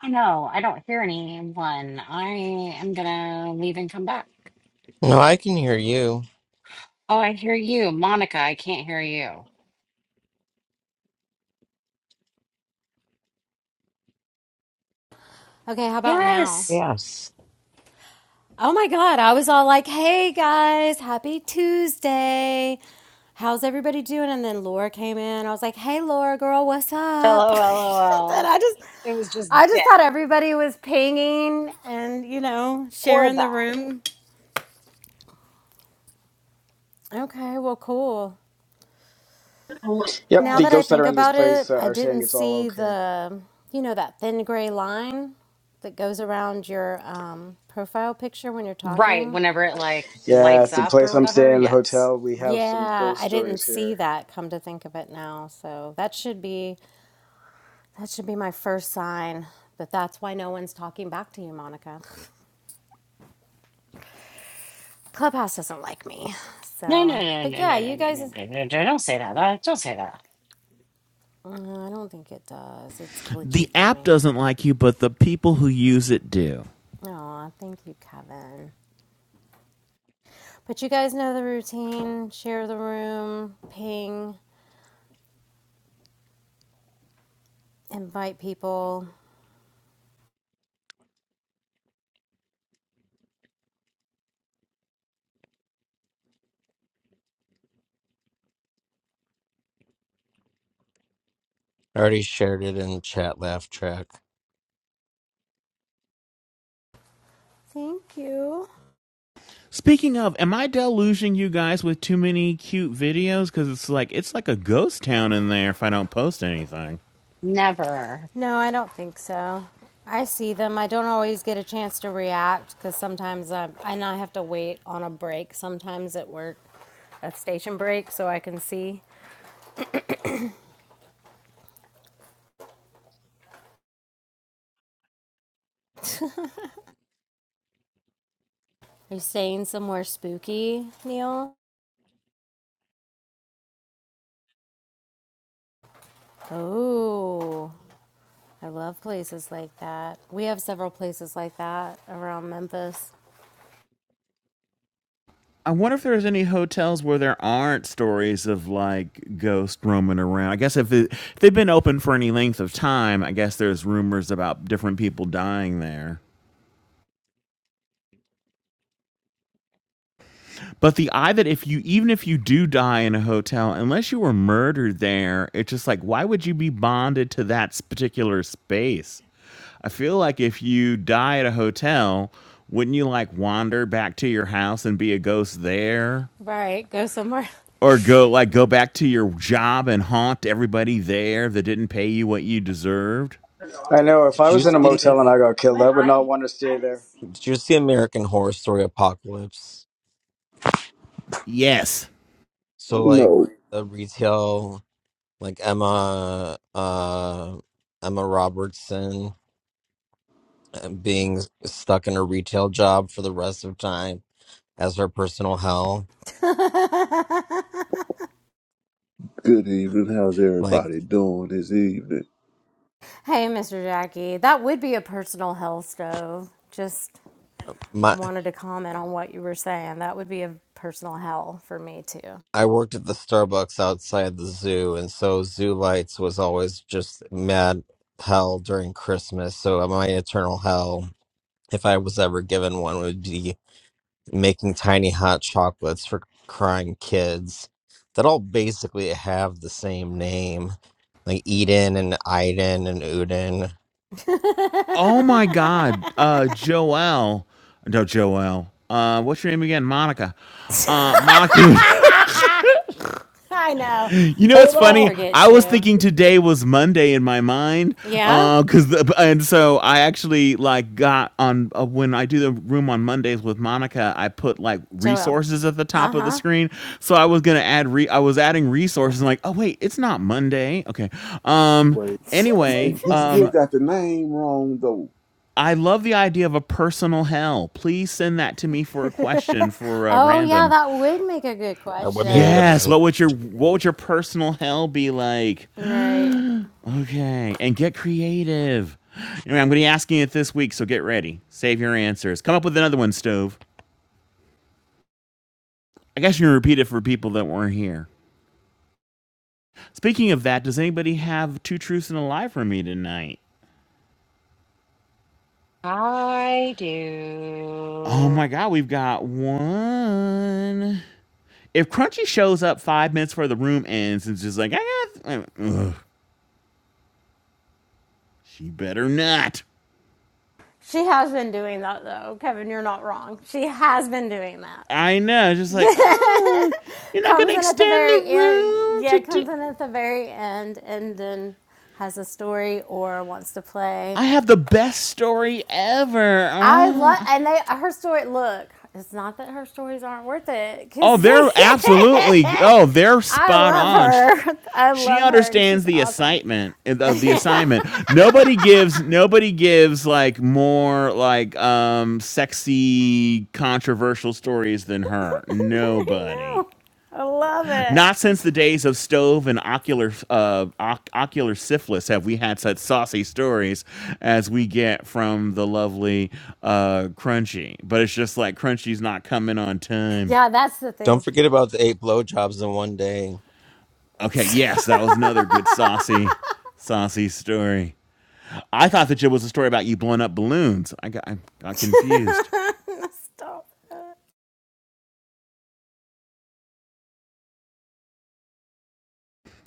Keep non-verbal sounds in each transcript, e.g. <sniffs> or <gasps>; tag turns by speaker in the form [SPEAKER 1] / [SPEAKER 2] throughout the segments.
[SPEAKER 1] I know. I don't hear anyone. I am gonna leave and come back.
[SPEAKER 2] No, I can hear you.
[SPEAKER 1] Oh, I hear you, Monica. I can't hear you.
[SPEAKER 3] Okay, how about now?
[SPEAKER 1] Yes.
[SPEAKER 2] Yes.
[SPEAKER 3] Oh my God, I was all like, hey guys, happy Tuesday. How's everybody doing? And then Laura came in. I was like, hey Laura, girl, what's up? <laughs> and
[SPEAKER 1] LOL.
[SPEAKER 3] I just,
[SPEAKER 1] It was just
[SPEAKER 3] I
[SPEAKER 1] dead.
[SPEAKER 3] just thought everybody was pinging and, you know,
[SPEAKER 1] Or
[SPEAKER 3] sharing the
[SPEAKER 1] that.
[SPEAKER 3] room. Okay, well, cool.
[SPEAKER 4] Yep,
[SPEAKER 3] Now
[SPEAKER 4] the
[SPEAKER 3] that I
[SPEAKER 4] ghosts that are
[SPEAKER 3] think
[SPEAKER 4] in this
[SPEAKER 3] about
[SPEAKER 4] place
[SPEAKER 3] it,
[SPEAKER 4] uh,
[SPEAKER 3] I
[SPEAKER 4] are saying
[SPEAKER 3] didn't
[SPEAKER 4] it's all
[SPEAKER 3] see
[SPEAKER 4] okay.
[SPEAKER 3] the, you know, that thin gray line that goes around your um, profile picture when you're
[SPEAKER 1] Right.
[SPEAKER 3] talking.
[SPEAKER 1] Whenever it like
[SPEAKER 4] Yeah,
[SPEAKER 1] lights
[SPEAKER 4] it's the
[SPEAKER 1] up
[SPEAKER 4] place
[SPEAKER 1] or
[SPEAKER 4] I'm
[SPEAKER 1] whatever.
[SPEAKER 4] staying, the
[SPEAKER 1] Yes.
[SPEAKER 4] hotel. We have some
[SPEAKER 3] Yeah,
[SPEAKER 4] ghost
[SPEAKER 3] I didn't
[SPEAKER 4] stories
[SPEAKER 3] see
[SPEAKER 4] here.
[SPEAKER 3] that come to think of it now. So that should be that should be my first sign But that's why no one's talking back to you, Monica. <laughs> Clubhouse doesn't like me.
[SPEAKER 1] No,
[SPEAKER 3] So,
[SPEAKER 1] no, no,
[SPEAKER 3] but
[SPEAKER 1] no,
[SPEAKER 3] yeah,
[SPEAKER 1] no, no,
[SPEAKER 3] you
[SPEAKER 1] no,
[SPEAKER 3] guys
[SPEAKER 1] no, no, no. no, Don't say that. uh, Don't say that.
[SPEAKER 3] Mm, I don't think it does. It's
[SPEAKER 5] The
[SPEAKER 3] glitchy for
[SPEAKER 5] app
[SPEAKER 3] me.
[SPEAKER 5] doesn't like you, but the people who use it do.
[SPEAKER 3] Oh, thank you, Kevin. But you guys know the routine. Share the room, ping, invite people.
[SPEAKER 2] I already shared it in the chat laugh track.
[SPEAKER 3] Thank you.
[SPEAKER 5] Speaking of, am I deluging you guys with too many cute videos? Because it's like it's like a ghost town in there if I don't post anything.
[SPEAKER 1] Never.
[SPEAKER 3] No, I don't think so. I see them. I don't always get a chance to react because sometimes I'm, and I have to wait on a break sometimes at work, a station break, so I can see. <laughs> Are you staying somewhere spooky, Neil? Oh, I love places like that. We have several places like that around Memphis.
[SPEAKER 5] I wonder if there's any hotels where there aren't stories of like ghosts roaming around. I guess if, it, if they've been open for any length of time, I guess there's rumors about different people dying there. But the eye that if you even if you do die in a hotel, unless you were murdered there, it's just like why would you be bonded to that s- particular space? I feel like if you die at a hotel, wouldn't you like wander back to your house and be a ghost there?
[SPEAKER 3] Right, go somewhere.
[SPEAKER 5] Or go like go back to your job and haunt everybody there that didn't pay you what you deserved?
[SPEAKER 4] I know if
[SPEAKER 2] Did
[SPEAKER 4] I
[SPEAKER 2] you
[SPEAKER 4] was in a motel and
[SPEAKER 2] see
[SPEAKER 4] I got killed, I would not want to stay there.
[SPEAKER 2] did you see American Horror Story Apocalypse?
[SPEAKER 5] Yes.
[SPEAKER 2] So like
[SPEAKER 6] No.
[SPEAKER 2] the retail like Emma uh Emma Robertson being stuck in a retail job for the rest of time as her personal hell.
[SPEAKER 3] <laughs> hey,
[SPEAKER 6] Good evening. How's
[SPEAKER 2] Like
[SPEAKER 6] everybody doing this evening?
[SPEAKER 3] Mr. Jackie, that would be a personal hell stove. Just
[SPEAKER 2] my
[SPEAKER 3] wanted to comment on what you were saying. That would be a personal hell for me too.
[SPEAKER 2] I worked at the Starbucks outside the zoo, and so Zoo Lights was always just mad hell during Christmas. So uh, my eternal hell, if I was ever given one, would be making tiny hot chocolates for crying kids that all basically have the same name, like Eden and Iden and Uden.
[SPEAKER 3] <laughs>
[SPEAKER 5] Oh my God, uh, Joelle. No, Joelle. Uh, what's your name again? Monica. Uh, Monica. <laughs>
[SPEAKER 3] I know.
[SPEAKER 5] You know what's
[SPEAKER 6] Hold
[SPEAKER 3] I
[SPEAKER 5] funny?
[SPEAKER 6] on.
[SPEAKER 3] forget
[SPEAKER 5] I was
[SPEAKER 3] too.
[SPEAKER 5] thinking today was Monday in my mind,
[SPEAKER 3] Yeah?
[SPEAKER 5] because and so I actually like got on uh, when I do the room on Mondays with Monica. I put like
[SPEAKER 3] Joelle.
[SPEAKER 5] resources at the top of the
[SPEAKER 3] Uh-huh.
[SPEAKER 5] screen, so I was gonna add re. I was adding resources. And like, oh wait, it's not Monday. Okay. Um.
[SPEAKER 6] Wait, he
[SPEAKER 5] Anyway.
[SPEAKER 6] he
[SPEAKER 3] <laughs>
[SPEAKER 6] still
[SPEAKER 5] Um.
[SPEAKER 6] got the name wrong though.
[SPEAKER 5] I love the idea of a personal hell. Please send that to me for a question for uh,
[SPEAKER 3] oh yeah,
[SPEAKER 5] random.
[SPEAKER 3] that would make a good
[SPEAKER 2] That would be a good
[SPEAKER 3] question.
[SPEAKER 5] Yes.
[SPEAKER 2] random
[SPEAKER 5] What would your
[SPEAKER 2] question.
[SPEAKER 5] what would your personal hell be like? <gasps>
[SPEAKER 3] Right.
[SPEAKER 5] okay. And get creative. Anyway, I'm gonna be asking it this week, so get ready. Save your answers. Come up with another one, Stove. I guess you can repeat it for people that weren't here. Speaking of that, does anybody have two truths and a lie for me tonight?
[SPEAKER 1] I
[SPEAKER 5] Oh
[SPEAKER 1] do.
[SPEAKER 5] my god, we've got one. If Crunchy shows up five minutes before the room ends and is just like, I got th- ugh, she better not.
[SPEAKER 3] She has been doing that though. Kevin, you're not wrong. She has been doing that.
[SPEAKER 5] I know. Just like,
[SPEAKER 3] <laughs>
[SPEAKER 5] oh, you're not gonna
[SPEAKER 3] comes in at the
[SPEAKER 5] extend
[SPEAKER 3] very
[SPEAKER 5] the
[SPEAKER 3] end.
[SPEAKER 5] room to
[SPEAKER 3] Yeah,
[SPEAKER 5] do.
[SPEAKER 3] comes in at the very end, and then has a story or wants to play.
[SPEAKER 5] I have the best story ever.
[SPEAKER 3] I love,
[SPEAKER 5] Oh,
[SPEAKER 3] and they her story. Look, it's not that her stories aren't worth it, because
[SPEAKER 5] Oh,
[SPEAKER 3] <laughs>
[SPEAKER 5] they're absolutely. Oh, they're
[SPEAKER 3] I
[SPEAKER 5] spot
[SPEAKER 3] love
[SPEAKER 5] on.
[SPEAKER 3] her. I
[SPEAKER 5] She
[SPEAKER 3] love her, and
[SPEAKER 5] understands
[SPEAKER 3] she's
[SPEAKER 5] the
[SPEAKER 3] awesome.
[SPEAKER 5] assignment. uh, the assignment. Nobody gives. Nobody gives like more like um sexy controversial stories than her.
[SPEAKER 3] <laughs> I
[SPEAKER 5] Nobody.
[SPEAKER 3] know. I love it.
[SPEAKER 5] Not since the days of stove and ocular uh, oc- ocular syphilis have we had such saucy stories as we get from the lovely uh, Crunchy. But it's just like Crunchy's not coming on time.
[SPEAKER 3] Yeah, that's the
[SPEAKER 2] Don't
[SPEAKER 3] thing.
[SPEAKER 2] forget about the eight blowjobs in one day.
[SPEAKER 3] <laughs>
[SPEAKER 5] Okay,
[SPEAKER 3] Stop.
[SPEAKER 5] yes, that was another good saucy, saucy story. I thought that it was a story about you blowing up balloons. I got I got confused.
[SPEAKER 3] it.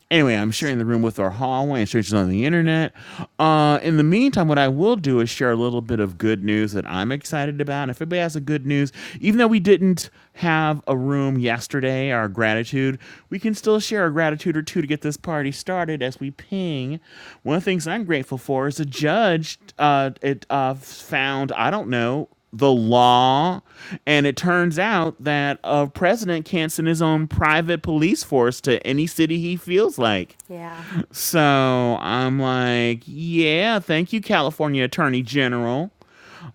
[SPEAKER 5] Anyway, I'm sharing the room with our hallway and strangers on the internet. Uh, in the meantime, what I will do is share a little bit of good news that I'm excited about. And if anybody has a good news, even though we didn't have a room yesterday, our gratitude, we can still share a gratitude or two to get this party started as we ping. One of the things I'm grateful for is a judge uh, it uh, found, I don't know, the law. And it turns out that a president can't send his own private police force to any city he feels like.
[SPEAKER 3] Yeah,
[SPEAKER 5] So I'm like, yeah, thank you, California Attorney General,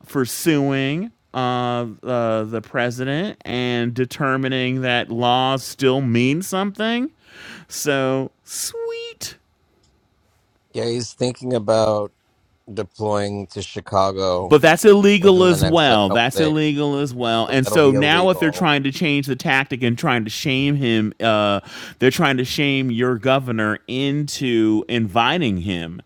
[SPEAKER 5] for suing uh, uh, the president and determining that laws still mean something. So sweet.
[SPEAKER 2] Yeah, he's thinking about deploying to Chicago
[SPEAKER 5] but that's illegal
[SPEAKER 2] within the
[SPEAKER 5] as
[SPEAKER 2] next like
[SPEAKER 5] well.
[SPEAKER 2] couple
[SPEAKER 5] That's
[SPEAKER 2] days.
[SPEAKER 5] illegal as well.
[SPEAKER 2] So
[SPEAKER 5] And
[SPEAKER 2] that'll
[SPEAKER 5] so
[SPEAKER 2] be
[SPEAKER 5] now, if they're
[SPEAKER 2] illegal.
[SPEAKER 5] trying to change the tactic and trying to shame him, uh, they're trying to shame your governor into inviting him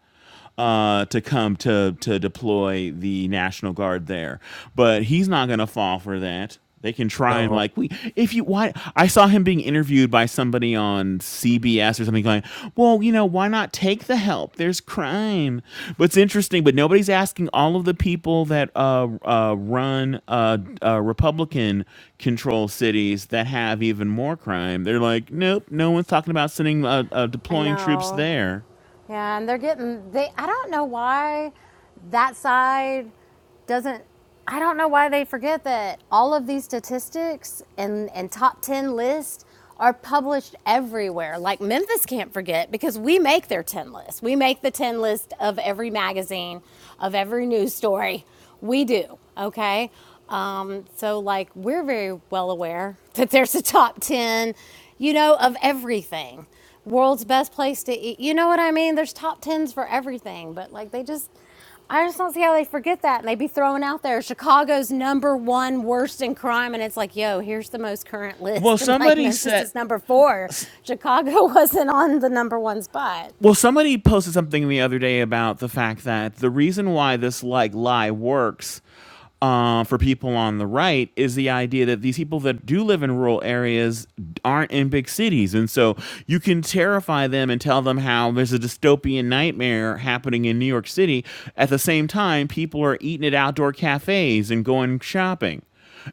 [SPEAKER 5] uh, to come to to deploy the National Guard there. But he's not going to fall for that. They can try and
[SPEAKER 2] No,
[SPEAKER 5] like we if you why I saw him being interviewed by somebody on CBS or something going, well, you know, why not take the help? There's crime. But it's interesting, but nobody's asking all of the people that uh, uh, run uh, uh, Republican control cities that have even more crime. They're like, nope, no one's talking about sending uh, uh,
[SPEAKER 3] I
[SPEAKER 5] deploying troops
[SPEAKER 3] know.
[SPEAKER 5] there.
[SPEAKER 3] Yeah, and they're getting they I don't know why that side doesn't I don't know why they forget that all of these statistics and and top 10 lists are published everywhere. Like Memphis can't forget because we make their 10 list. We make the 10 list of every magazine, of every news story. We do, okay? Um, so, like, we're very well aware <laughs> that there's a top 10, you know, of everything world's best place to eat. You know what I mean? There's top tens for everything, but like they just, I just don't see how they forget that. And they be throwing out there Chicago's number one worst in crime, and it's like, yo, here's the most current
[SPEAKER 5] Well,
[SPEAKER 3] list, <laughs> and like
[SPEAKER 5] somebody
[SPEAKER 3] Memphis
[SPEAKER 5] said.
[SPEAKER 3] is number four. Chicago <laughs> wasn't on the number one spot.
[SPEAKER 5] Well, somebody posted something the other day about the fact that the reason why this like lie works uh, for people on the right is the idea that these people that do live in rural areas aren't in big cities, and so you can terrify them and tell them how there's a dystopian nightmare happening in New York City. At the same time, people are eating at outdoor cafes and going shopping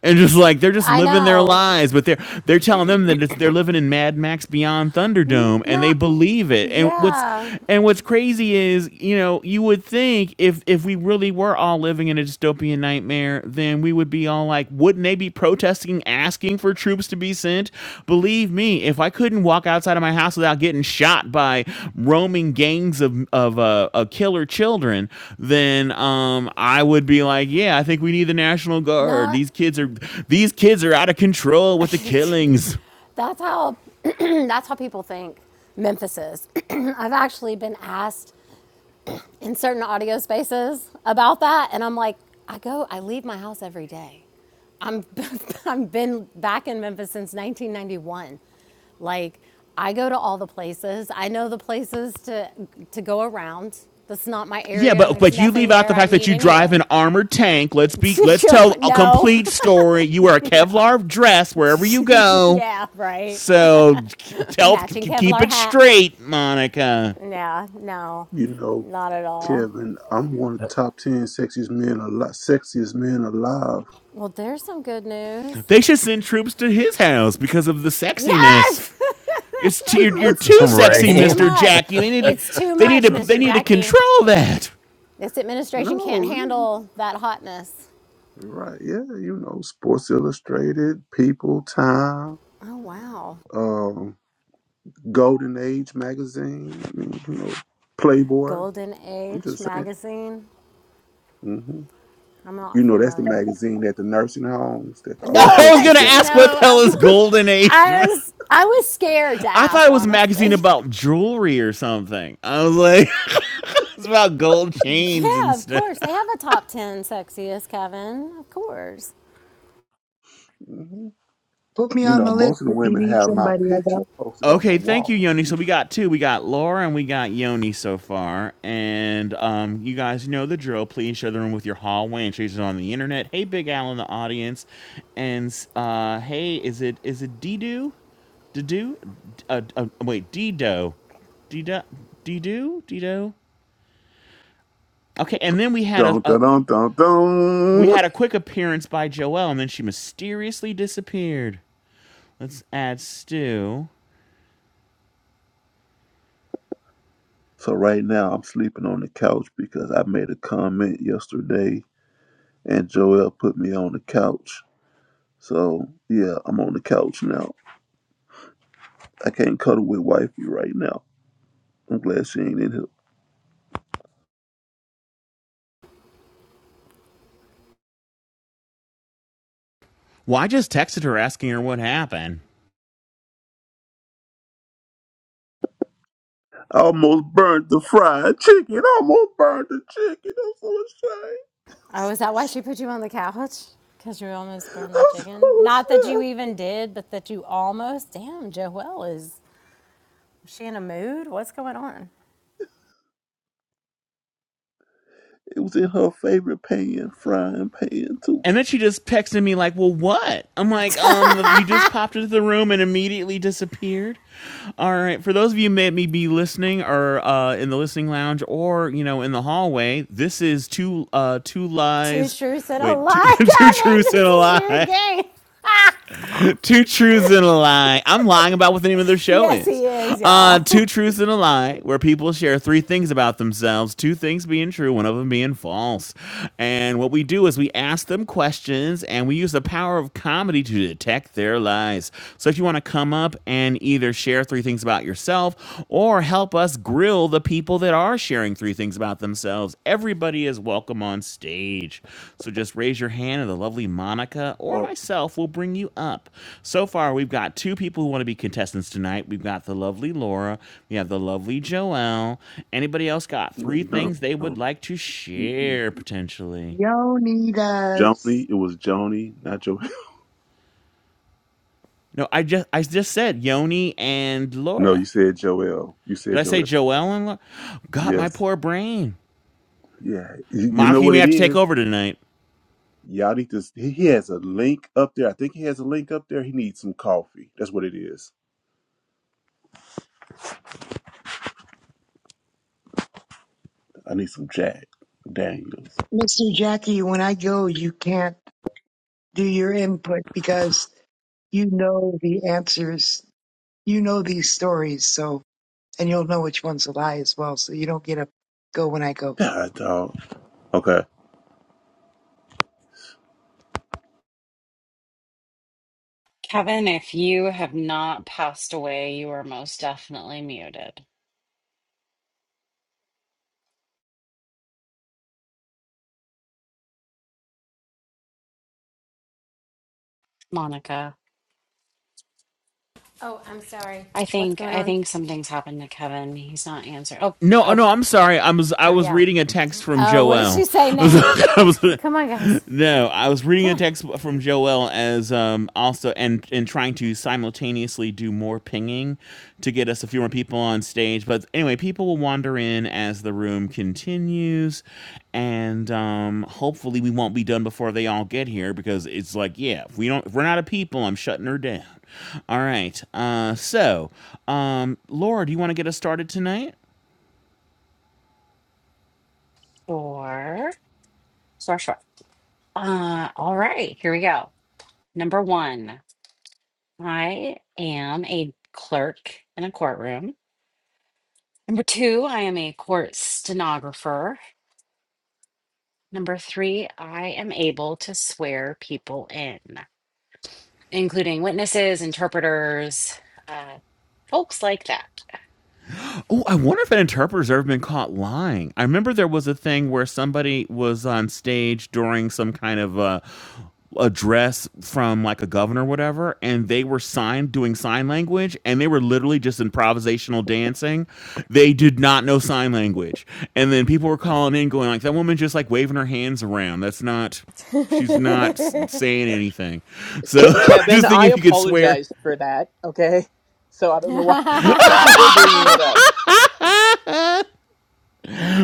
[SPEAKER 5] and just like they're just
[SPEAKER 3] I
[SPEAKER 5] living their
[SPEAKER 3] know.
[SPEAKER 5] lives but they're they're telling them that it's, they're living in mad max beyond
[SPEAKER 3] N-
[SPEAKER 5] thunderdome and
[SPEAKER 3] No,
[SPEAKER 5] they believe it and what's
[SPEAKER 3] yeah,
[SPEAKER 5] and what's crazy is you know you would think if if we really were all living in a dystopian nightmare then we would be all like wouldn't they be protesting asking for troops to be sent. Believe me, if I couldn't walk outside of my house without getting shot by roaming gangs of of uh, uh, killer children, then um, I would be like, yeah, I think we need the national guard.
[SPEAKER 3] no.
[SPEAKER 5] These kids are these kids are out of control
[SPEAKER 3] <laughs>
[SPEAKER 5] with the
[SPEAKER 3] that's
[SPEAKER 5] killings.
[SPEAKER 3] how <clears throat> that's how people think Memphis is. <clears throat> I've actually been asked in certain audio spaces about that and I'm like I go I leave my house every day. I'm <laughs> I've been back in Memphis since 1991. Like I go to all the places. I know the places to to go around. That's not my
[SPEAKER 5] Yeah,
[SPEAKER 3] area and
[SPEAKER 5] but
[SPEAKER 3] there's
[SPEAKER 5] but you
[SPEAKER 3] nothing
[SPEAKER 5] leave out
[SPEAKER 3] there
[SPEAKER 5] the
[SPEAKER 3] I
[SPEAKER 5] fact that
[SPEAKER 3] need
[SPEAKER 5] you drive
[SPEAKER 3] anyway.
[SPEAKER 5] an armored tank. Let's be
[SPEAKER 3] <laughs>
[SPEAKER 5] let's tell a
[SPEAKER 3] no.
[SPEAKER 5] complete story. You wear a Kevlar dress wherever you
[SPEAKER 3] <laughs>
[SPEAKER 5] go.
[SPEAKER 3] yeah, right.
[SPEAKER 5] So k-
[SPEAKER 3] <laughs>
[SPEAKER 5] tell
[SPEAKER 3] Matching
[SPEAKER 5] k- keep
[SPEAKER 3] Kevlar
[SPEAKER 5] it
[SPEAKER 3] hat.
[SPEAKER 5] straight, Monica.
[SPEAKER 3] Yeah, no.
[SPEAKER 6] You know,
[SPEAKER 3] Not at all.
[SPEAKER 6] Kevin, I'm one of the
[SPEAKER 2] <laughs>
[SPEAKER 6] top ten sexiest men alive. Sexiest men alive.
[SPEAKER 3] Well, there's some good news.
[SPEAKER 5] They should send troops to his house because of the sexiness.
[SPEAKER 3] Yes,
[SPEAKER 5] It's t-
[SPEAKER 3] <laughs>
[SPEAKER 5] you're, you're
[SPEAKER 3] it's
[SPEAKER 5] too
[SPEAKER 3] too it's
[SPEAKER 5] sexy,
[SPEAKER 3] too
[SPEAKER 2] right?
[SPEAKER 5] Mister
[SPEAKER 3] much.
[SPEAKER 5] Jackie. They need to,
[SPEAKER 3] It's too
[SPEAKER 5] they need
[SPEAKER 3] much,
[SPEAKER 5] to they
[SPEAKER 3] Mr.
[SPEAKER 5] need to
[SPEAKER 3] Jackie.
[SPEAKER 5] control that.
[SPEAKER 3] This administration can't
[SPEAKER 6] No,
[SPEAKER 3] handle that hotness.
[SPEAKER 6] right? Yeah, you know, Sports Illustrated, People, Time,
[SPEAKER 3] Oh wow,
[SPEAKER 6] um, Golden Age magazine. I mean, you know, Playboy.
[SPEAKER 3] Golden
[SPEAKER 6] I'm
[SPEAKER 3] Age
[SPEAKER 6] just saying.
[SPEAKER 3] magazine.
[SPEAKER 6] hmm
[SPEAKER 3] I'm
[SPEAKER 6] You
[SPEAKER 3] not
[SPEAKER 6] know, that's the
[SPEAKER 3] familiar.
[SPEAKER 6] magazine at the nursing homes that the
[SPEAKER 5] <laughs>
[SPEAKER 3] No,
[SPEAKER 6] old
[SPEAKER 3] <laughs>
[SPEAKER 5] I
[SPEAKER 6] folks
[SPEAKER 5] was
[SPEAKER 3] I
[SPEAKER 6] look
[SPEAKER 5] gonna
[SPEAKER 3] didn't
[SPEAKER 6] at.
[SPEAKER 5] ask what the
[SPEAKER 3] know.
[SPEAKER 5] hell is
[SPEAKER 3] I'm,
[SPEAKER 5] Golden Age.
[SPEAKER 3] I was I was scared to
[SPEAKER 5] <laughs> I thought
[SPEAKER 3] ask
[SPEAKER 5] it was a magazine
[SPEAKER 3] honestly. <laughs>
[SPEAKER 5] about jewelry or something. I was like, <laughs> it's about gold chains
[SPEAKER 3] Yeah,
[SPEAKER 5] and
[SPEAKER 3] of
[SPEAKER 5] stuff.
[SPEAKER 3] course they have a top ten sexiest Kevin. Of course.
[SPEAKER 6] Mm-hmm.
[SPEAKER 7] Put me
[SPEAKER 6] You
[SPEAKER 7] on my
[SPEAKER 6] know,
[SPEAKER 7] list.
[SPEAKER 6] most of the women have my picture posted on the
[SPEAKER 5] Okay, thank you,
[SPEAKER 6] wall.
[SPEAKER 5] Yoni. So we got two. We got Laura and we got Yoni so far. And um, you guys know the drill. Please share the room with your hallway and strangers on the internet. Hey, Big Al in the audience, and uh, hey, is it is it Dido? Dido? Uh, uh, wait, Dido, Dido, Dido, Dido. Okay, and then we had a,
[SPEAKER 6] Dun,
[SPEAKER 5] a
[SPEAKER 6] dun, dun, dun,
[SPEAKER 5] we
[SPEAKER 6] dun.
[SPEAKER 5] had a quick appearance by Joelle, and then she mysteriously disappeared. Let's add Stu.
[SPEAKER 6] So right now I'm sleeping on the couch because I made a comment yesterday and Joel put me on the couch. So yeah, I'm on the couch now. I can't cuddle with wifey right now. I'm glad she ain't in here.
[SPEAKER 5] Well, I just texted her asking her what happened.
[SPEAKER 6] I almost burned the fried chicken. I almost burned the chicken. I'm so ashamed.
[SPEAKER 3] Oh, is that why she put you on the couch? Because you almost burned the
[SPEAKER 6] I'm
[SPEAKER 3] chicken?
[SPEAKER 6] so
[SPEAKER 3] Not that you
[SPEAKER 6] ashamed.
[SPEAKER 3] even did, but that you almost. Damn, Joelle is. Is she in a mood? What's going on?
[SPEAKER 6] It was in her favorite pan, frying pan too.
[SPEAKER 5] And then she just texted me like, "Well, what?" I'm like, "Um, you just popped into the room and immediately disappeared." All right. For those of you who may be listening or uh, in the listening lounge or you know in the hallway, this is two uh, two
[SPEAKER 3] Two
[SPEAKER 5] lies.
[SPEAKER 3] truths and a
[SPEAKER 5] Wait, two, <laughs>
[SPEAKER 3] lie, <laughs>
[SPEAKER 5] two
[SPEAKER 3] Kevin.
[SPEAKER 5] truths and
[SPEAKER 3] This
[SPEAKER 5] a
[SPEAKER 3] is your
[SPEAKER 5] lie.
[SPEAKER 3] game.
[SPEAKER 5] <laughs> two truths and a lie. I'm lying about what the name of their show
[SPEAKER 3] Yes,
[SPEAKER 5] is.
[SPEAKER 3] he is,
[SPEAKER 5] Uh,
[SPEAKER 3] y'all.
[SPEAKER 5] two
[SPEAKER 3] <laughs>
[SPEAKER 5] truths and a lie, where people share three things about themselves, two things being true, one of them being false. And what we do is we ask them questions and we use the power of comedy to detect their lies. So if you want to come up and either share three things about yourself or help us grill the people that are sharing three things about themselves. Everybody is welcome on stage. So just raise your hand and the lovely Monica or
[SPEAKER 6] All
[SPEAKER 5] myself will bring you up. So far, we've got two people who want to be contestants tonight. We've got the lovely Laura, we have the lovely Joelle. Anybody else got three
[SPEAKER 6] No,
[SPEAKER 5] things they
[SPEAKER 6] no.
[SPEAKER 5] would like to share potentially?
[SPEAKER 7] Y'all need us,
[SPEAKER 6] Joni, it was Joni, not Joel. <laughs>
[SPEAKER 5] No, I just I just said Yoni and
[SPEAKER 6] No,
[SPEAKER 5] Laura.
[SPEAKER 6] you said Joel. You
[SPEAKER 5] Did
[SPEAKER 6] said
[SPEAKER 5] I say
[SPEAKER 6] Joel.
[SPEAKER 5] Joelle and Laura? God, my
[SPEAKER 6] Yes.
[SPEAKER 5] poor brain.
[SPEAKER 6] Yeah. You you know
[SPEAKER 5] Monica, you
[SPEAKER 6] what
[SPEAKER 5] may
[SPEAKER 6] it
[SPEAKER 5] have to take
[SPEAKER 6] is?
[SPEAKER 5] over tonight.
[SPEAKER 6] Y'all need to. He he has a link up there. I think he has a link up there. He needs some coffee. That's what it is. I need some Jack Daniels.
[SPEAKER 7] Mr. Jackie. When I go, you can't do your input because you know the answers. You know these stories, so and you'll know which one's a lie as well. So you don't get to go when I go.
[SPEAKER 6] God, dog. Okay.
[SPEAKER 1] Kevin, if you have not passed away, you are most definitely muted. Monica.
[SPEAKER 3] Oh, I'm sorry.
[SPEAKER 1] I
[SPEAKER 3] What's
[SPEAKER 1] think
[SPEAKER 3] going
[SPEAKER 1] I
[SPEAKER 3] on?
[SPEAKER 1] think something's happened to Kevin. He's not answering. Oh
[SPEAKER 5] No,
[SPEAKER 1] Oh, oh,
[SPEAKER 5] no, I'm sorry. I was I
[SPEAKER 3] Oh,
[SPEAKER 5] was
[SPEAKER 3] yeah.
[SPEAKER 5] reading a text from
[SPEAKER 3] Oh, what does she
[SPEAKER 5] Joelle.
[SPEAKER 3] say now?
[SPEAKER 5] <laughs> I was-
[SPEAKER 3] Come on, guys.
[SPEAKER 5] no, I was reading
[SPEAKER 3] Come
[SPEAKER 5] a
[SPEAKER 3] on.
[SPEAKER 5] text from Joelle as um also and and trying to simultaneously do more pinging to get us a few more people on stage. But anyway, people will wander in as the room continues, and um hopefully we won't be done before they all get here because it's like yeah, if we don't, if we're not a people, I'm shutting her down. All right. Uh, so um, Laura, do you want to get us started tonight?
[SPEAKER 1] four, sure, sure. Uh, all right, here we go. Number one, I am a clerk in a courtroom. Number two, I am a court stenographer. Number three, I am able to swear people in, including witnesses, interpreters, uh, folks like that.
[SPEAKER 5] Oh, I wonder if an interpreter's ever been caught lying. I remember there was a thing where somebody was on stage during some kind of uh, address from like a governor or whatever, and they were signed doing sign language, and they were literally just improvisational dancing. They did not know sign language, and then people were calling in, going like, "That woman just like waving her hands around. That's not. She's not s-
[SPEAKER 3] <laughs>
[SPEAKER 5] saying anything." So
[SPEAKER 8] Ke-
[SPEAKER 5] <laughs>
[SPEAKER 8] Kevin,
[SPEAKER 5] just thinking
[SPEAKER 8] I
[SPEAKER 5] if you could swear.
[SPEAKER 8] apologized for that. Okay, so I don't know why <laughs> we're bringing it
[SPEAKER 3] oh,
[SPEAKER 8] up.
[SPEAKER 5] <laughs>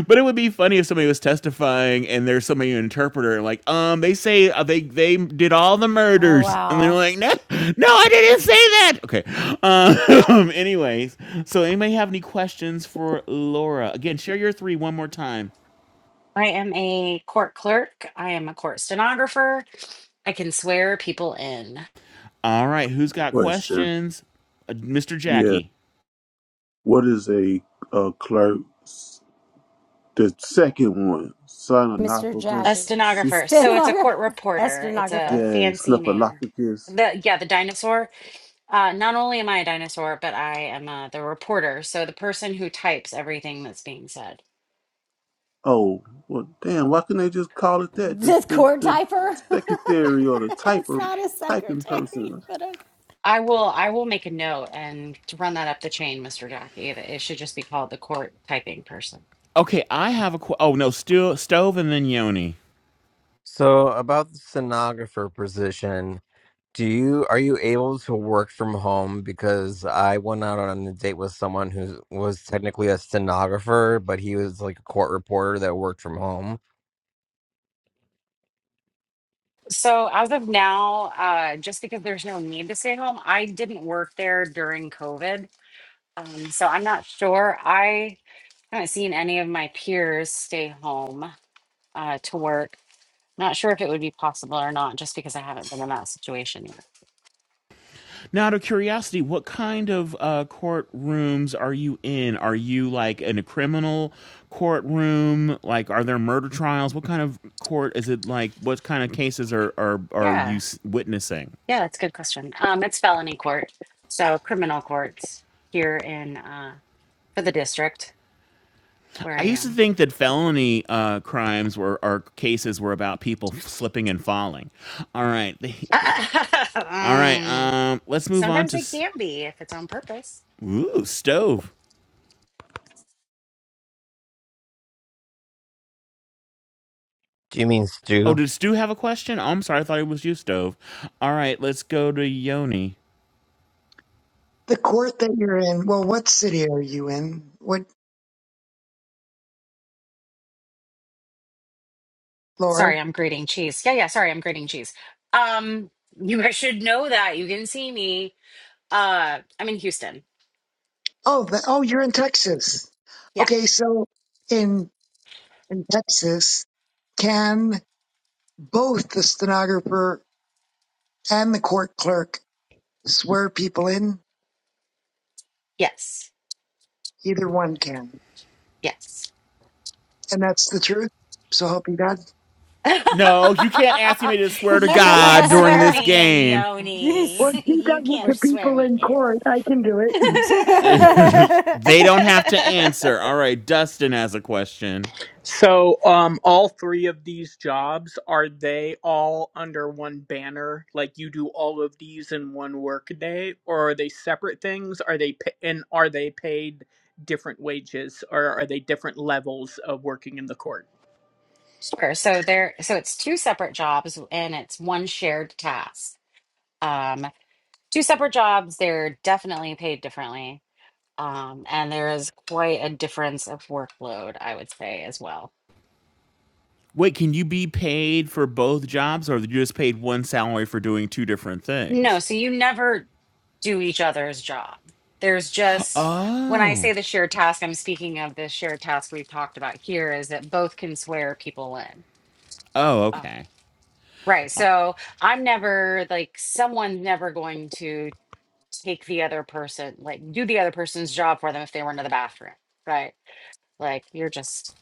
[SPEAKER 5] But it would be funny if somebody was testifying and there's somebody an interpreter and like, um, they say uh, they they did all the murders, and they're
[SPEAKER 3] wow.
[SPEAKER 5] like, no, no, I didn't say that. Okay. Um. <laughs> anyways, so anybody have any questions for Laura? Again, share your three one more time.
[SPEAKER 1] I am a court clerk. I am a court stenographer. I can swear people in.
[SPEAKER 5] All right, who's got
[SPEAKER 6] Question.
[SPEAKER 5] questions? Uh, Mr.
[SPEAKER 6] Yeah.
[SPEAKER 5] Jackie.
[SPEAKER 6] What is a, a clerk? The second one.
[SPEAKER 3] Mr.
[SPEAKER 1] A
[SPEAKER 3] Jackie,
[SPEAKER 6] Sononophagous. su-
[SPEAKER 1] stenographer. So it's a
[SPEAKER 3] stenographer,
[SPEAKER 1] court
[SPEAKER 3] <laughs> a
[SPEAKER 1] reporter. It's a
[SPEAKER 3] stenographer.
[SPEAKER 6] Yeah.
[SPEAKER 1] fancy name.
[SPEAKER 6] Snuffleupagus.
[SPEAKER 1] The yeah, the dinosaur. Uh, not only am I a dinosaur, but I am uh, the reporter. So the person who types everything that's being said.
[SPEAKER 6] Oh, well, damn! Why couldn't they just call it that? The
[SPEAKER 3] This
[SPEAKER 6] the,
[SPEAKER 3] court
[SPEAKER 6] the
[SPEAKER 3] typer?
[SPEAKER 6] secretary or the
[SPEAKER 3] <laughs> it's
[SPEAKER 6] typer
[SPEAKER 3] not a
[SPEAKER 6] typing
[SPEAKER 3] secretary,
[SPEAKER 6] person.
[SPEAKER 3] but
[SPEAKER 1] I will I will make a note and to run that up the chain, Mr. Jackie. that It should just be called the court typing person.
[SPEAKER 5] Okay, I have a qu- oh no, still stove and then Yoni.
[SPEAKER 2] So about the stenographer position, do you are you able to work from home? Because I went out on a date with someone who was technically a stenographer, but he was like a court reporter that worked from home.
[SPEAKER 1] So as of now, uh, just because there's no need to stay home, I didn't work there during COVID. Um, so I'm not sure. I haven't seen any of my peers stay home. uh, to work. Not sure if it would be possible or not, just because I haven't been in that situation yet.
[SPEAKER 5] Now, out of curiosity, what kind of uh, courtrooms are you in? Are you like in a criminal courtroom? Like, are there murder trials? What kind of court is it like? What kind of cases are, are, are you
[SPEAKER 1] Yeah,
[SPEAKER 5] s- witnessing?
[SPEAKER 1] yeah, that's a good question. Um, it's felony court, so criminal courts here in uh, for the district where
[SPEAKER 5] I
[SPEAKER 1] I
[SPEAKER 5] used to
[SPEAKER 1] am.
[SPEAKER 5] think that felony uh, crimes were or cases were about people f- slipping and falling. All right.
[SPEAKER 1] <laughs>
[SPEAKER 5] <laughs> all right.
[SPEAKER 1] um,
[SPEAKER 5] Um, let's move on
[SPEAKER 1] sometimes
[SPEAKER 5] to.
[SPEAKER 1] they
[SPEAKER 5] s-
[SPEAKER 1] can be if it's on purpose.
[SPEAKER 5] Ooh, stove.
[SPEAKER 2] Do you mean
[SPEAKER 5] Oh,
[SPEAKER 2] Stu?
[SPEAKER 5] did Stu have a question? Oh, I'm sorry. I thought it was you, Stove. All right, let's go to Yoni.
[SPEAKER 7] The court that you're in. Well, what city are you in? What, Laura?
[SPEAKER 1] Sorry, I'm grating cheese. Yeah, yeah. Sorry, I'm grating cheese. Um, you guys should know that you can see me. Uh, I'm in Houston.
[SPEAKER 7] Oh, the, oh, you're in Texas.
[SPEAKER 1] Yeah.
[SPEAKER 7] Okay, so in in Texas, can both the stenographer and the court clerk swear people in?
[SPEAKER 1] Yes.
[SPEAKER 7] Either one can.
[SPEAKER 1] Yes.
[SPEAKER 7] And that's the truth. So help you God.
[SPEAKER 5] No, you can't ask me to
[SPEAKER 1] <laughs>
[SPEAKER 5] swear to
[SPEAKER 1] you can't
[SPEAKER 5] God during
[SPEAKER 1] swear
[SPEAKER 5] this
[SPEAKER 3] okay.
[SPEAKER 1] me in,
[SPEAKER 5] game.
[SPEAKER 3] <laughs>
[SPEAKER 1] Yoni.
[SPEAKER 7] Well,
[SPEAKER 3] this,
[SPEAKER 1] <laughs>
[SPEAKER 7] she
[SPEAKER 1] you
[SPEAKER 7] does it
[SPEAKER 3] we're,
[SPEAKER 1] can't
[SPEAKER 7] to
[SPEAKER 1] swear
[SPEAKER 7] people
[SPEAKER 1] me
[SPEAKER 7] in
[SPEAKER 1] in.
[SPEAKER 7] court. I can do it.
[SPEAKER 5] <laughs>
[SPEAKER 1] <laughs>
[SPEAKER 5] they don't have to answer. All right, Dustin has a question.
[SPEAKER 8] So, um, all three of these jobs are they all under one banner? Like you do all of these in one work day, or are they separate things? Are they pa- and are they paid different wages, or are they different levels of working in the court?
[SPEAKER 1] sure. So there. So it's two separate jobs, and it's one shared task. Um, two separate jobs. They're definitely paid differently, um, and there is quite a difference of workload. I would say as well.
[SPEAKER 5] Wait, can you be paid for both jobs or are you just paid one salary for doing two different
[SPEAKER 1] No,
[SPEAKER 5] things?
[SPEAKER 1] so you never do each other's job. There's just, when I
[SPEAKER 5] Oh.
[SPEAKER 1] say the shared task, I'm speaking of the shared task we've talked about here is that both can swear people in.
[SPEAKER 5] Oh,
[SPEAKER 1] Oh.
[SPEAKER 5] okay.
[SPEAKER 1] Right. So I'm never like, someone's never going to take the other person, like do the other person's job for them if they were into the bathroom. Right. Like you're just,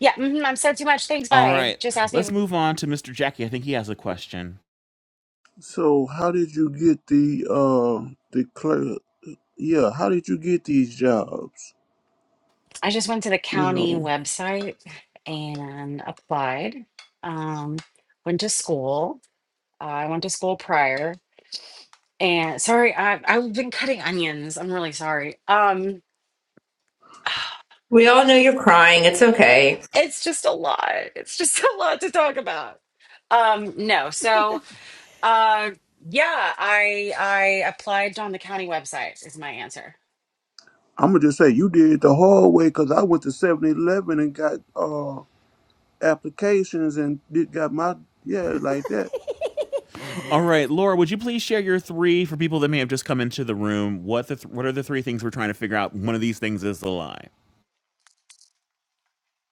[SPEAKER 1] yeah, mhm, I'm said too much. Thanks.
[SPEAKER 5] All
[SPEAKER 1] Bye.
[SPEAKER 5] right.
[SPEAKER 1] Just ask
[SPEAKER 5] Let's
[SPEAKER 1] me.
[SPEAKER 5] move on to Mr. Jackie. I think he has a question.
[SPEAKER 6] So how did you get the uh the clerk? Yeah, how did you get these jobs?
[SPEAKER 1] I just went to the
[SPEAKER 6] You
[SPEAKER 1] county
[SPEAKER 6] know,
[SPEAKER 1] website and applied. Um, went to school Uh, I went to school prior, and sorry, I, I've been cutting onions. I'm really sorry. Um,
[SPEAKER 9] We all know you're crying. It's okay.
[SPEAKER 1] it's just a lot. It's just <laughs> a lot to talk about. Um, no, so uh, yeah, I I applied on the county website is my answer.
[SPEAKER 6] I'm gonna just say you did it the hard way because I went to 7-Eleven and got uh applications and did, got my yeah like that.
[SPEAKER 5] All right, Laura, would you please share your three for people that may have just come into the room? What the th- what are the three things we're trying to figure out? One of these things is the lie.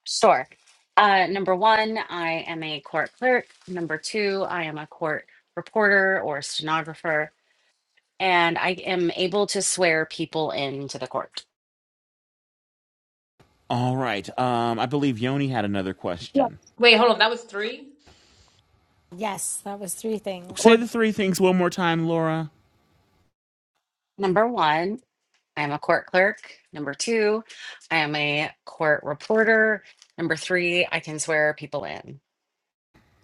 [SPEAKER 1] Sure. Uh, number one, I am a court clerk. Number two, I am a court reporter or stenographer, and I am able to swear people into the court.
[SPEAKER 5] All right. Um, I believe Yoni had another
[SPEAKER 7] Yeah.
[SPEAKER 5] question.
[SPEAKER 9] Wait, hold on. That was three?
[SPEAKER 3] yes, that was three things.
[SPEAKER 5] Say
[SPEAKER 7] Court.
[SPEAKER 5] the three things one more time, Laura.
[SPEAKER 1] Number one. I am a court clerk. Number two, I am a court reporter. Number three, I can swear people in.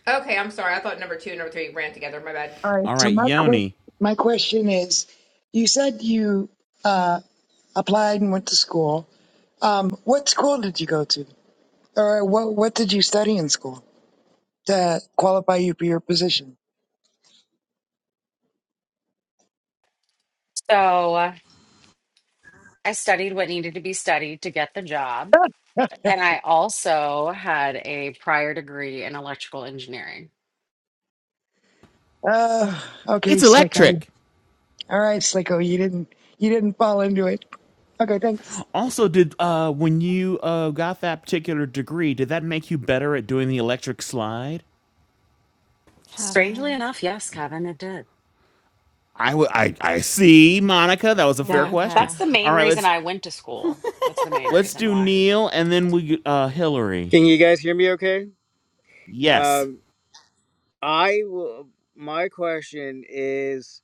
[SPEAKER 9] Okay, I'm sorry. I thought number two and number three ran together. My bad.
[SPEAKER 7] All right.
[SPEAKER 5] All
[SPEAKER 7] So
[SPEAKER 5] right,
[SPEAKER 7] my que-
[SPEAKER 5] Yoni.
[SPEAKER 7] my question is, you said you uh, applied and went to school. Um, what school did you go to, or what what did you study in school to qualify you for your position?
[SPEAKER 1] So uh, I studied what needed to be studied to get the job. And I also had a prior degree in electrical engineering.
[SPEAKER 7] Uh, okay,
[SPEAKER 5] It's
[SPEAKER 7] Slicko.
[SPEAKER 5] electric.
[SPEAKER 7] All right, Slicko. You didn't you didn't fall into it. Okay, thanks,
[SPEAKER 5] Also, did uh, when you uh, got that particular degree, did that make you better at doing the electric slide?
[SPEAKER 1] Strangely
[SPEAKER 3] Kevin.
[SPEAKER 1] enough, yes, Kevin, it did.
[SPEAKER 5] I, w- I I see, Monica. That was a fair
[SPEAKER 1] Yeah.
[SPEAKER 3] Okay.
[SPEAKER 5] question.
[SPEAKER 1] That's the
[SPEAKER 5] All
[SPEAKER 1] main
[SPEAKER 5] right,
[SPEAKER 1] reason
[SPEAKER 5] let's
[SPEAKER 1] I went to school. That's the main
[SPEAKER 5] let's
[SPEAKER 1] reason
[SPEAKER 5] do
[SPEAKER 1] why.
[SPEAKER 5] Neil and then we uh, Hillary.
[SPEAKER 4] Can you guys hear me okay?
[SPEAKER 5] Yes.
[SPEAKER 4] Um, I will, my question is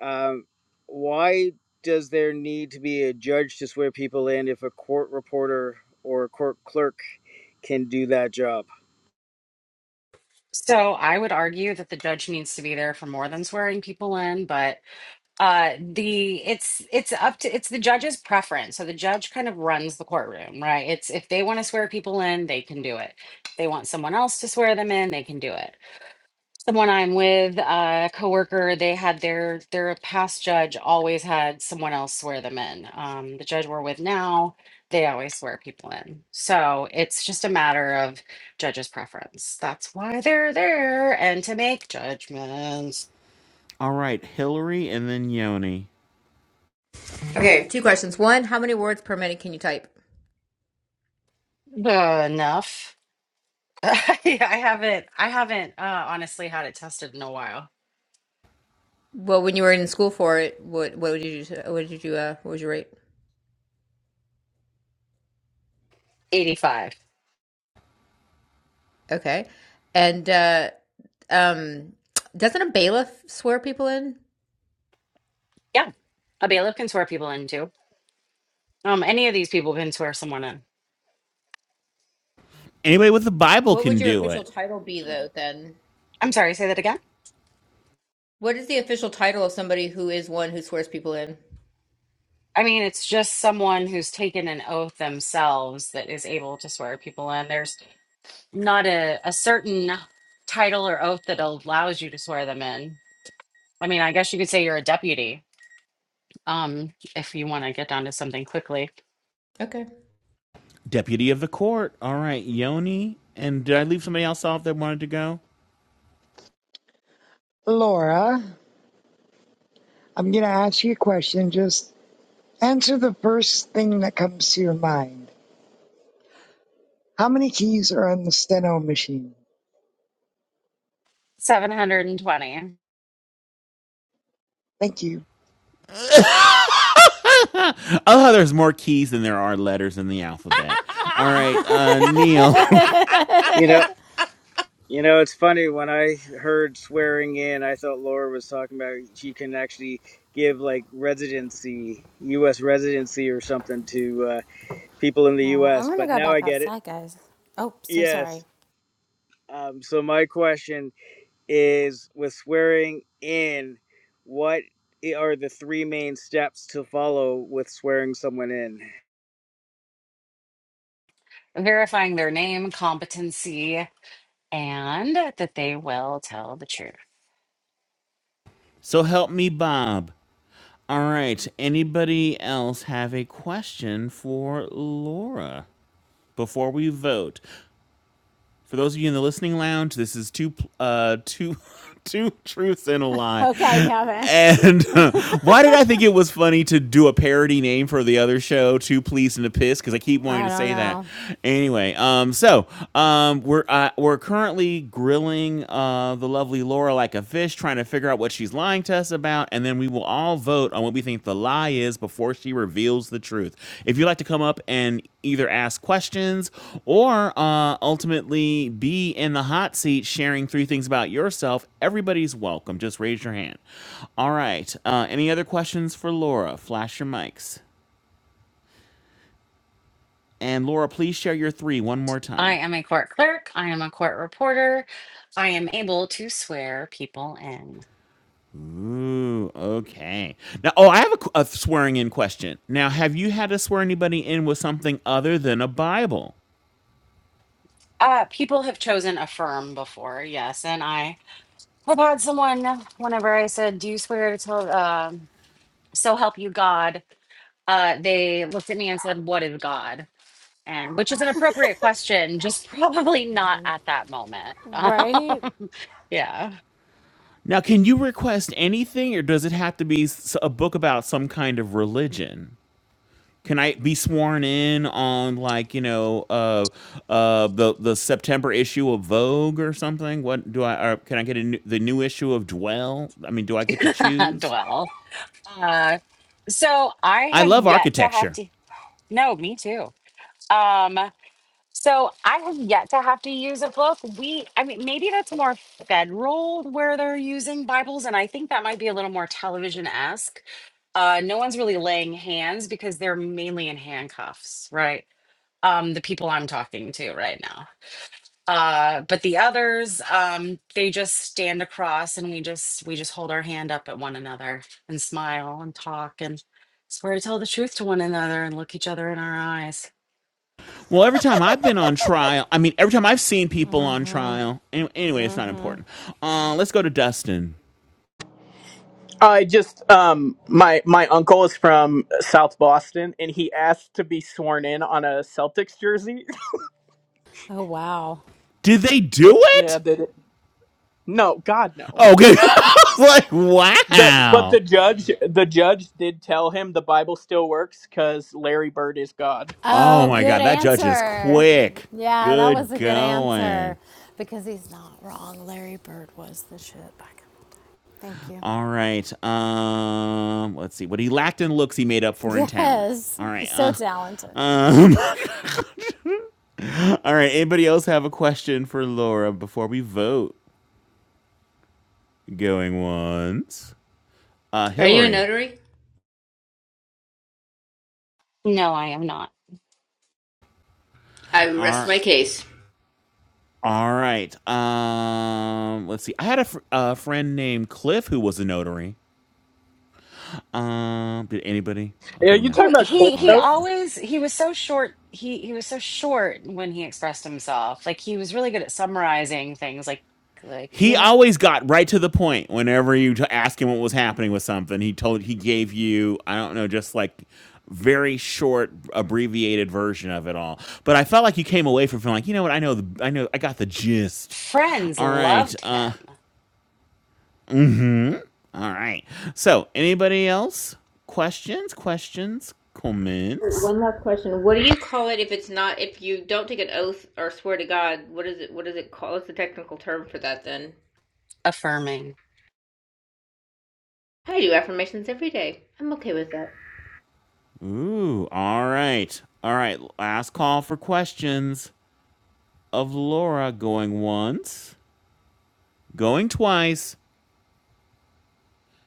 [SPEAKER 4] um, why does there need to be a judge to swear people in if a court reporter or a court clerk can do that job?
[SPEAKER 1] So I would argue that the judge needs to be there for more than swearing people in, but uh the it's it's up to it's the judge's preference so the judge kind of runs the courtroom right it's if they want to swear people in they can do it if they want someone else to swear them in they can do it someone i'm with uh, a coworker they had their their past judge always had someone else swear them in um the judge we're with now they always swear people in so it's just a matter of judge's preference that's why they're there and to make judgments
[SPEAKER 5] All right, Hillary and then Yoni.
[SPEAKER 9] Okay, two questions. One, how many words per minute can you type?
[SPEAKER 1] enough <laughs> I haven't. I haven't uh, honestly had it tested in a while.
[SPEAKER 9] Well, when you were in school for it, what what did you do? What did you uh? What was your rate?
[SPEAKER 1] Eighty-five.
[SPEAKER 9] Okay, and uh, um, doesn't a bailiff swear people in?
[SPEAKER 1] Yeah, a bailiff can swear people in too. Um, any of these people can swear someone in.
[SPEAKER 5] Anybody with the Bible
[SPEAKER 9] What would
[SPEAKER 5] can
[SPEAKER 9] your
[SPEAKER 5] do
[SPEAKER 9] official
[SPEAKER 5] it.
[SPEAKER 9] title be though? Then
[SPEAKER 1] I'm sorry. Say that again.
[SPEAKER 9] what is the official title of somebody who is one who swears people in?
[SPEAKER 1] I mean, it's just someone who's taken an oath themselves that is able to swear people in. There's not a, a certain title or oath that allows you to swear them in. I mean, I guess you could say you're a deputy, um, if you want to get down to something quickly.
[SPEAKER 9] Okay.
[SPEAKER 5] Deputy of the court. All right, Yoni. And did I leave somebody else off that wanted to go?
[SPEAKER 7] Laura. I'm gonna ask you a question. Just Answer the first thing that comes to your mind. How many keys are on the steno machine?
[SPEAKER 1] 720.
[SPEAKER 7] Thank you.
[SPEAKER 5] <laughs> Oh, there's more keys than there are letters in the alphabet. All right, uh, Neil.
[SPEAKER 4] You know.
[SPEAKER 1] <laughs>
[SPEAKER 4] You know, it's funny when I heard swearing in, I thought Laura was talking about she can actually give like residency, U.S. residency or something to uh, people in the
[SPEAKER 3] Well, I'm
[SPEAKER 4] U.S.
[SPEAKER 3] going to
[SPEAKER 4] But
[SPEAKER 3] go
[SPEAKER 4] now
[SPEAKER 3] back
[SPEAKER 4] I get it.
[SPEAKER 3] outside, guys. Oh, so
[SPEAKER 4] Yes.
[SPEAKER 3] sorry.
[SPEAKER 4] Um, so my question is with swearing in, what i- are the three main steps to follow with swearing someone in?
[SPEAKER 1] Verifying their name, competency, and that they will tell the truth.
[SPEAKER 5] <laughs> so help me, Bob. All right, anybody else have a question for Laura before we vote? For those of you in the listening lounge, this is two uh two <laughs> two truths and a lie.
[SPEAKER 3] Okay, Kevin.
[SPEAKER 5] And <laughs> uh, why did I think it was funny to do a parody name for the other show, Two Please and a Piss? Because I keep wanting
[SPEAKER 3] I
[SPEAKER 5] to
[SPEAKER 3] don't
[SPEAKER 5] say that.
[SPEAKER 3] know.
[SPEAKER 5] Anyway, um, so um, we're uh, we're currently grilling uh, the lovely Laura like a fish, trying to figure out what she's lying to us about, and then we will all vote on what we think the lie is before she reveals the truth. If you'd like to come up and either ask questions or uh, ultimately be in the hot seat sharing three things about yourself, everybody's welcome. Just raise your hand. All right. Uh, any other questions for Laura? Flash your mics. And Laura, please share your three one more time.
[SPEAKER 1] I am a court clerk. I am a court reporter. I am able to swear people in.
[SPEAKER 5] Ooh, okay. Now, oh, I have a, qu- a swearing in question. Now, have you had to swear anybody in with something other than a Bible?
[SPEAKER 1] Uh, people have chosen a firm before, yes, and I have had someone whenever I said, "Do you swear to tell?" Um, so help you God. Uh, they looked at me and said, "What is God?" and which is an appropriate question just <laughs> probably not at that moment <laughs> um,
[SPEAKER 3] Right?
[SPEAKER 1] yeah
[SPEAKER 5] Now, can you request anything, or does it have to be s- a book about some kind of religion? Can I be sworn in on, like, you know, uh, uh, the the September issue of Vogue or something? What do I? Or can I get a new, the new issue of Dwell? I mean, do I get to
[SPEAKER 1] <laughs>
[SPEAKER 5] choose?
[SPEAKER 1] dwell uh, so i
[SPEAKER 5] I
[SPEAKER 1] have
[SPEAKER 5] love
[SPEAKER 1] yet to have
[SPEAKER 5] architecture.
[SPEAKER 1] to no me too um so i have yet to have to use a book we i mean maybe that's more federal where they're using bibles and i think that might be a little more television-esque uh, no one's really laying hands because they're mainly in handcuffs right um the people i'm talking to right now Uh, but the others, um, they just stand across and we just we just hold our hand up at one another and smile and talk and swear to tell the truth to one another and look each other in our eyes.
[SPEAKER 5] Well, every time I've been on trial, I mean, every time I've seen people on
[SPEAKER 3] Mm-hmm.
[SPEAKER 5] trial, anyway, anyway it's not
[SPEAKER 3] Mm-hmm.
[SPEAKER 5] important. Uh, let's go to Dustin.
[SPEAKER 8] I just um my my uncle is from South Boston, and he asked to be sworn in on a Celtics jersey. <laughs>
[SPEAKER 3] Oh, wow.
[SPEAKER 5] Did they do
[SPEAKER 8] Yeah,
[SPEAKER 5] it?
[SPEAKER 8] No, God, no.
[SPEAKER 5] Oh, good. <laughs> I was like,
[SPEAKER 8] The but
[SPEAKER 5] wow.
[SPEAKER 8] the judge, the judge did tell him the Bible still works because Larry Bird is God.
[SPEAKER 5] Oh
[SPEAKER 3] Oh,
[SPEAKER 5] my
[SPEAKER 3] good
[SPEAKER 5] God, that judge is
[SPEAKER 3] answer.
[SPEAKER 5] quick.
[SPEAKER 3] Yeah, that was
[SPEAKER 5] Good
[SPEAKER 3] a good
[SPEAKER 5] going.
[SPEAKER 3] answer because he's not wrong. Larry Bird was the shit back in the day. Thank you.
[SPEAKER 5] All right. Um, let's see. What he lacked in looks, he made up for in talent.
[SPEAKER 3] Yes,
[SPEAKER 5] All right.
[SPEAKER 3] he's so
[SPEAKER 5] Uh,
[SPEAKER 3] talented.
[SPEAKER 5] um, <laughs> all right. Anybody else have a question for Laura before we vote? Going once. Uh,
[SPEAKER 9] Are you a
[SPEAKER 5] Hillary.
[SPEAKER 9] notary?
[SPEAKER 1] No, I am not.
[SPEAKER 9] I rest
[SPEAKER 5] All
[SPEAKER 9] my case.
[SPEAKER 5] All right. Um, let's see. I had a, fr- a friend named Cliff who was a notary. Um, did anybody?
[SPEAKER 8] Yeah,
[SPEAKER 5] Okay,
[SPEAKER 8] you
[SPEAKER 5] no.
[SPEAKER 8] talking
[SPEAKER 1] He
[SPEAKER 8] about Cliff
[SPEAKER 1] he
[SPEAKER 5] All
[SPEAKER 1] he
[SPEAKER 5] right.
[SPEAKER 8] Notes?
[SPEAKER 5] f-
[SPEAKER 1] always he was so short. He he was so short when he expressed himself. Like he was really good at summarizing things. Like like you
[SPEAKER 5] He
[SPEAKER 1] know,
[SPEAKER 5] always got right to the point whenever you t- asked him what was happening with something. He told he gave you I don't know, just like very short abbreviated version of it all. But I felt like you came away from feeling like, you know what? I know the I know I got the gist.
[SPEAKER 1] friends
[SPEAKER 5] All right.
[SPEAKER 1] loved
[SPEAKER 5] Uh
[SPEAKER 1] him
[SPEAKER 5] all right. So, anybody else? Questions? Questions? Comments?
[SPEAKER 9] One last question. What do you <laughs> call it if it's not if you don't take an oath or swear to God? What is it? What is it called? What's the technical term for that? Then
[SPEAKER 1] affirming.
[SPEAKER 9] I do affirmations every day. I'm okay with that.
[SPEAKER 5] Ooh, all right. All right, last call for questions of Laura going once, going twice.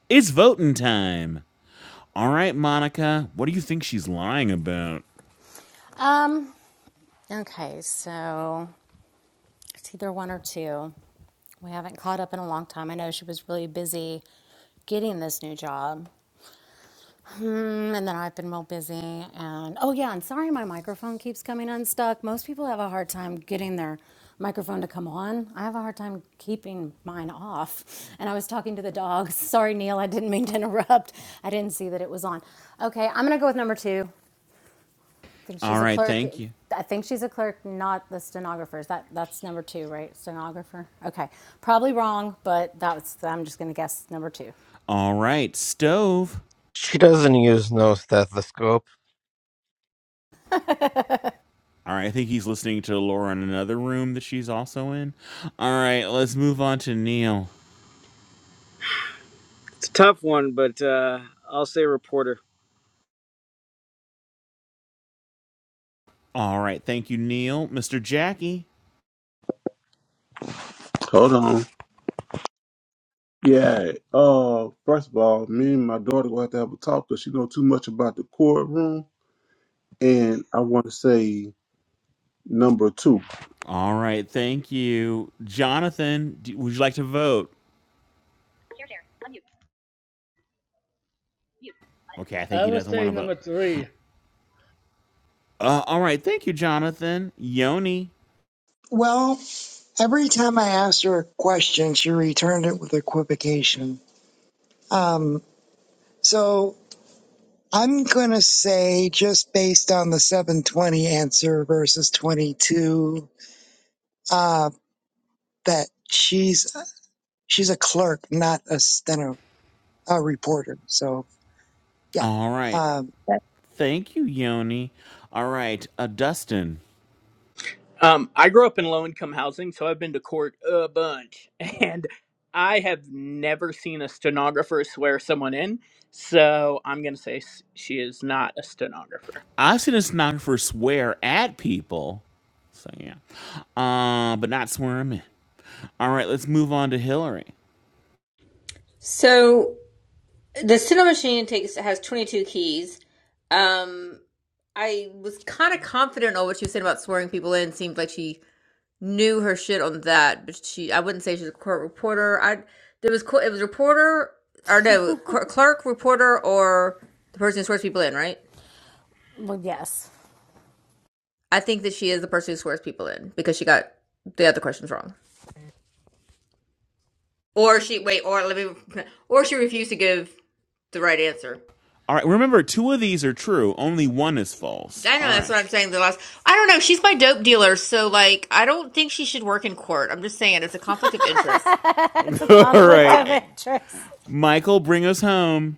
[SPEAKER 5] It's voting time. All right, Monica, what do you think she's lying about?
[SPEAKER 3] Um, okay, so it's either one or two. We haven't caught up in a long time. I know she was really busy getting this new job. Mm, and then I've been real busy. And oh, yeah, and sorry my microphone keeps coming unstuck. Most people have a hard time getting their microphone to come on. I have a hard time keeping mine off. And I was talking to the dogs. <laughs> Sorry, Neil, I didn't mean to interrupt. I didn't see that it was on. Okay, I'm going to go with number two. I think
[SPEAKER 5] All
[SPEAKER 3] she's a
[SPEAKER 5] right,
[SPEAKER 3] clerk.
[SPEAKER 5] thank you.
[SPEAKER 3] I think she's a clerk, not the stenographer. Is That that's number two, right? Stenographer. Okay, probably wrong, but that's. I'm just going to guess number two.
[SPEAKER 5] All right, Stove.
[SPEAKER 2] She doesn't use no stethoscope.
[SPEAKER 5] All right, I think he's listening to Laura in another room that she's also in. All right, let's move on to Neil.
[SPEAKER 4] It's a tough one, but uh, I'll say reporter.
[SPEAKER 5] All right, thank you, Neil. Mr. Jackie.
[SPEAKER 6] Hold on. Yeah. Uh, first of all, me and my daughter will have to have a talk because she know too much about the courtroom. And I want to say number two.
[SPEAKER 5] All right, thank you. Jonathan, do, would you like to vote? Okay, I think
[SPEAKER 10] I
[SPEAKER 5] he
[SPEAKER 10] would
[SPEAKER 5] doesn't want
[SPEAKER 10] say
[SPEAKER 5] to vote.
[SPEAKER 10] number three.
[SPEAKER 5] Uh, all right. Thank you, Jonathan. Yoni.
[SPEAKER 7] Well, every time I asked her a question, she returned it with equivocation. Um, so I'm going to say, just based on the 720 answer versus 22, uh, that she's she's a clerk, not a steno a reporter. So, yeah.
[SPEAKER 5] All right.
[SPEAKER 7] Um,
[SPEAKER 5] Thank you, Yoni. All right. Uh, Dustin.
[SPEAKER 8] Um, I grew up in low income housing, so I've been to court a bunch, <laughs> and I have never seen a stenographer swear someone in. So I'm gonna say s- she is not a stenographer.
[SPEAKER 5] I've seen a stenographer swear at people. So, yeah. Uh, but not swear 'em in. All right. Let's move on to Hillary.
[SPEAKER 9] So the Sinnoh machine takes has 22 keys. Um, I was kind of confident on what she was saying about swearing people in. Seemed like she knew her shit on that, but she I wouldn't say she's a court reporter. I there was co- it was reporter or no clerk reporter or the person who swears people in, right?
[SPEAKER 3] Well, yes.
[SPEAKER 9] I think that she is the person who swears people in because she got the other questions wrong. Or she wait, or let me, or she refused to give the right answer.
[SPEAKER 5] All right. Remember, two of these are true. Only one is false.
[SPEAKER 9] I know
[SPEAKER 5] All
[SPEAKER 9] that's
[SPEAKER 5] right.
[SPEAKER 9] what I'm saying. The last, I don't know. She's my dope dealer, so like, I don't think she should work in court. I'm just saying it's a conflict of
[SPEAKER 3] <laughs>
[SPEAKER 9] interest.
[SPEAKER 3] it's a
[SPEAKER 5] <laughs> all
[SPEAKER 3] conflict
[SPEAKER 5] right.
[SPEAKER 3] of
[SPEAKER 5] eh,
[SPEAKER 3] interest.
[SPEAKER 5] Michael, bring us home.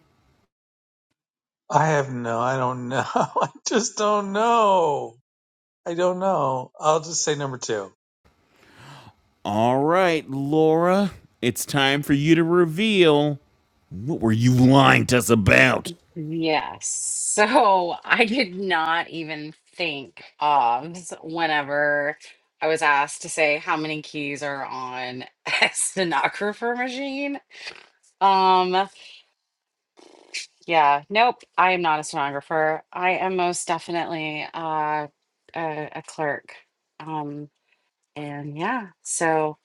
[SPEAKER 11] I have no, I don't know. <laughs> I just don't know. I don't know. I'll just say number two.
[SPEAKER 5] All right, Laura. It's time for you to reveal. What were you lying to us about?
[SPEAKER 1] Yes. So <laughs> I did not even think of whenever I was asked to say how many keys are on <laughs> a stenographer machine. Um, yeah, nope, I am not a stenographer. I am most definitely uh, a, a clerk. Um, and yeah, so.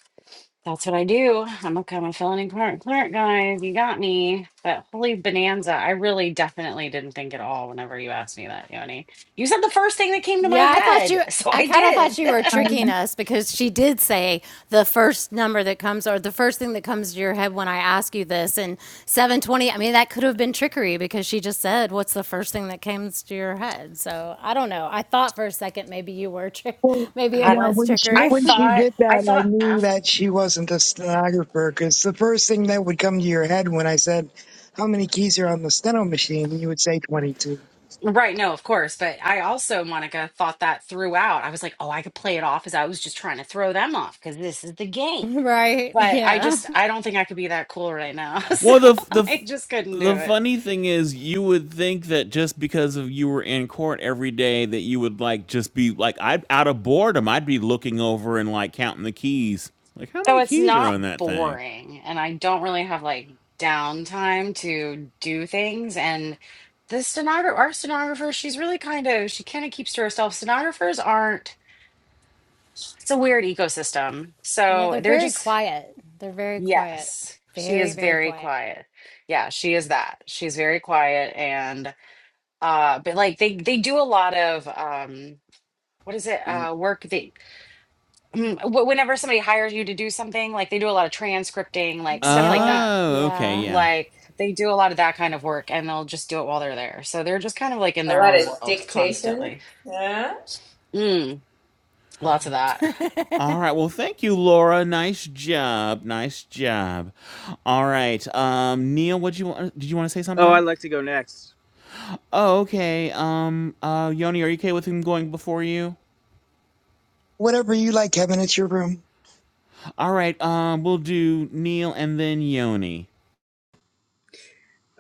[SPEAKER 1] That's what I do. I'm a kind of felony clerk, clerk, guys. You got me. But holy bonanza, I really definitely didn't think at all whenever you asked me that, Yoni. You said the first thing that came to my
[SPEAKER 3] Yeah, I thought
[SPEAKER 1] head,
[SPEAKER 3] you.
[SPEAKER 1] <laughs> so
[SPEAKER 3] I
[SPEAKER 1] I
[SPEAKER 3] kind of
[SPEAKER 1] did.
[SPEAKER 3] thought you were
[SPEAKER 1] <laughs>
[SPEAKER 3] tricking us because she did say the first number that comes or the first thing that comes to your head when I ask you this. And 720, I mean, that could have been trickery because she just said, What's the first thing that comes to your head? So I don't know. I thought for a second maybe you were, tri-
[SPEAKER 7] Well,
[SPEAKER 3] <laughs> maybe it
[SPEAKER 1] God,
[SPEAKER 7] yeah,
[SPEAKER 3] was
[SPEAKER 7] when she
[SPEAKER 1] I
[SPEAKER 3] trickery.
[SPEAKER 7] when she
[SPEAKER 1] thought,
[SPEAKER 7] did
[SPEAKER 1] I
[SPEAKER 7] that, I
[SPEAKER 1] thought
[SPEAKER 7] knew
[SPEAKER 1] after.
[SPEAKER 7] that she wasn't a stenographer because the first thing that would come to your head when I said, "How many keys are on the steno machine?" you would say twenty-two.
[SPEAKER 1] Right, no, of course. But I also, Monica, thought that throughout. I was like, oh, I could play it off as I was just trying to throw them off because this is the
[SPEAKER 3] <laughs>
[SPEAKER 1] game.
[SPEAKER 3] right.
[SPEAKER 1] But I
[SPEAKER 3] Yeah.
[SPEAKER 1] just, I don't think I could be that cool right now. <laughs> So
[SPEAKER 5] Well, the the
[SPEAKER 1] I just couldn't do
[SPEAKER 5] the
[SPEAKER 1] it.
[SPEAKER 5] funny thing is, you would think that just because of you were in court every day, that you would like just be like, I out of boredom, I'd be looking over and like counting the keys, like how
[SPEAKER 1] So
[SPEAKER 5] many
[SPEAKER 1] it's
[SPEAKER 5] keys are
[SPEAKER 1] not
[SPEAKER 5] on that thing.
[SPEAKER 1] boring, and I don't really have like downtime to do things. And the stenographer, our stenographer, she's really kind of, she kind of keeps to herself. Stenographers aren't, it's a weird ecosystem.
[SPEAKER 3] Yeah,
[SPEAKER 1] So
[SPEAKER 3] they're
[SPEAKER 1] they're
[SPEAKER 3] very
[SPEAKER 1] just,
[SPEAKER 3] quiet. They're very quiet.
[SPEAKER 1] yes, she
[SPEAKER 3] Very,
[SPEAKER 1] is
[SPEAKER 3] very
[SPEAKER 1] very
[SPEAKER 3] quiet.
[SPEAKER 1] quiet. Yeah, she is that. She's very quiet and, uh, but like they, they do a lot of, um, what is it? Uh, work that, mm, wh- whenever somebody hires you to do something, like they do a lot of transcripting, like stuff
[SPEAKER 3] Yeah,
[SPEAKER 1] like
[SPEAKER 3] like,
[SPEAKER 1] that
[SPEAKER 5] Oh, okay,
[SPEAKER 3] yeah.
[SPEAKER 5] yeah.
[SPEAKER 1] like they do a lot of that kind of work and they'll just do it while they're there. So they're just kind of like in
[SPEAKER 9] A
[SPEAKER 1] their
[SPEAKER 9] lot
[SPEAKER 1] own
[SPEAKER 9] of
[SPEAKER 1] world
[SPEAKER 9] dictation.
[SPEAKER 1] constantly.
[SPEAKER 9] Yeah.
[SPEAKER 1] Mm, lots of that.
[SPEAKER 5] All right. Well, thank you, Laura. Nice job. Nice job. All right. Um, Neil, what you want? Did you want to say
[SPEAKER 4] Oh,
[SPEAKER 5] something?
[SPEAKER 4] I'd like to go next.
[SPEAKER 5] Oh, okay. Um, uh, Yoni, are you okay with him going before you?
[SPEAKER 7] Whatever you like, Kevin, it's your room.
[SPEAKER 5] All right, um, we'll do Neil and then Yoni.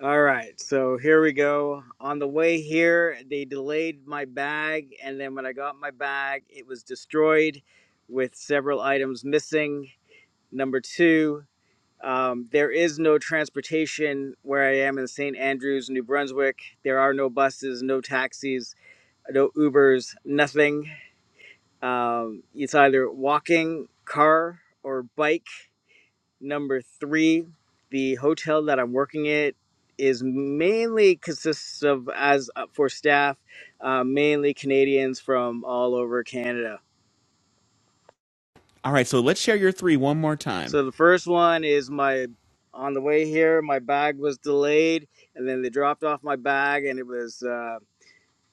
[SPEAKER 4] All right, so here we go. On the way here, they delayed my bag, and then when I got my bag, it was destroyed with several items missing. Number two, um, there is no transportation where I am in St. Andrews, New Brunswick. There are no buses, no taxis, no Ubers, nothing. Um, it's either walking, car, or bike Number three, the hotel that I'm working at is mainly consists of as uh, for staff, uh, mainly Canadians from all over Canada.
[SPEAKER 5] All right, so let's share your three one more time.
[SPEAKER 4] So the first one is my on the way here, my bag was delayed, and then they dropped off my bag, and it was uh,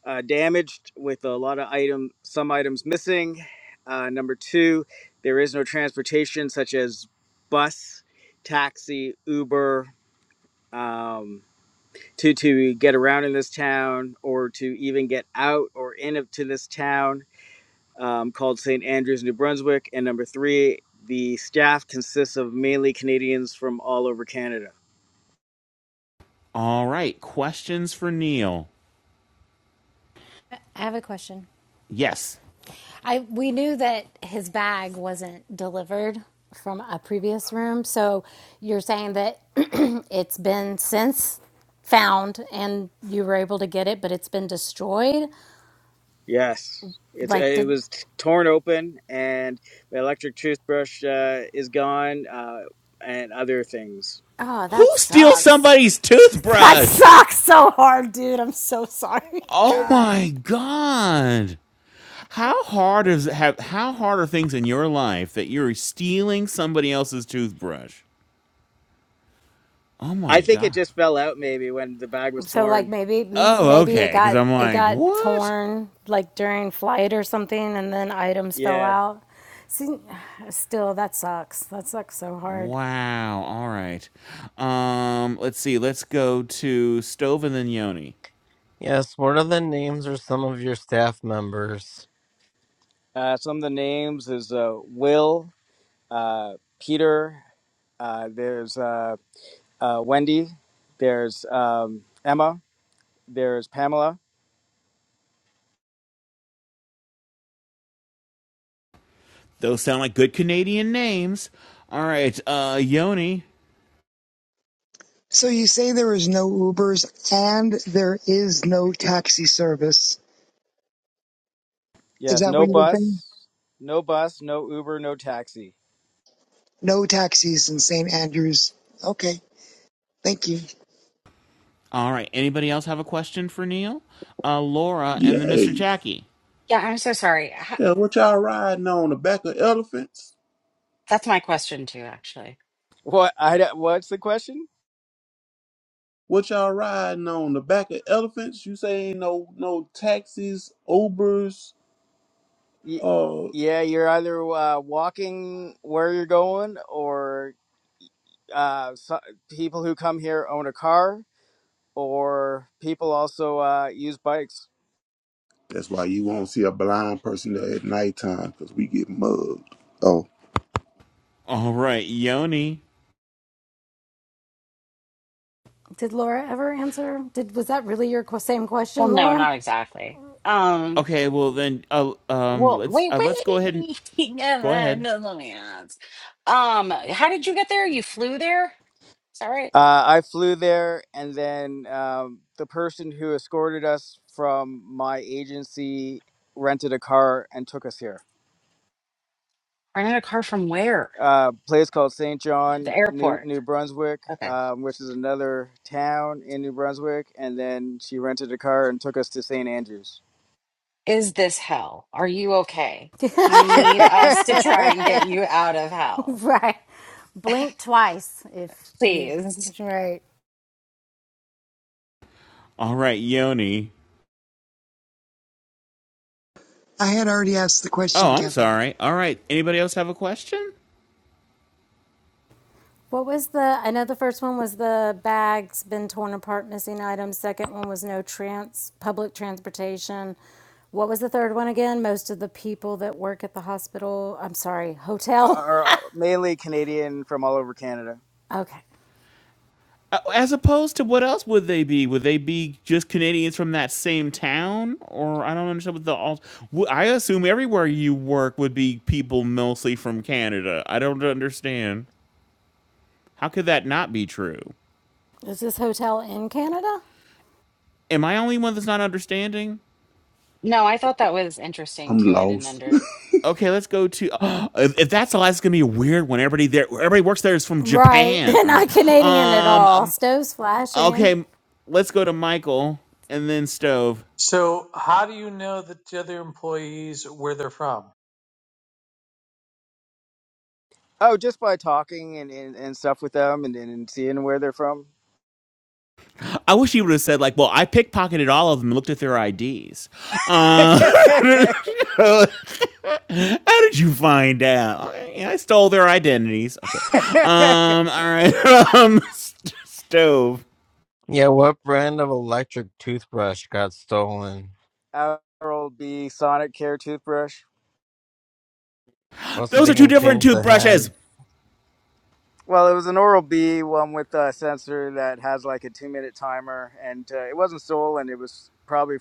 [SPEAKER 4] uh, damaged with a lot of item, some items missing. Uh, number two, there is no transportation such as bus, taxi, Uber. Um, to to get around in this town or to even get out or in to this town um, called St. Andrews, New Brunswick. And number three, the staff consists of mainly Canadians from all over Canada.
[SPEAKER 5] All right, questions for Neil.
[SPEAKER 3] I have a question.
[SPEAKER 5] Yes.
[SPEAKER 3] I we knew that his bag wasn't delivered from a previous room, so you're saying that <clears throat> it's been since found and you were able to get it, but it's been destroyed.
[SPEAKER 4] Yes. It's, uh,
[SPEAKER 3] Like,
[SPEAKER 4] it
[SPEAKER 3] did
[SPEAKER 4] was t- torn open, and the electric toothbrush uh, is gone, uh, and other things.
[SPEAKER 3] oh
[SPEAKER 5] Who
[SPEAKER 3] that
[SPEAKER 5] steals
[SPEAKER 3] sucks.
[SPEAKER 5] somebody's
[SPEAKER 3] <laughs> That
[SPEAKER 5] toothbrush?
[SPEAKER 3] sucks so hard, dude. I'm so sorry. <laughs>
[SPEAKER 5] Oh
[SPEAKER 3] God.
[SPEAKER 5] my god. How hard is have how hard are things in your life that you're stealing somebody else's toothbrush? Oh my
[SPEAKER 4] I think it
[SPEAKER 5] god.
[SPEAKER 4] just fell out maybe when the bag was
[SPEAKER 3] So like
[SPEAKER 4] torn.
[SPEAKER 3] maybe
[SPEAKER 5] Oh,
[SPEAKER 3] maybe it
[SPEAKER 5] okay, because
[SPEAKER 3] got
[SPEAKER 5] I'm
[SPEAKER 3] it
[SPEAKER 5] like,
[SPEAKER 3] got
[SPEAKER 5] what?
[SPEAKER 3] torn like during flight or something, and then items fell
[SPEAKER 4] Yeah.
[SPEAKER 3] out. See, still that sucks. That sucks so hard.
[SPEAKER 5] Wow. All right. Um, let's see. Let's go to Stove and then Yoni.
[SPEAKER 2] Yes, what are the names of some of your staff members?
[SPEAKER 4] Uh, some of the names is uh, Will, uh, Peter, uh, there's uh, uh, Wendy, there's um, Emma, there's Pamela.
[SPEAKER 5] Those sound like good Canadian names. All right, uh, Yoni.
[SPEAKER 7] So you say there is no Ubers and there is no taxi service. Is
[SPEAKER 4] Yes,
[SPEAKER 7] that what
[SPEAKER 4] no
[SPEAKER 7] you're saying?
[SPEAKER 4] bus, no bus, no Uber, no taxi.
[SPEAKER 7] No taxis in St. Andrews. Okay, thank you.
[SPEAKER 5] All right, anybody else have a question for Neil, uh, Laura, and then Mr.
[SPEAKER 6] Yay.
[SPEAKER 5] Jackie?
[SPEAKER 1] Yeah, I'm so sorry. Ha-
[SPEAKER 6] Hell, what y'all riding on the back of elephants?
[SPEAKER 1] That's my question too, actually.
[SPEAKER 4] What? I don't- what's the question?
[SPEAKER 6] What y'all riding on the back of elephants? You say ain't no no taxis, Ubers.
[SPEAKER 4] Y-
[SPEAKER 6] Uh,
[SPEAKER 4] yeah, you're either uh, walking where you're going, or uh, so, people who come here own a car, or people also uh, use bikes.
[SPEAKER 6] that's why you won't see a blind person there at nighttime because we get mugged. Oh,
[SPEAKER 5] All right, Yoni.
[SPEAKER 3] Did Laura ever answer? Did was that really your qu- same
[SPEAKER 1] Well,
[SPEAKER 3] question,
[SPEAKER 1] no,
[SPEAKER 3] Laura?
[SPEAKER 1] not exactly. Um,
[SPEAKER 5] Okay, well then, uh, um,
[SPEAKER 1] well,
[SPEAKER 5] let's
[SPEAKER 1] wait,
[SPEAKER 5] uh, let's go ahead and
[SPEAKER 1] wait. <laughs> Yeah,
[SPEAKER 5] go
[SPEAKER 1] man,
[SPEAKER 5] ahead.
[SPEAKER 1] no, Let me ask. Um, how did you get there? You flew there? Is that right?
[SPEAKER 4] Uh, I flew there, and then um, the person who escorted us from my agency rented a car and took us here.
[SPEAKER 1] Rented a car from where?
[SPEAKER 4] Uh, place called St. John,
[SPEAKER 1] The
[SPEAKER 4] New
[SPEAKER 1] airport.
[SPEAKER 4] New Brunswick,
[SPEAKER 1] Okay.
[SPEAKER 4] um, which is another town in New Brunswick, and then she rented a car and took us to St. Andrews.
[SPEAKER 1] Is this hell? Are you okay?
[SPEAKER 3] <laughs>
[SPEAKER 1] Do you need
[SPEAKER 4] <laughs>
[SPEAKER 1] us to try and get you out of hell?
[SPEAKER 3] right. Blink twice if you.
[SPEAKER 1] Please.
[SPEAKER 3] Right.
[SPEAKER 5] All right, Yoni.
[SPEAKER 7] I had already asked the
[SPEAKER 5] Oh,
[SPEAKER 7] question,
[SPEAKER 5] I'm
[SPEAKER 7] Kevin.
[SPEAKER 5] sorry. All right, anybody else have a question?
[SPEAKER 3] What was the, I know the first one was the bags been torn apart, missing items. Second one was no trans, public transportation. What was the third one again? Most of the people that work at the hospital, I'm sorry, hotel. <laughs>
[SPEAKER 4] Are mainly Canadian from all over Canada.
[SPEAKER 3] Okay.
[SPEAKER 5] Uh, As opposed to what else would they be? Would they be just Canadians from that same town? Or I don't understand what the all. I assume everywhere you work would be people mostly from Canada. I don't understand. How could that not be true?
[SPEAKER 3] Is this hotel in Canada?
[SPEAKER 5] Am I the only one that's not understanding?
[SPEAKER 1] No, I thought that was interesting
[SPEAKER 6] I'm
[SPEAKER 1] too. I didn't
[SPEAKER 6] lost.
[SPEAKER 1] under.
[SPEAKER 5] Okay, let's go to. <gasps> if if that's the last, it's gonna be a weird one. Everybody there, everybody works there is from
[SPEAKER 3] Right. <laughs>
[SPEAKER 5] Japan. All right.
[SPEAKER 3] Not Canadian at
[SPEAKER 5] Um.
[SPEAKER 3] all.
[SPEAKER 5] um
[SPEAKER 3] Stove's flashing.
[SPEAKER 5] okay, let's go to Michael and then Stove.
[SPEAKER 11] So, how do you know that the other employees where they're from?
[SPEAKER 4] Oh, just by talking and, and, and stuff with them and, and seeing where they're from.
[SPEAKER 5] I wish he would have said like, "Well, I pickpocketed all of them and looked at their IDs." Uh,
[SPEAKER 4] <laughs>
[SPEAKER 5] <laughs> how did you find out? Yeah, I stole their identities. Okay. Um. All right. <laughs> um. st- stove.
[SPEAKER 2] Yeah, what brand of electric toothbrush got stolen?
[SPEAKER 4] Oral B Sonic Care toothbrush.
[SPEAKER 2] Also,
[SPEAKER 5] Those
[SPEAKER 2] they
[SPEAKER 5] are two
[SPEAKER 2] can
[SPEAKER 5] different
[SPEAKER 2] change the
[SPEAKER 5] toothbrushes.
[SPEAKER 2] head.
[SPEAKER 4] Well, it was an Oral B one with a sensor that has like a two minute timer, and uh, it wasn't stolen. It was probably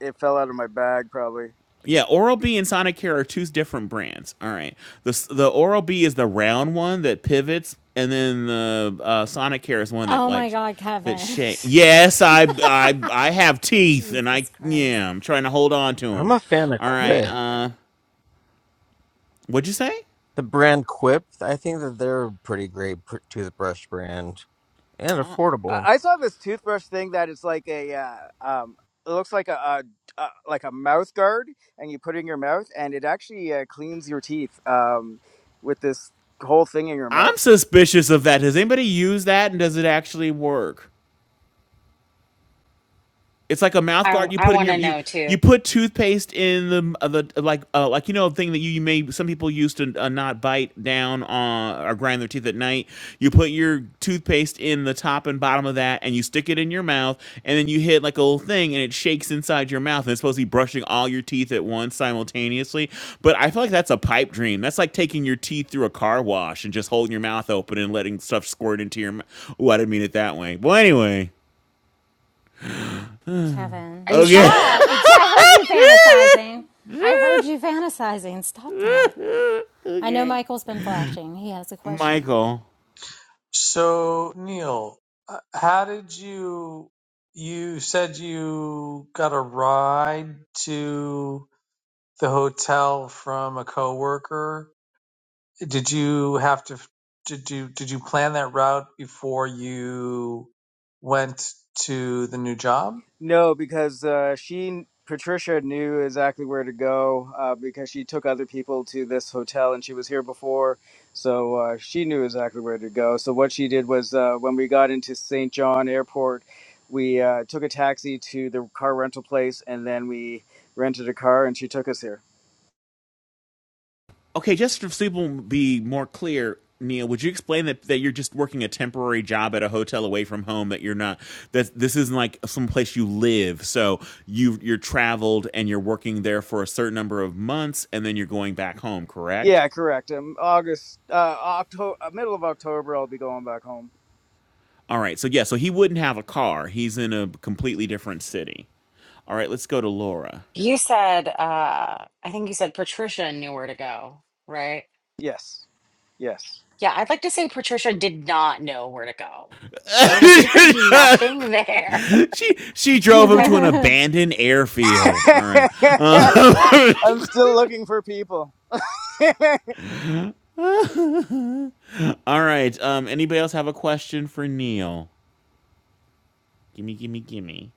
[SPEAKER 4] it fell out of my bag. Probably
[SPEAKER 5] Yeah, Oral B and Sonicare are two different brands. All right, the the Oral B is the round one that pivots, and then the uh, Sonicare is one that
[SPEAKER 3] Oh my
[SPEAKER 5] like
[SPEAKER 3] God,
[SPEAKER 5] that
[SPEAKER 3] Kevin.
[SPEAKER 5] shake. Yes, I I I have
[SPEAKER 3] <laughs>
[SPEAKER 5] teeth, and I
[SPEAKER 3] Jesus Christ.
[SPEAKER 5] yeah, I'm trying to hold on to
[SPEAKER 2] I'm
[SPEAKER 5] them.
[SPEAKER 2] a fan of
[SPEAKER 5] All right,
[SPEAKER 2] Quip.
[SPEAKER 5] uh, what'd you say?
[SPEAKER 2] The brand Quip, I think that they're a pretty great pr- toothbrush brand and
[SPEAKER 5] Uh,
[SPEAKER 4] I,
[SPEAKER 2] affordable.
[SPEAKER 4] I saw this toothbrush thing that it's like a uh, um, it looks like a, a, a like a mouth guard, and you put it in your mouth, and it actually uh, cleans your teeth um, with this whole thing in your
[SPEAKER 5] I'm
[SPEAKER 4] mouth.
[SPEAKER 5] suspicious of that. Does anybody use that, and does it actually work? It's like a mouth
[SPEAKER 1] I
[SPEAKER 5] guard you
[SPEAKER 1] I
[SPEAKER 5] put in
[SPEAKER 1] want
[SPEAKER 5] your
[SPEAKER 1] to
[SPEAKER 5] you
[SPEAKER 1] know too.
[SPEAKER 5] you put toothpaste in the uh, the like uh, like you know thing that you, you may some people used to uh, not bite down on or grind their teeth at night. You put your toothpaste in the top and bottom of that, and you stick it in your mouth, and then you hit like a little thing, and it shakes inside your mouth, and it's supposed to be brushing all your teeth at once simultaneously. But I feel like that's a pipe dream. That's like taking your teeth through a car wash and just holding your mouth open and letting stuff squirt into your. mouth. Oh, I didn't mean it that way. Well, anyway,
[SPEAKER 3] Kevin,
[SPEAKER 1] Are you sure?
[SPEAKER 5] okay.
[SPEAKER 3] stop. I heard you fantasizing. I
[SPEAKER 5] <laughs>
[SPEAKER 3] heard you fantasizing. Stop that.
[SPEAKER 5] <laughs>
[SPEAKER 3] I know
[SPEAKER 5] okay.
[SPEAKER 3] Michael's been flashing. He has a question.
[SPEAKER 5] Michael.
[SPEAKER 11] So, Neil, uh, how did you? You said you got a ride to the hotel from a coworker. Did you have to? Did you did you plan that route before you went to the new job?
[SPEAKER 4] No, because uh, she Patricia knew exactly where to go uh, because she took other people to this hotel and she was here before, so uh, she knew exactly where to go. So what she did was uh, when we got into St. John Airport, we uh, took a taxi to the car rental place and then we rented a car and she took us here.
[SPEAKER 5] Okay, just to so people be more clear, Neil, would you explain that, that you're just working a temporary job at a hotel away from home? That you're not that this isn't like some place you live. So you you're traveled and you're working there for a certain number of months, and then you're going back home. Correct?
[SPEAKER 4] Yeah, correct. Um, August, uh, October, middle of October, I'll be going back home.
[SPEAKER 5] All right. So yeah. So he wouldn't have a car. He's in a completely different city. All right. Let's go to Laura.
[SPEAKER 1] You said. Uh, I think you said Patricia knew where to go, right?
[SPEAKER 4] Yes, yes.
[SPEAKER 1] Yeah, I'd like to say Patricia did not know where to go because <laughs> there is nothing there.
[SPEAKER 5] <laughs> she she drove him
[SPEAKER 3] <laughs>
[SPEAKER 1] <laughs>
[SPEAKER 5] to an abandoned airfield. All right.
[SPEAKER 4] <laughs>
[SPEAKER 5] Uh,
[SPEAKER 4] I'm still looking for people. <laughs>
[SPEAKER 5] All right. Um, anybody else have a question for Neil? Gimme, gimme, gimme.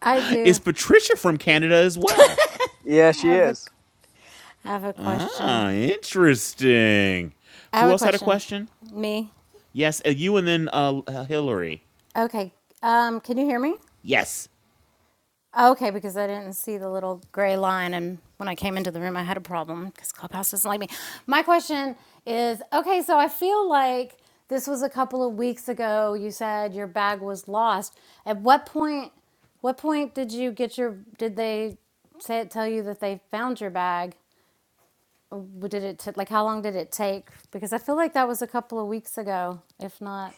[SPEAKER 3] I
[SPEAKER 5] Is
[SPEAKER 3] do
[SPEAKER 5] Patricia from Canada as well?
[SPEAKER 4] Yeah,
[SPEAKER 3] I
[SPEAKER 4] she
[SPEAKER 3] have a
[SPEAKER 4] is.
[SPEAKER 3] I have a
[SPEAKER 5] Ah,
[SPEAKER 3] question.
[SPEAKER 5] interesting.
[SPEAKER 3] I have
[SPEAKER 5] Who
[SPEAKER 3] a
[SPEAKER 5] else had a
[SPEAKER 3] question.
[SPEAKER 5] question?
[SPEAKER 3] Me?
[SPEAKER 5] Yes, uh, you and then uh, uh, Hillary.
[SPEAKER 3] Okay. Um, can you hear me?
[SPEAKER 5] Yes.
[SPEAKER 3] Okay, because I didn't see the little gray line, and when I came into the room, I had a problem because Clubhouse doesn't like me. My question is, okay, so I feel like this was a couple of weeks ago. You said your bag was lost. At what point? What point did you get your? Did they say tell you that they found your bag? did it t- like how long did it take? Because I feel like that was a couple of weeks ago, if not.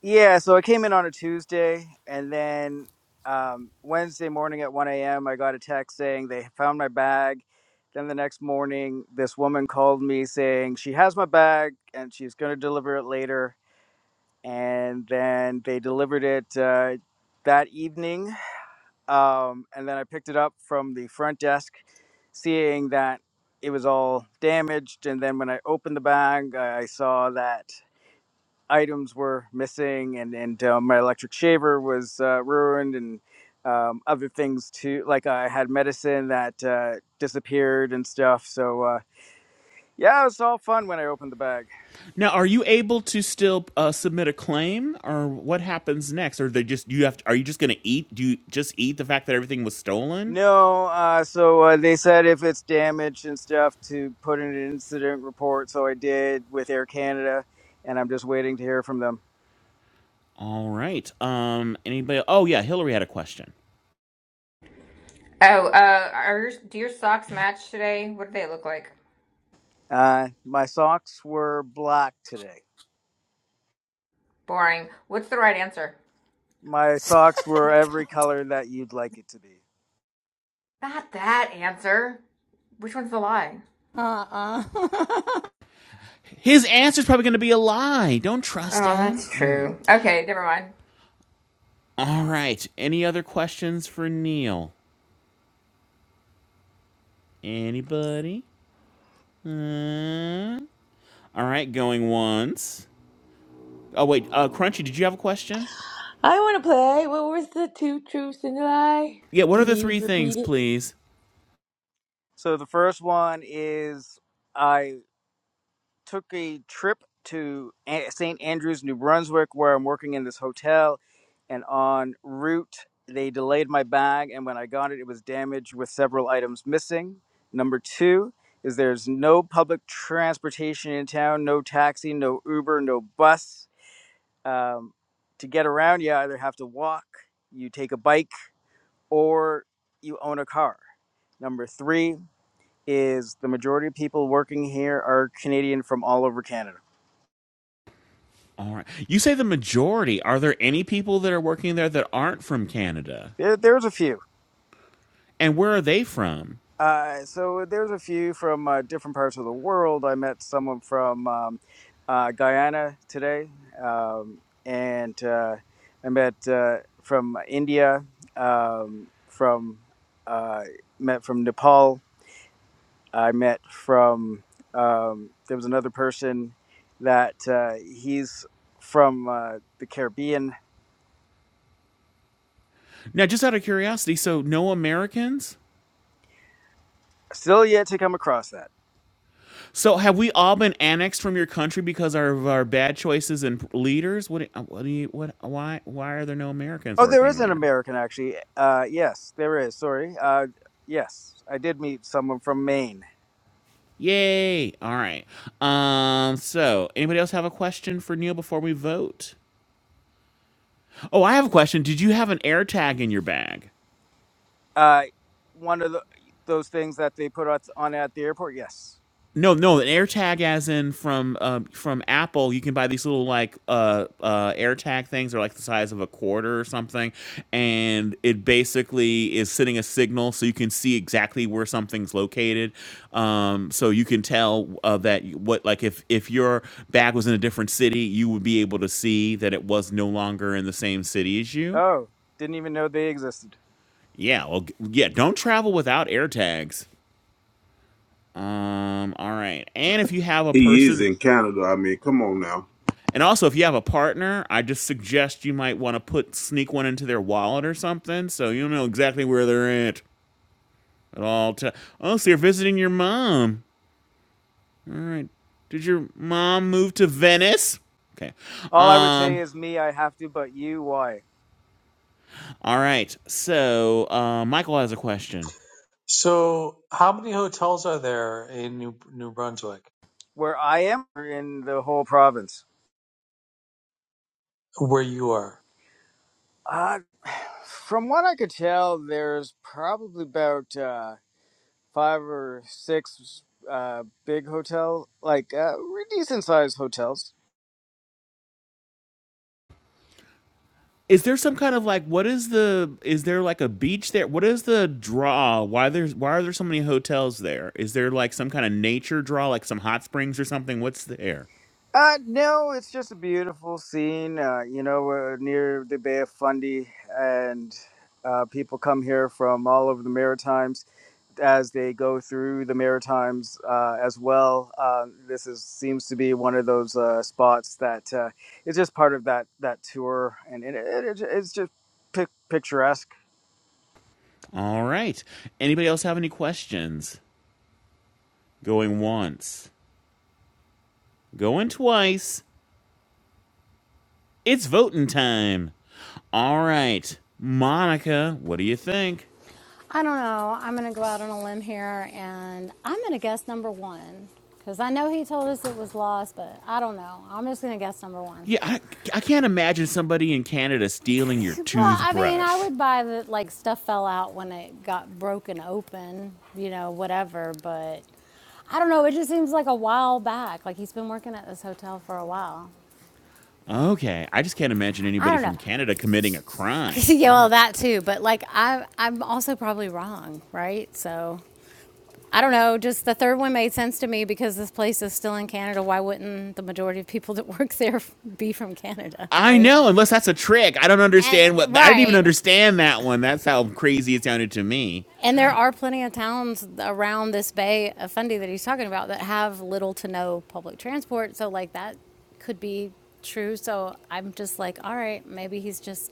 [SPEAKER 4] Yeah, so I came in on a Tuesday, and then um, Wednesday morning at 1 a.m., I got a text saying they found my bag. Then the next morning, this woman called me saying she has my bag and she's going to deliver it later. And then they delivered it uh, that evening. Um, and then I picked it up from the front desk, seeing that it was all damaged. And then when I opened the bag, I saw that. items were missing, and and uh, my electric shaver was uh, ruined, and um, other things too. Like I had medicine that uh, disappeared and stuff. So uh, yeah, it was all fun when I opened the bag.
[SPEAKER 5] Now, are you able to still uh, submit a claim, or what happens next? Or they just you have? To, are you just going to eat? Do you just eat the fact that everything was stolen?
[SPEAKER 4] No, uh, so uh, they said if it's damaged and stuff to put in an incident report. So I did with Air Canada, and I'm just waiting to hear from them.
[SPEAKER 5] All right. Um. Anybody? Oh yeah, Hillary had a question.
[SPEAKER 9] Oh, uh, are your, do your socks match today? What do they look like?
[SPEAKER 4] Uh, my socks were black today.
[SPEAKER 9] Boring. What's the right answer?
[SPEAKER 4] My
[SPEAKER 3] <laughs>
[SPEAKER 4] socks were every
[SPEAKER 3] God.
[SPEAKER 4] color that you'd like it to be.
[SPEAKER 9] Not that answer. Which one's the lie?
[SPEAKER 3] damn. Uh-uh. <laughs>
[SPEAKER 5] His answer's probably going to be a lie. Don't trust
[SPEAKER 9] Oh,
[SPEAKER 5] him.
[SPEAKER 9] that's
[SPEAKER 5] All right.
[SPEAKER 9] true. Okay, never mind.
[SPEAKER 5] All right. Any other questions for Neil? Anybody? Uh, all right, going once. Oh wait, uh, Crunchy, did you have a question?
[SPEAKER 12] I want to play. What was the two truths and a lie?
[SPEAKER 5] Yeah. What are
[SPEAKER 12] Can
[SPEAKER 5] the
[SPEAKER 12] you
[SPEAKER 5] three things,
[SPEAKER 12] repeat it?
[SPEAKER 5] please?
[SPEAKER 4] So the first one is I took a trip to St. Andrews, New Brunswick, where I'm working in this hotel, and on route they delayed my bag, and when I got it, it was damaged with several items missing. Number two is there's no public transportation in town, no taxi, no Uber, no bus. Um, to get around, you either have to walk, you take a bike, or you own a car. Number three is the majority of people working here are Canadian from all over Canada.
[SPEAKER 5] All right. You say the majority. Are there any people that are working there that aren't from Canada?
[SPEAKER 4] There, there's a few.
[SPEAKER 5] And where are they from?
[SPEAKER 4] Uh, so there's a few from uh, different parts of the world. I met someone from um, uh, Guyana today, um, and uh, I met uh, from India, um, from uh, met from Nepal. I met from um, there was another person that uh, he's from uh, the Caribbean.
[SPEAKER 5] Now, just out of curiosity, so no Americans?
[SPEAKER 4] Still yet to come across that
[SPEAKER 5] So have we all been annexed from your country because of our bad choices and leaders? What? What do you? What? Why? Why are there no Americans
[SPEAKER 4] Oh, there
[SPEAKER 5] working
[SPEAKER 4] is an
[SPEAKER 5] there?
[SPEAKER 4] American actually. Uh, yes, there is. Sorry. Uh, yes, I did meet someone from Maine.
[SPEAKER 5] Yay! All right. Um. So, anybody else have a question for Neil before we vote? Oh, I have a question. Did you have an air tag in your bag?
[SPEAKER 4] Uh, one of the, those things that they put out on at the airport. Yes.
[SPEAKER 5] No, no, an AirTag, as in from um, from Apple, you can buy these little like uh, uh, AirTag things. or like the size of a quarter or something, and it basically is sending a signal so you can see exactly where something's located. Um, so you can tell uh, that you- what like if if your bag was in a different city, you would be able to see that it was no longer in the same city as you.
[SPEAKER 4] Oh, didn't even know they existed.
[SPEAKER 5] Yeah, well, g- yeah. Don't travel without AirTags. Um, all right, and if you have a
[SPEAKER 6] He is
[SPEAKER 5] person.
[SPEAKER 6] in Canada. I mean, come on now.
[SPEAKER 5] And also, if you have a partner, I just suggest you might want to put sneak one into their wallet or something, so you know exactly where they're at at all times. Oh, so you're visiting your mom. All right. Did your mom move to Venice? Okay.
[SPEAKER 4] All I would say
[SPEAKER 5] Um.
[SPEAKER 4] is me, I have to, but you, why?
[SPEAKER 5] All right. So, uh, Michael has a question.
[SPEAKER 11] So, how many hotels are there in New, New Brunswick
[SPEAKER 4] Where I am or in the whole province.
[SPEAKER 11] where you are?
[SPEAKER 4] Uh, from what I could tell, there's probably about uh, five or six uh, big hotel, like uh, decent sized hotels
[SPEAKER 5] Is there some kind of like what is the is there like a beach there? What is the draw? Why there's why are there so many hotels there? Is there like some kind of nature draw, like some hot springs or something? What's there?
[SPEAKER 4] Uh, no, it's just a beautiful scene. Uh, you know, we're near the Bay of Fundy, and uh, people come here from all over the Maritimes as they go through the Maritimes uh, as well. Uh, this is seems to be one of those uh, spots that uh, it's just part of that that tour, and it, it, it, it's just pic- picturesque.
[SPEAKER 5] All right. Anybody else have any questions? Going once, going twice. It's voting time. All right. Monica, what do you think?
[SPEAKER 3] I don't know. I'm going to go out on a limb here and I'm going to guess number 1 cuz I know he told us it was lost, but I don't know. I'm just going to guess number 1.
[SPEAKER 5] Yeah, I, I can't imagine somebody in Canada stealing your
[SPEAKER 3] Well, I mean, I
[SPEAKER 5] toothbrush.
[SPEAKER 3] would buy that like stuff fell out when it got broken open, you know, whatever, but I don't know. It just seems like a while back. Like he's been working at this hotel for a while.
[SPEAKER 5] Okay, I just can't imagine
[SPEAKER 3] I
[SPEAKER 5] anybody
[SPEAKER 3] don't
[SPEAKER 5] from
[SPEAKER 3] know.
[SPEAKER 5] Canada committing a
[SPEAKER 3] <laughs>
[SPEAKER 5] crime. All
[SPEAKER 3] yeah, well,
[SPEAKER 5] right.
[SPEAKER 3] that too. But like, I, I'm also probably wrong, right? So I don't know. Just the third one made sense to me because this place is still in Canada. Why wouldn't the majority of people <laughs> that work there <laughs> be from Canada,
[SPEAKER 5] I
[SPEAKER 3] right?
[SPEAKER 5] know, unless that's a trick. I don't understand
[SPEAKER 3] And
[SPEAKER 5] what I didn't even
[SPEAKER 3] right.
[SPEAKER 5] understand that one. That's how crazy it sounded to me.
[SPEAKER 3] And there are plenty of towns around this bay of Fundy that he's talking about that have little to no public transport. So like that could be true. So I'm just like, all right, maybe he's just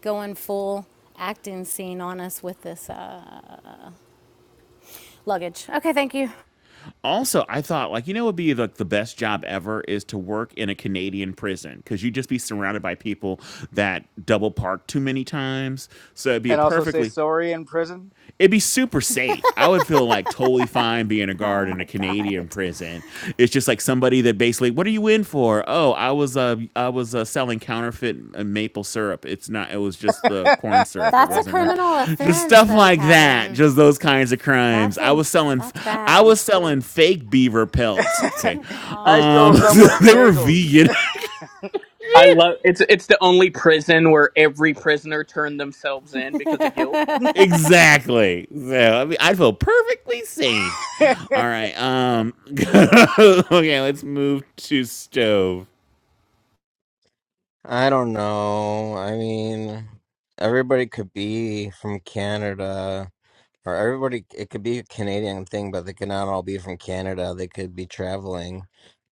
[SPEAKER 3] going full acting scene on us with this uh, Luggage. Okay, thank you.
[SPEAKER 5] Also, I thought like you know would be like the best job ever is to work in a Canadian prison because you'd just be surrounded by people that double park too many times. So it'd be a
[SPEAKER 4] And also say
[SPEAKER 5] perfectly
[SPEAKER 4] sorry in prison. <laughs>
[SPEAKER 5] it'd be super safe. I would feel like totally fine being a
[SPEAKER 3] Oh
[SPEAKER 5] guard in a
[SPEAKER 3] my
[SPEAKER 5] Canadian
[SPEAKER 3] God.
[SPEAKER 5] prison. It's just like somebody that basically, what are you in for? Oh, I was uh, I was uh, selling counterfeit uh, maple syrup. It's not. It was just the corn syrup. It
[SPEAKER 3] That's a
[SPEAKER 5] wasn't real.
[SPEAKER 3] criminal
[SPEAKER 5] <laughs> Just
[SPEAKER 3] offense,
[SPEAKER 5] stuff
[SPEAKER 3] though,
[SPEAKER 5] like that.
[SPEAKER 3] Kevin.
[SPEAKER 5] Just those kinds of crimes.
[SPEAKER 3] That's
[SPEAKER 5] I
[SPEAKER 3] a
[SPEAKER 5] was selling.
[SPEAKER 3] that's
[SPEAKER 5] I
[SPEAKER 3] bad.
[SPEAKER 5] was selling fake beaver pelts.
[SPEAKER 3] <laughs>
[SPEAKER 5] Okay,
[SPEAKER 4] I stole
[SPEAKER 5] um,
[SPEAKER 3] Aw.
[SPEAKER 5] <laughs>
[SPEAKER 4] someone's
[SPEAKER 5] they were
[SPEAKER 4] bagels.
[SPEAKER 5] vegan. <laughs>
[SPEAKER 8] I love it's it's the only prison where every prisoner turned themselves in because of guilt.
[SPEAKER 3] <laughs>
[SPEAKER 5] Exactly. So I mean, I feel perfectly safe. All right. Um. <laughs> okay. Let's move to stove.
[SPEAKER 2] I don't know. I mean, everybody could be from Canada, or everybody, it could be a Canadian thing, but they could not all be from Canada. They could be traveling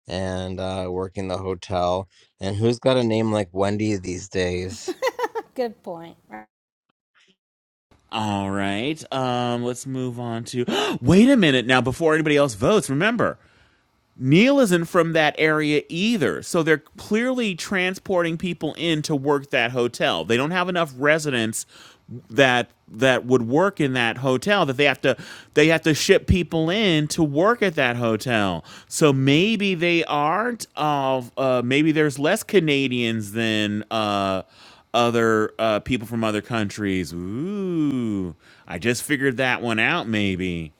[SPEAKER 2] and uh, working the hotel. And who's got a name like Wendy these days?
[SPEAKER 3] Good point.
[SPEAKER 5] All right. Um. Let's move on to. <gasps> Wait a minute. Now, before anybody else votes, remember Neil isn't from that area either. So they're clearly transporting people in to work that hotel. They don't have enough residents that that would work in that hotel that they have to they have to ship people in to work at that hotel. So maybe they aren't of uh, maybe there's less Canadians than uh other uh, people from other countries. Ooh, I just figured that one out. Maybe.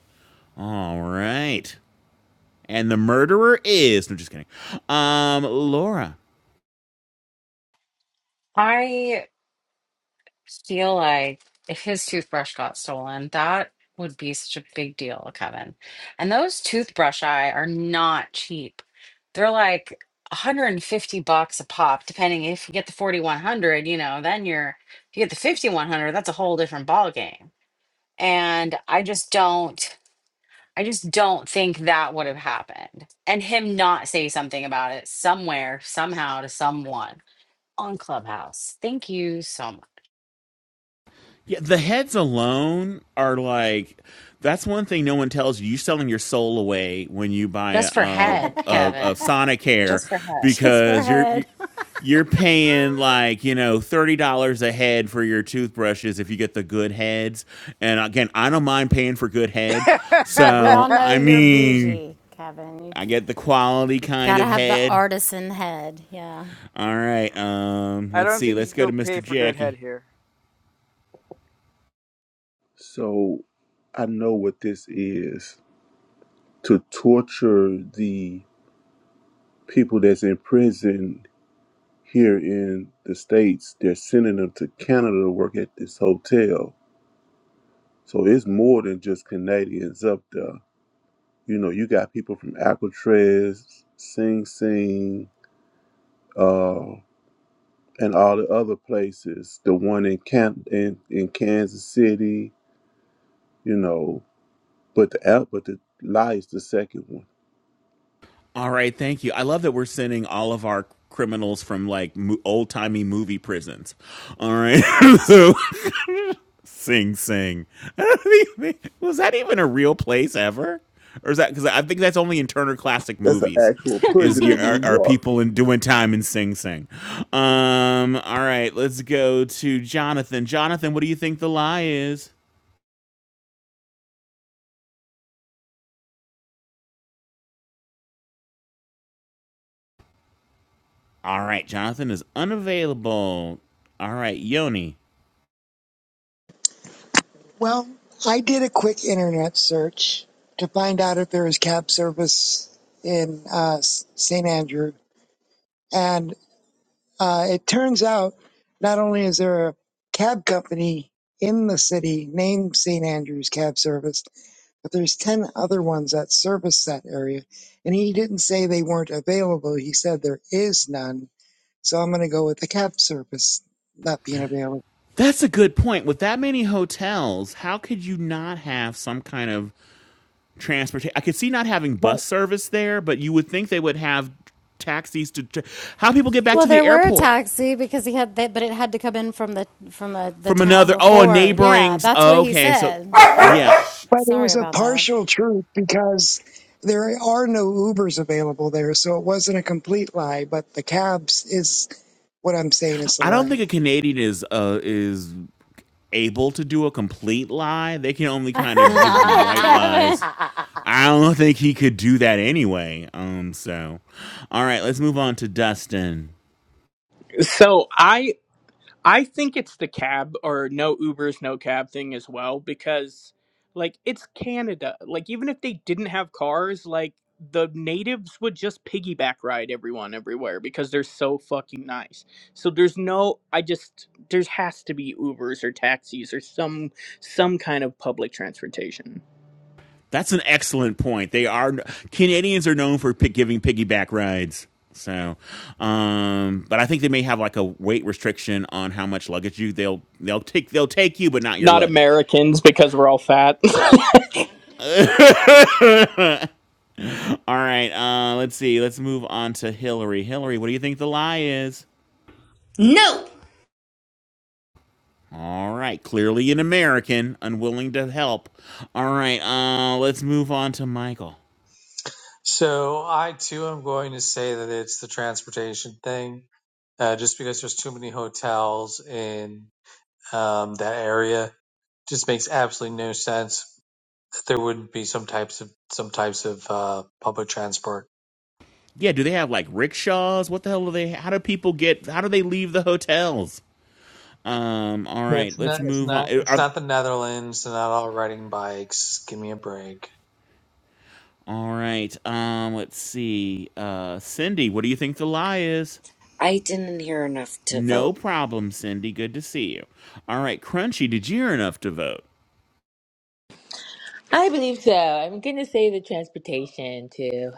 [SPEAKER 5] All right and the murderer is. No, just kidding. Um, Laura.
[SPEAKER 1] I feel like if his toothbrush got stolen, that would be such a big deal, Kevin. And those toothbrush eye are not cheap. They're like 150 bucks a pop, depending if you get the 4100, you know, then you're if you get the 5100, that's a whole different ball game. And I just don't I just don't think that would have happened. And him not say something about it somewhere, somehow to someone on Clubhouse. Thank you so much.
[SPEAKER 5] Yeah, the heads alone are like. That's one thing no one tells you. You're selling your soul away when you buy
[SPEAKER 1] Just for
[SPEAKER 5] a
[SPEAKER 1] head,
[SPEAKER 5] a, a
[SPEAKER 1] Kevin.
[SPEAKER 5] Sonic hair
[SPEAKER 1] Just for
[SPEAKER 3] Just for
[SPEAKER 5] because you're you,
[SPEAKER 3] head. <laughs>
[SPEAKER 5] you're paying like you know thirty dollars a head for your toothbrushes if you get the good heads. And again, I don't mind paying for good head.
[SPEAKER 3] Well, we
[SPEAKER 4] <laughs>
[SPEAKER 3] all
[SPEAKER 5] So
[SPEAKER 3] know
[SPEAKER 5] I
[SPEAKER 3] you're
[SPEAKER 5] mean,
[SPEAKER 3] bougie, Kevin. You
[SPEAKER 5] I get the quality kind
[SPEAKER 3] gotta
[SPEAKER 5] of
[SPEAKER 3] have the
[SPEAKER 5] head.
[SPEAKER 3] artisan head. Yeah.
[SPEAKER 5] All right. Um,
[SPEAKER 4] I
[SPEAKER 5] let's
[SPEAKER 4] don't
[SPEAKER 5] see.
[SPEAKER 4] think
[SPEAKER 5] Let's
[SPEAKER 4] you
[SPEAKER 5] go to
[SPEAKER 4] could pay
[SPEAKER 5] Mr.
[SPEAKER 4] for good
[SPEAKER 5] Jackie.
[SPEAKER 4] head here.
[SPEAKER 6] So I know what this is to torture the people that's in prison here in the States, they're sending them to Canada to work at this hotel. So it's more than just Canadians up there. You know, you got people from Alcatraz, Sing Sing, uh, and all the other places. The one in Camp in, in Kansas City, you know, but the out but the lie is the second one.
[SPEAKER 5] All right. Thank you. I love that we're sending all of our criminals from like mo- old timey movie prisons. All right. <laughs> so, <laughs> Sing Sing. <laughs> Was that even a real place ever? Or is that because I think that's only in Turner Classic
[SPEAKER 6] That's an
[SPEAKER 5] Movies?
[SPEAKER 6] actual
[SPEAKER 1] head.
[SPEAKER 5] Is
[SPEAKER 6] prison
[SPEAKER 5] your
[SPEAKER 6] in
[SPEAKER 5] are,
[SPEAKER 6] New
[SPEAKER 5] are
[SPEAKER 6] York.
[SPEAKER 5] people in doing time in Sing Sing? Um. All right. Let's go to Jonathan. Jonathan, what do you think the lie is? All right, Jonathan is unavailable. All right, Yoni.
[SPEAKER 7] Well, I did a quick internet search to find out if there was cab service in uh, St. Andrew. And uh, it turns out not only is there a cab company in the city named St. Andrew's Cab Service, but there's 10 other ones that service that area. And he didn't say they weren't available. He said there is none. So I'm going to go with the cab service not being available.
[SPEAKER 5] That's a good point. With that many hotels, how could you not have some kind of transportation? I could see not having
[SPEAKER 7] But
[SPEAKER 5] bus service there, but you would think they would have taxis to. Tra- how people get back
[SPEAKER 3] Well,
[SPEAKER 5] to the
[SPEAKER 3] there were a
[SPEAKER 5] airport
[SPEAKER 3] taxi because he had that, but it had to come in from the from a, the
[SPEAKER 5] from
[SPEAKER 3] town
[SPEAKER 5] another? Oh, a
[SPEAKER 3] before. Yeah,
[SPEAKER 5] neighboring.
[SPEAKER 3] that's what
[SPEAKER 5] Oh,
[SPEAKER 3] he
[SPEAKER 5] okay, so
[SPEAKER 3] said.
[SPEAKER 5] yeah,
[SPEAKER 3] <laughs>
[SPEAKER 7] But it
[SPEAKER 3] Sorry
[SPEAKER 7] was a
[SPEAKER 3] about
[SPEAKER 7] partial truth because there are no Ubers available there, so it wasn't a complete lie. But the cabs is what I'm saying is a
[SPEAKER 5] I don't
[SPEAKER 7] lie.
[SPEAKER 5] think a Canadian is uh, is able to do a complete lie. They can only kind of
[SPEAKER 1] <laughs>
[SPEAKER 5] give you
[SPEAKER 3] that, <laughs>
[SPEAKER 5] white
[SPEAKER 3] Kevin.
[SPEAKER 5] lies I don't think he could do that anyway. Um, so, all right, let's move on to Dustin.
[SPEAKER 8] So I I think it's the cab or no Ubers, no cab thing as well because like it's Canada. Like even if they didn't have cars, like the natives would just piggyback ride everyone everywhere because they're so fucking nice. So there's no I just there's has to be Ubers or taxis or some some kind of public transportation.
[SPEAKER 5] That's an excellent point. They are Canadians are known for pick, giving piggyback rides. So, um, but I think they may have like a weight restriction on how much luggage you they'll they'll take they'll take you, but not your
[SPEAKER 8] Not
[SPEAKER 5] luggage.
[SPEAKER 8] Americans because we're all fat.
[SPEAKER 5] <laughs> all
[SPEAKER 8] <laughs>
[SPEAKER 5] right, uh, let's see. Let's move on to Hillary. Hillary, what do you think the lie is?
[SPEAKER 9] No.
[SPEAKER 5] All right, clearly an American, unwilling to help. All right, uh, let's move on to Michael.
[SPEAKER 11] So, I too am going to say that it's the transportation thing, uh, just because there's too many hotels in um, that area. Just makes absolutely no sense that there wouldn't be some types of some types of uh, public transport.
[SPEAKER 5] Yeah, do they have like rickshaws? What the hell do they? How do people get? How do they leave the hotels? Um, all
[SPEAKER 11] Yeah,
[SPEAKER 5] right,
[SPEAKER 11] It's
[SPEAKER 5] let's
[SPEAKER 11] not. It's
[SPEAKER 5] move on.
[SPEAKER 11] not.
[SPEAKER 5] Eh,
[SPEAKER 11] It's
[SPEAKER 5] are-
[SPEAKER 11] not the Netherlands. They're not all riding bikes. Give me a break.
[SPEAKER 5] all right, um, let's see. Uh, Cindy, what do you think the lie is?
[SPEAKER 13] I didn't hear enough to vote.
[SPEAKER 5] No problem, Cindy. Good to see you. All right, Crunchy, did you hear enough to vote?
[SPEAKER 12] I believe so. I'm going to say the transportation too.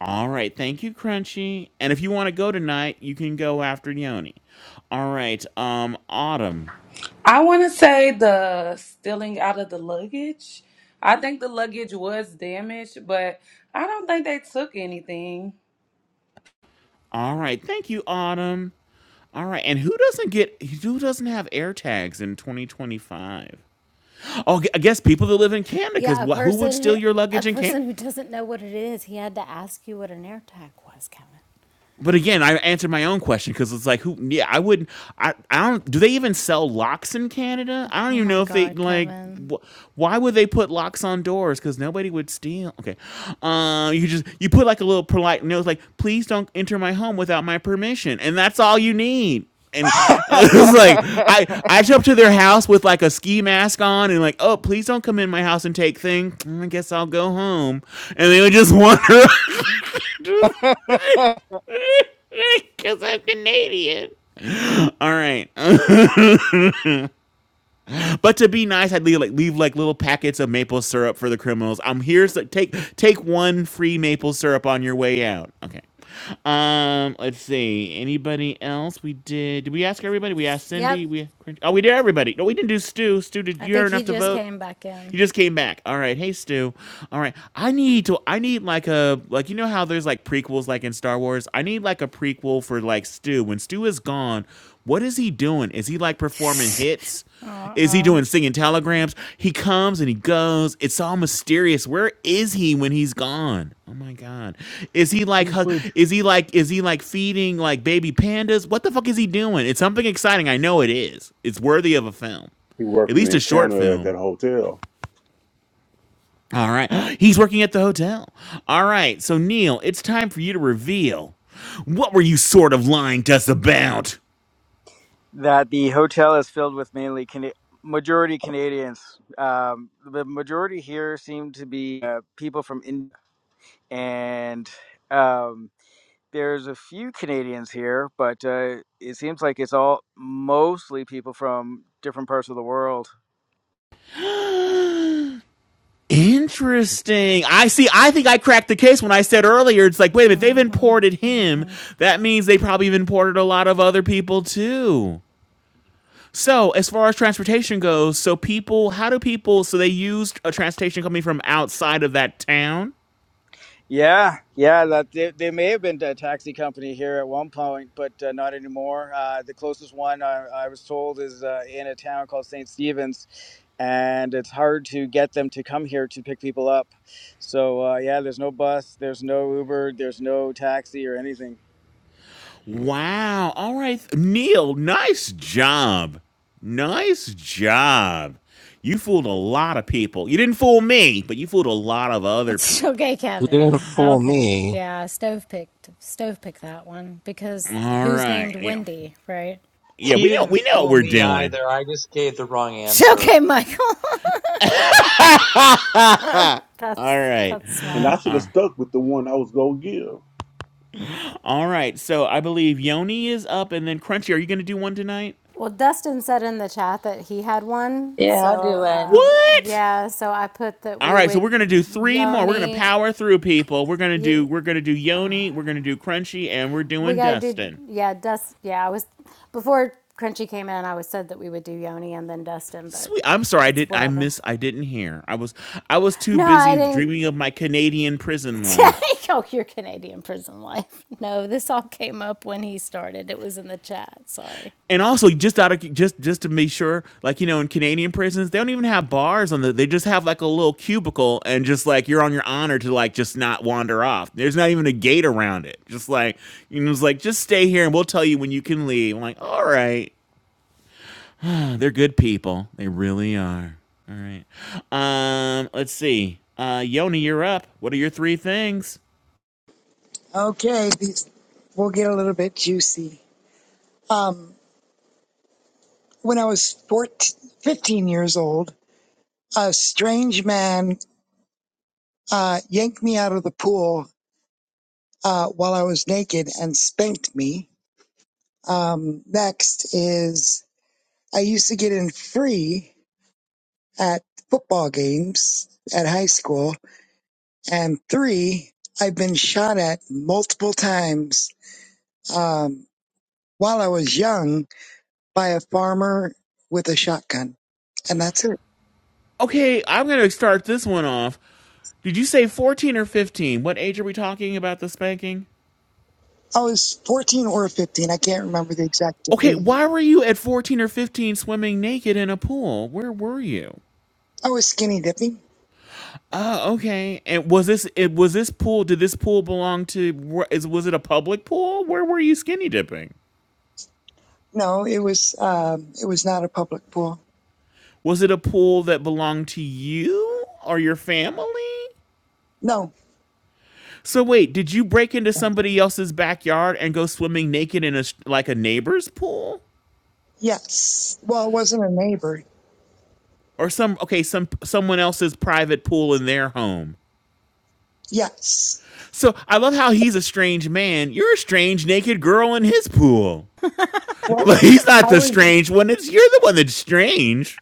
[SPEAKER 5] All right, thank you, Crunchy. And if you want to go tonight, you can go after Yoni. All right, um, Autumn.
[SPEAKER 14] I want to say the stealing out of the luggage. I think the luggage was damaged, but I don't think they took anything.
[SPEAKER 5] All right, thank you, Autumn. All right, and who doesn't get who doesn't have air tags in 2025? Oh, I guess people that live in Canada, because
[SPEAKER 3] Yeah, a
[SPEAKER 5] who would
[SPEAKER 3] person
[SPEAKER 5] steal
[SPEAKER 3] who
[SPEAKER 5] your
[SPEAKER 3] a
[SPEAKER 5] luggage in Canada?
[SPEAKER 3] person who doesn't know what it is, he had to ask you what an air tag was, Kevin.
[SPEAKER 5] but again, I answered my own question because it's like, who? Yeah, I wouldn't. I, I don't. Do they even sell locks in Canada? I don't
[SPEAKER 3] Oh
[SPEAKER 5] even
[SPEAKER 3] my
[SPEAKER 5] know if they
[SPEAKER 3] God,
[SPEAKER 5] like.
[SPEAKER 3] Kevin.
[SPEAKER 5] Wh- why would they put locks on doors? Because nobody would steal. Okay, uh, you just you put like a little polite note, like, please don't enter my home without my permission, and that's all you need. And uh, <laughs> it's like I I show up to their house with like a ski mask on and like, oh, please don't come in my house and take things. I guess I'll go home, and they would just wander. <laughs> Because <laughs> I'm Canadian. All right, <clears throat> but to be nice, I'd leave like leave like little packets of maple syrup for the criminals. I'm here so take take one free maple syrup on your way out. Okay. Um, let's see. Anybody else? We did. Did we ask everybody? We asked
[SPEAKER 3] Yep,
[SPEAKER 5] Cindy. We oh, we did everybody. No, we didn't do Stu. Stu, did
[SPEAKER 3] I
[SPEAKER 5] you hear
[SPEAKER 3] think he
[SPEAKER 5] enough to
[SPEAKER 3] just
[SPEAKER 5] vote?
[SPEAKER 3] came back
[SPEAKER 5] He
[SPEAKER 3] in.
[SPEAKER 5] just came back. All right, hey Stu. All right, I need to. I need like a like you know how there's like prequels like in Star Wars. I need like a prequel for like Stu. When Stu is gone, what is he doing? Is he like performing
[SPEAKER 3] <laughs>
[SPEAKER 5] hits? Is he
[SPEAKER 3] Uh-uh.
[SPEAKER 5] doing singing telegrams? He comes and he goes. It's all mysterious. Where is he when he's gone? Oh my god. Is he like hu-
[SPEAKER 15] Usually, tr-
[SPEAKER 5] is he like is he like feeding like baby pandas? What the fuck is he doing? It's something exciting. I know it is. It's worthy of a film.
[SPEAKER 6] He
[SPEAKER 5] At
[SPEAKER 6] working
[SPEAKER 5] least a
[SPEAKER 6] in
[SPEAKER 5] short
[SPEAKER 6] Canada at that
[SPEAKER 5] film.
[SPEAKER 6] hotel.
[SPEAKER 5] All right. <gasps> He's working at the hotel. All right. So, Neil, it's time for you to reveal. What were you sort of lying to us about?
[SPEAKER 4] That the hotel is filled with mainly Cana- majority Canadians. Um, the majority here seem to be uh, people from India, and um, there's a few Canadians here, but uh, it seems like it's all mostly people from different parts of the world.
[SPEAKER 5] Interesting. I see. I think I cracked the case when I said earlier, it's like, wait a minute, they've
[SPEAKER 3] Mm-hmm.
[SPEAKER 5] imported him.
[SPEAKER 3] Mm-hmm.
[SPEAKER 5] That means they probably have imported a lot of other people too. So, as far as transportation goes, so people, how do people, so they used a transportation company from outside of that town?
[SPEAKER 4] Yeah, yeah, that they, they may have been a taxi company here at one point, but uh, not anymore. Uh, the closest one I, I was told is uh, in a town called St. Stephen's, and it's hard to get them to come here to pick people up. So uh, yeah, there's no bus, there's no Uber, there's no taxi or anything.
[SPEAKER 5] Wow. All right. Neil, nice job. Nice job. You fooled a lot of people. You didn't fool me, but you fooled a lot of other
[SPEAKER 3] <laughs>
[SPEAKER 5] people.
[SPEAKER 3] okay,
[SPEAKER 2] You didn't
[SPEAKER 3] Kevin.
[SPEAKER 2] fool
[SPEAKER 3] Okay.
[SPEAKER 2] me.
[SPEAKER 3] Yeah, stove picked stove pick that one because
[SPEAKER 5] All
[SPEAKER 3] who's
[SPEAKER 5] right.
[SPEAKER 3] named
[SPEAKER 5] Yeah.
[SPEAKER 3] Wendy, right? <laughs>
[SPEAKER 5] Yeah,
[SPEAKER 11] He
[SPEAKER 5] we know
[SPEAKER 11] didn't
[SPEAKER 5] we know what
[SPEAKER 11] fool
[SPEAKER 5] we're
[SPEAKER 11] me
[SPEAKER 5] doing.
[SPEAKER 11] either. I just gave the wrong answer.
[SPEAKER 3] Okay, Michael. <laughs>
[SPEAKER 5] All
[SPEAKER 3] That's
[SPEAKER 5] right.
[SPEAKER 3] that's
[SPEAKER 6] And I
[SPEAKER 3] smart.
[SPEAKER 6] should have stuck with the one I was gonna give.
[SPEAKER 5] All right. So I believe Yoni is up and then Crunchy, are you gonna do one tonight?
[SPEAKER 3] Well, Dustin said in the chat that he had one.
[SPEAKER 12] Yeah, I'll
[SPEAKER 3] So,
[SPEAKER 12] do one.
[SPEAKER 3] um,
[SPEAKER 5] What?
[SPEAKER 3] yeah, so I put that
[SPEAKER 5] All
[SPEAKER 3] we
[SPEAKER 5] right, so
[SPEAKER 3] would
[SPEAKER 5] we're gonna do three more. We're gonna
[SPEAKER 3] Yoni.
[SPEAKER 5] power through people. We're gonna do
[SPEAKER 3] ye-
[SPEAKER 5] we're gonna do Yoni, we're gonna do Crunchy, and we're
[SPEAKER 3] We
[SPEAKER 5] doing
[SPEAKER 3] got to do,
[SPEAKER 5] Dustin.
[SPEAKER 3] yeah, Dust. Yeah, I was, before Crunchy came in, I was said that we would do Yoni and then Dustin, but
[SPEAKER 5] Sweet. I'm sorry. I
[SPEAKER 3] it's
[SPEAKER 5] did. I
[SPEAKER 3] whatever.
[SPEAKER 5] miss. I didn't hear. I was. I was too
[SPEAKER 3] No, I
[SPEAKER 5] busy dreaming
[SPEAKER 3] didn't.
[SPEAKER 5] of my Canadian prison life.
[SPEAKER 3] <laughs> oh, your Canadian prison life. No, this all came up when he started. It was in the chat. Sorry.
[SPEAKER 5] And also, just out of just just to make sure, like you know, in Canadian prisons, they don't even have bars on the. They just have like a little cubicle, and just like you're on your honor to like just not wander off. There's not even a gate around it. Just like you know, it's like just stay here, and we'll tell you when you can leave. I'm like, all right, <sighs> Ah, they're good people. They really are. All right. Um, let's see. Uh, Yoni, you're up. What are your three things?
[SPEAKER 7] Okay, these we'll get a little bit juicy. Um, when I was 14, 15 years old, a strange man uh, yanked me out of the pool uh, while I was naked and spanked me. Um, next is I used to get in free at football games at high school And three, I've been shot at multiple times um, while I was young by a farmer with a shotgun. And that's it.
[SPEAKER 5] Okay, I'm going to start this one off. Did you say 14 or 15? What age are we talking about the spanking?
[SPEAKER 7] I was 14 or 15. I can't remember the exact
[SPEAKER 5] Okay,
[SPEAKER 7] age.
[SPEAKER 5] why were you at 14 or 15 swimming naked in a pool? Where were you?
[SPEAKER 7] I was skinny dipping.
[SPEAKER 5] Oh, okay. And was this it was this pool did this pool belong to were- is was it a public pool? Where were you skinny dipping?
[SPEAKER 7] No, it was um, it was not a public pool.
[SPEAKER 5] Was it a pool that belonged to you or your family?
[SPEAKER 7] No,
[SPEAKER 5] So wait, did you break into somebody else's backyard and go swimming naked in a like a neighbor's pool?
[SPEAKER 7] yes. Well, it wasn't a neighbor.
[SPEAKER 5] or some okay some someone else's private pool in their home
[SPEAKER 7] Yes.
[SPEAKER 5] so i love how he's a strange man you're a strange naked girl in his pool <laughs>
[SPEAKER 7] Well,
[SPEAKER 5] well he's not
[SPEAKER 7] I
[SPEAKER 5] the
[SPEAKER 7] was
[SPEAKER 5] strange one it's you're the one that's strange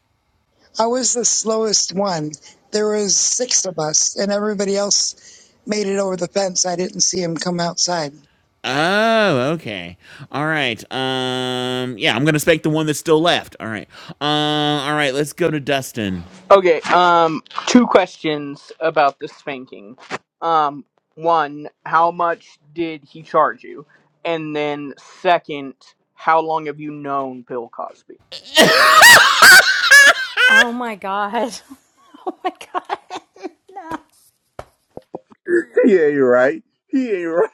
[SPEAKER 7] I was the slowest one. There was six of us, and everybody else made it over the fence. I didn't see him come outside.
[SPEAKER 5] oh okay all right um yeah i'm gonna spec the one that's still left all right um uh, all right let's go to dustin
[SPEAKER 8] Okay, um, two questions about the spanking. Um, one, how much did he charge you? And then, second, how long have you known Bill Cosby?
[SPEAKER 5] <laughs>
[SPEAKER 3] Oh my God. <laughs> Oh my God.
[SPEAKER 6] He ain't right. He ain't right.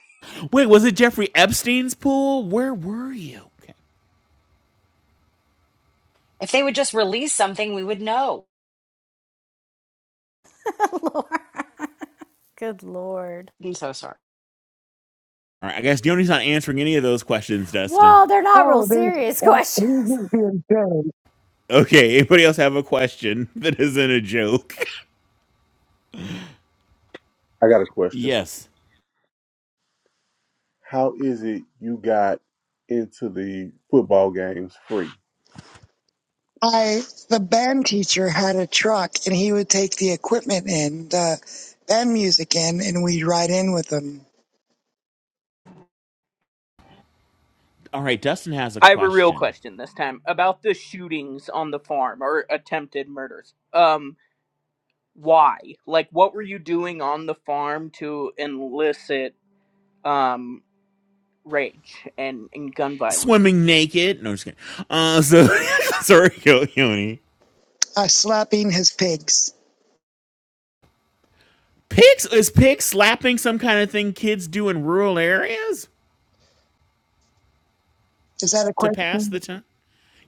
[SPEAKER 5] wait was it jeffrey epstein's pool where were you
[SPEAKER 1] if they would just release something, we would know.
[SPEAKER 3] <laughs> Lord. Good Lord.
[SPEAKER 1] I'm so sorry.
[SPEAKER 5] all right i guess Diony's not answering any of those questions dustin
[SPEAKER 3] Well, they're not real
[SPEAKER 7] Oh, there's
[SPEAKER 3] serious <laughs>
[SPEAKER 7] uh, he
[SPEAKER 3] questions.
[SPEAKER 7] was being paid.
[SPEAKER 5] Okay, anybody else have a question <laughs> that isn't a joke?
[SPEAKER 6] I got a
[SPEAKER 5] <laughs>
[SPEAKER 6] question.
[SPEAKER 5] yes.
[SPEAKER 6] How is it you got into the football games free?
[SPEAKER 7] I the band teacher had a truck, and he would take the equipment in, the band music in, and we'd ride in with him,
[SPEAKER 5] All right, Dustin has a
[SPEAKER 8] I have a real
[SPEAKER 5] question.
[SPEAKER 8] question this time about the shootings on the farm or attempted murders. Um, why? Like, what were you doing on the farm to elicit, um, rage and, and gun violence?
[SPEAKER 5] Swimming naked? No, I'm just kidding. Uh, so <laughs> sorry, Yo- Yoni.
[SPEAKER 7] uh, slapping his pigs.
[SPEAKER 5] Pigs is pig slapping some kind of thing kids do in rural areas
[SPEAKER 7] Is that a
[SPEAKER 5] to pass
[SPEAKER 7] question?
[SPEAKER 5] the time?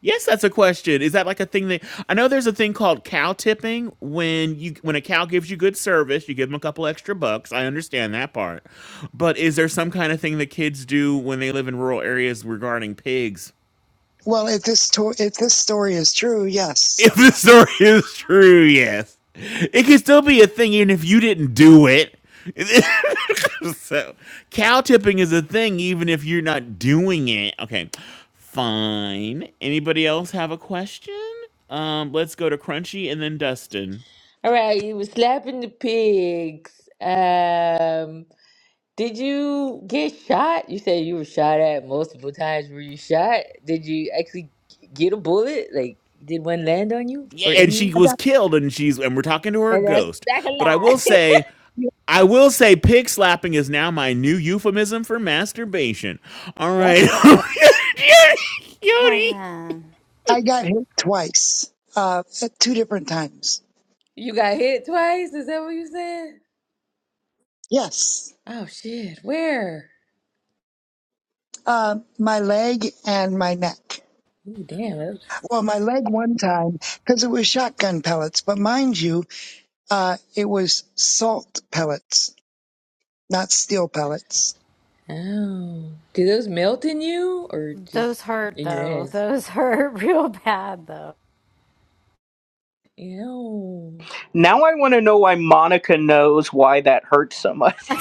[SPEAKER 5] Yes, that's a question. Is that like a thing that I know? There's a thing called cow tipping when you when a cow gives you good service, you give them a couple extra bucks. I understand that part, but is there some kind of thing that kids do when they live in rural areas regarding pigs?
[SPEAKER 7] Well, if this to- if this story is true, yes.
[SPEAKER 5] If the story is true, yes. It can still be a thing even if you didn't do it. <laughs> so, cow tipping is a thing even if you're not doing it. Okay, fine. Anybody else have a question? Um, let's go to Crunchy and then Dustin.
[SPEAKER 12] All right, you were slapping the pigs. Um, did you get shot? You said you were shot at multiple times. Were you shot? Did you actually get a bullet? Like, did one land on you
[SPEAKER 5] Yeah,
[SPEAKER 12] or
[SPEAKER 5] and
[SPEAKER 12] in
[SPEAKER 5] she
[SPEAKER 12] you?
[SPEAKER 7] I
[SPEAKER 5] was
[SPEAKER 7] got
[SPEAKER 5] killed, and she's and we're talking to her
[SPEAKER 12] And that's
[SPEAKER 5] ghost.
[SPEAKER 12] back
[SPEAKER 5] But I will
[SPEAKER 12] alive.
[SPEAKER 5] say, I will say, pig slapping is now my new euphemism for masturbation. All right,
[SPEAKER 7] <laughs>
[SPEAKER 5] <laughs> Yoni.
[SPEAKER 3] Kevin,
[SPEAKER 7] I got hit twice, uh, at two different times.
[SPEAKER 12] <laughs> you got hit twice? Is that what you said?
[SPEAKER 7] Yes,
[SPEAKER 12] Oh, shit. Where?
[SPEAKER 7] uh, my leg and my neck.
[SPEAKER 12] Ooh, damn.
[SPEAKER 7] Well, my leg one time because it was shotgun pellets, but mind you. Uh, it was salt pellets, not steel pellets.
[SPEAKER 12] Oh, do those melt in you or
[SPEAKER 3] those
[SPEAKER 12] just
[SPEAKER 3] hurt
[SPEAKER 12] in your
[SPEAKER 3] though.
[SPEAKER 12] head?
[SPEAKER 3] Those <laughs> hurt real bad though.
[SPEAKER 12] Ew.
[SPEAKER 8] Now I want to know why Monica knows why that hurts so much.
[SPEAKER 3] <laughs>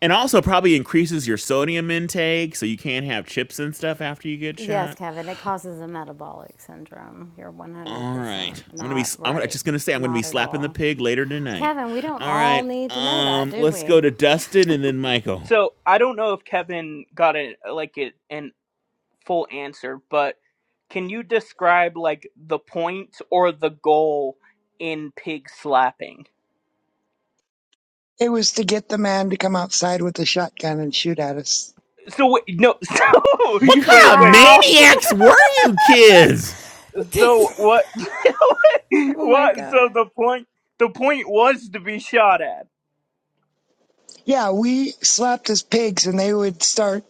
[SPEAKER 5] And also probably increases your sodium intake, so you can't have chips and stuff after you get
[SPEAKER 3] yes,
[SPEAKER 5] shot.
[SPEAKER 3] Kevin, it causes a metabolic syndrome. You're
[SPEAKER 5] All right,
[SPEAKER 3] 100%
[SPEAKER 5] I'm gonna be.
[SPEAKER 3] not
[SPEAKER 5] I'm
[SPEAKER 3] right.
[SPEAKER 5] just gonna say I'm gonna be
[SPEAKER 3] Not at
[SPEAKER 5] slapping the
[SPEAKER 3] all.
[SPEAKER 5] pig later tonight.
[SPEAKER 3] Kevin, we don't
[SPEAKER 5] All
[SPEAKER 3] all
[SPEAKER 5] right,
[SPEAKER 3] need to know that,
[SPEAKER 5] um,
[SPEAKER 3] do
[SPEAKER 5] let's go
[SPEAKER 3] we?
[SPEAKER 5] to Dustin and then Michael.
[SPEAKER 8] So I don't know if Kevin got a like a, an full answer, but can you describe like the point or the goal in pig slapping?
[SPEAKER 7] It was to get the man to come outside with a shotgun and shoot at us.
[SPEAKER 8] So wait, no, <laughs> so
[SPEAKER 5] What kind
[SPEAKER 8] wait,
[SPEAKER 5] of
[SPEAKER 8] wait.
[SPEAKER 3] Wow.
[SPEAKER 5] maniacs were you kids?
[SPEAKER 3] <laughs>
[SPEAKER 8] So what? <laughs>
[SPEAKER 3] oh my
[SPEAKER 8] what? So
[SPEAKER 3] God.
[SPEAKER 8] the point, the point was to be shot at.
[SPEAKER 7] Yeah, we slapped his pigs and they would start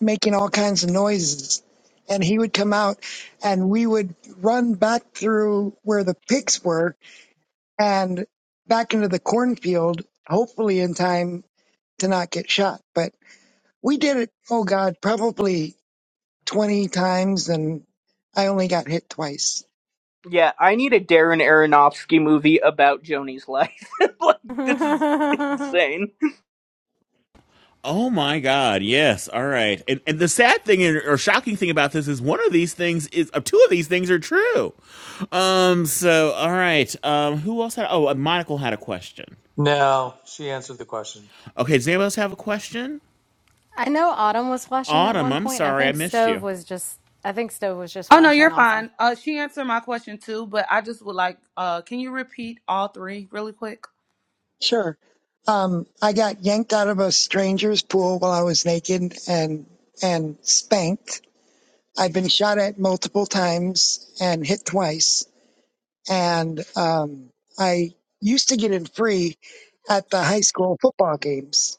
[SPEAKER 7] making all kinds of noises. And he would come out and we would run back through where the pigs were and back into the cornfield, hopefully in time to not get shot. But we did it, oh God, probably 20 times and I only got hit twice.
[SPEAKER 8] Yeah, I need a Darren Aronofsky movie about Joni's life. <laughs> like
[SPEAKER 3] <laughs>
[SPEAKER 8] this is
[SPEAKER 3] I
[SPEAKER 8] insane.
[SPEAKER 5] Oh my God! Yes. All right. And and the sad thing or shocking thing about this is one of these things is uh, two of these things are true. Um. So all right. Um. Who else had? Oh, uh, Monocle had a question.
[SPEAKER 11] No, she answered the question.
[SPEAKER 5] Okay. Does anybody else have a question?
[SPEAKER 3] know Autumn was flashing at
[SPEAKER 5] Autumn,
[SPEAKER 3] one
[SPEAKER 5] I'm
[SPEAKER 3] point, and I
[SPEAKER 5] sorry I
[SPEAKER 3] think
[SPEAKER 5] missed
[SPEAKER 3] Stove
[SPEAKER 5] you.
[SPEAKER 3] was just. I think Stove was just
[SPEAKER 14] Oh no,
[SPEAKER 3] flashing
[SPEAKER 14] you're
[SPEAKER 3] also.
[SPEAKER 14] fine. Uh, she answered my question too, but I just would like, uh, can you repeat all three really quick?
[SPEAKER 7] Sure. Um, I got yanked out of a stranger's pool while I was naked and and spanked. I've been shot at multiple times and hit twice. And um, I used to get in free at the high school football games.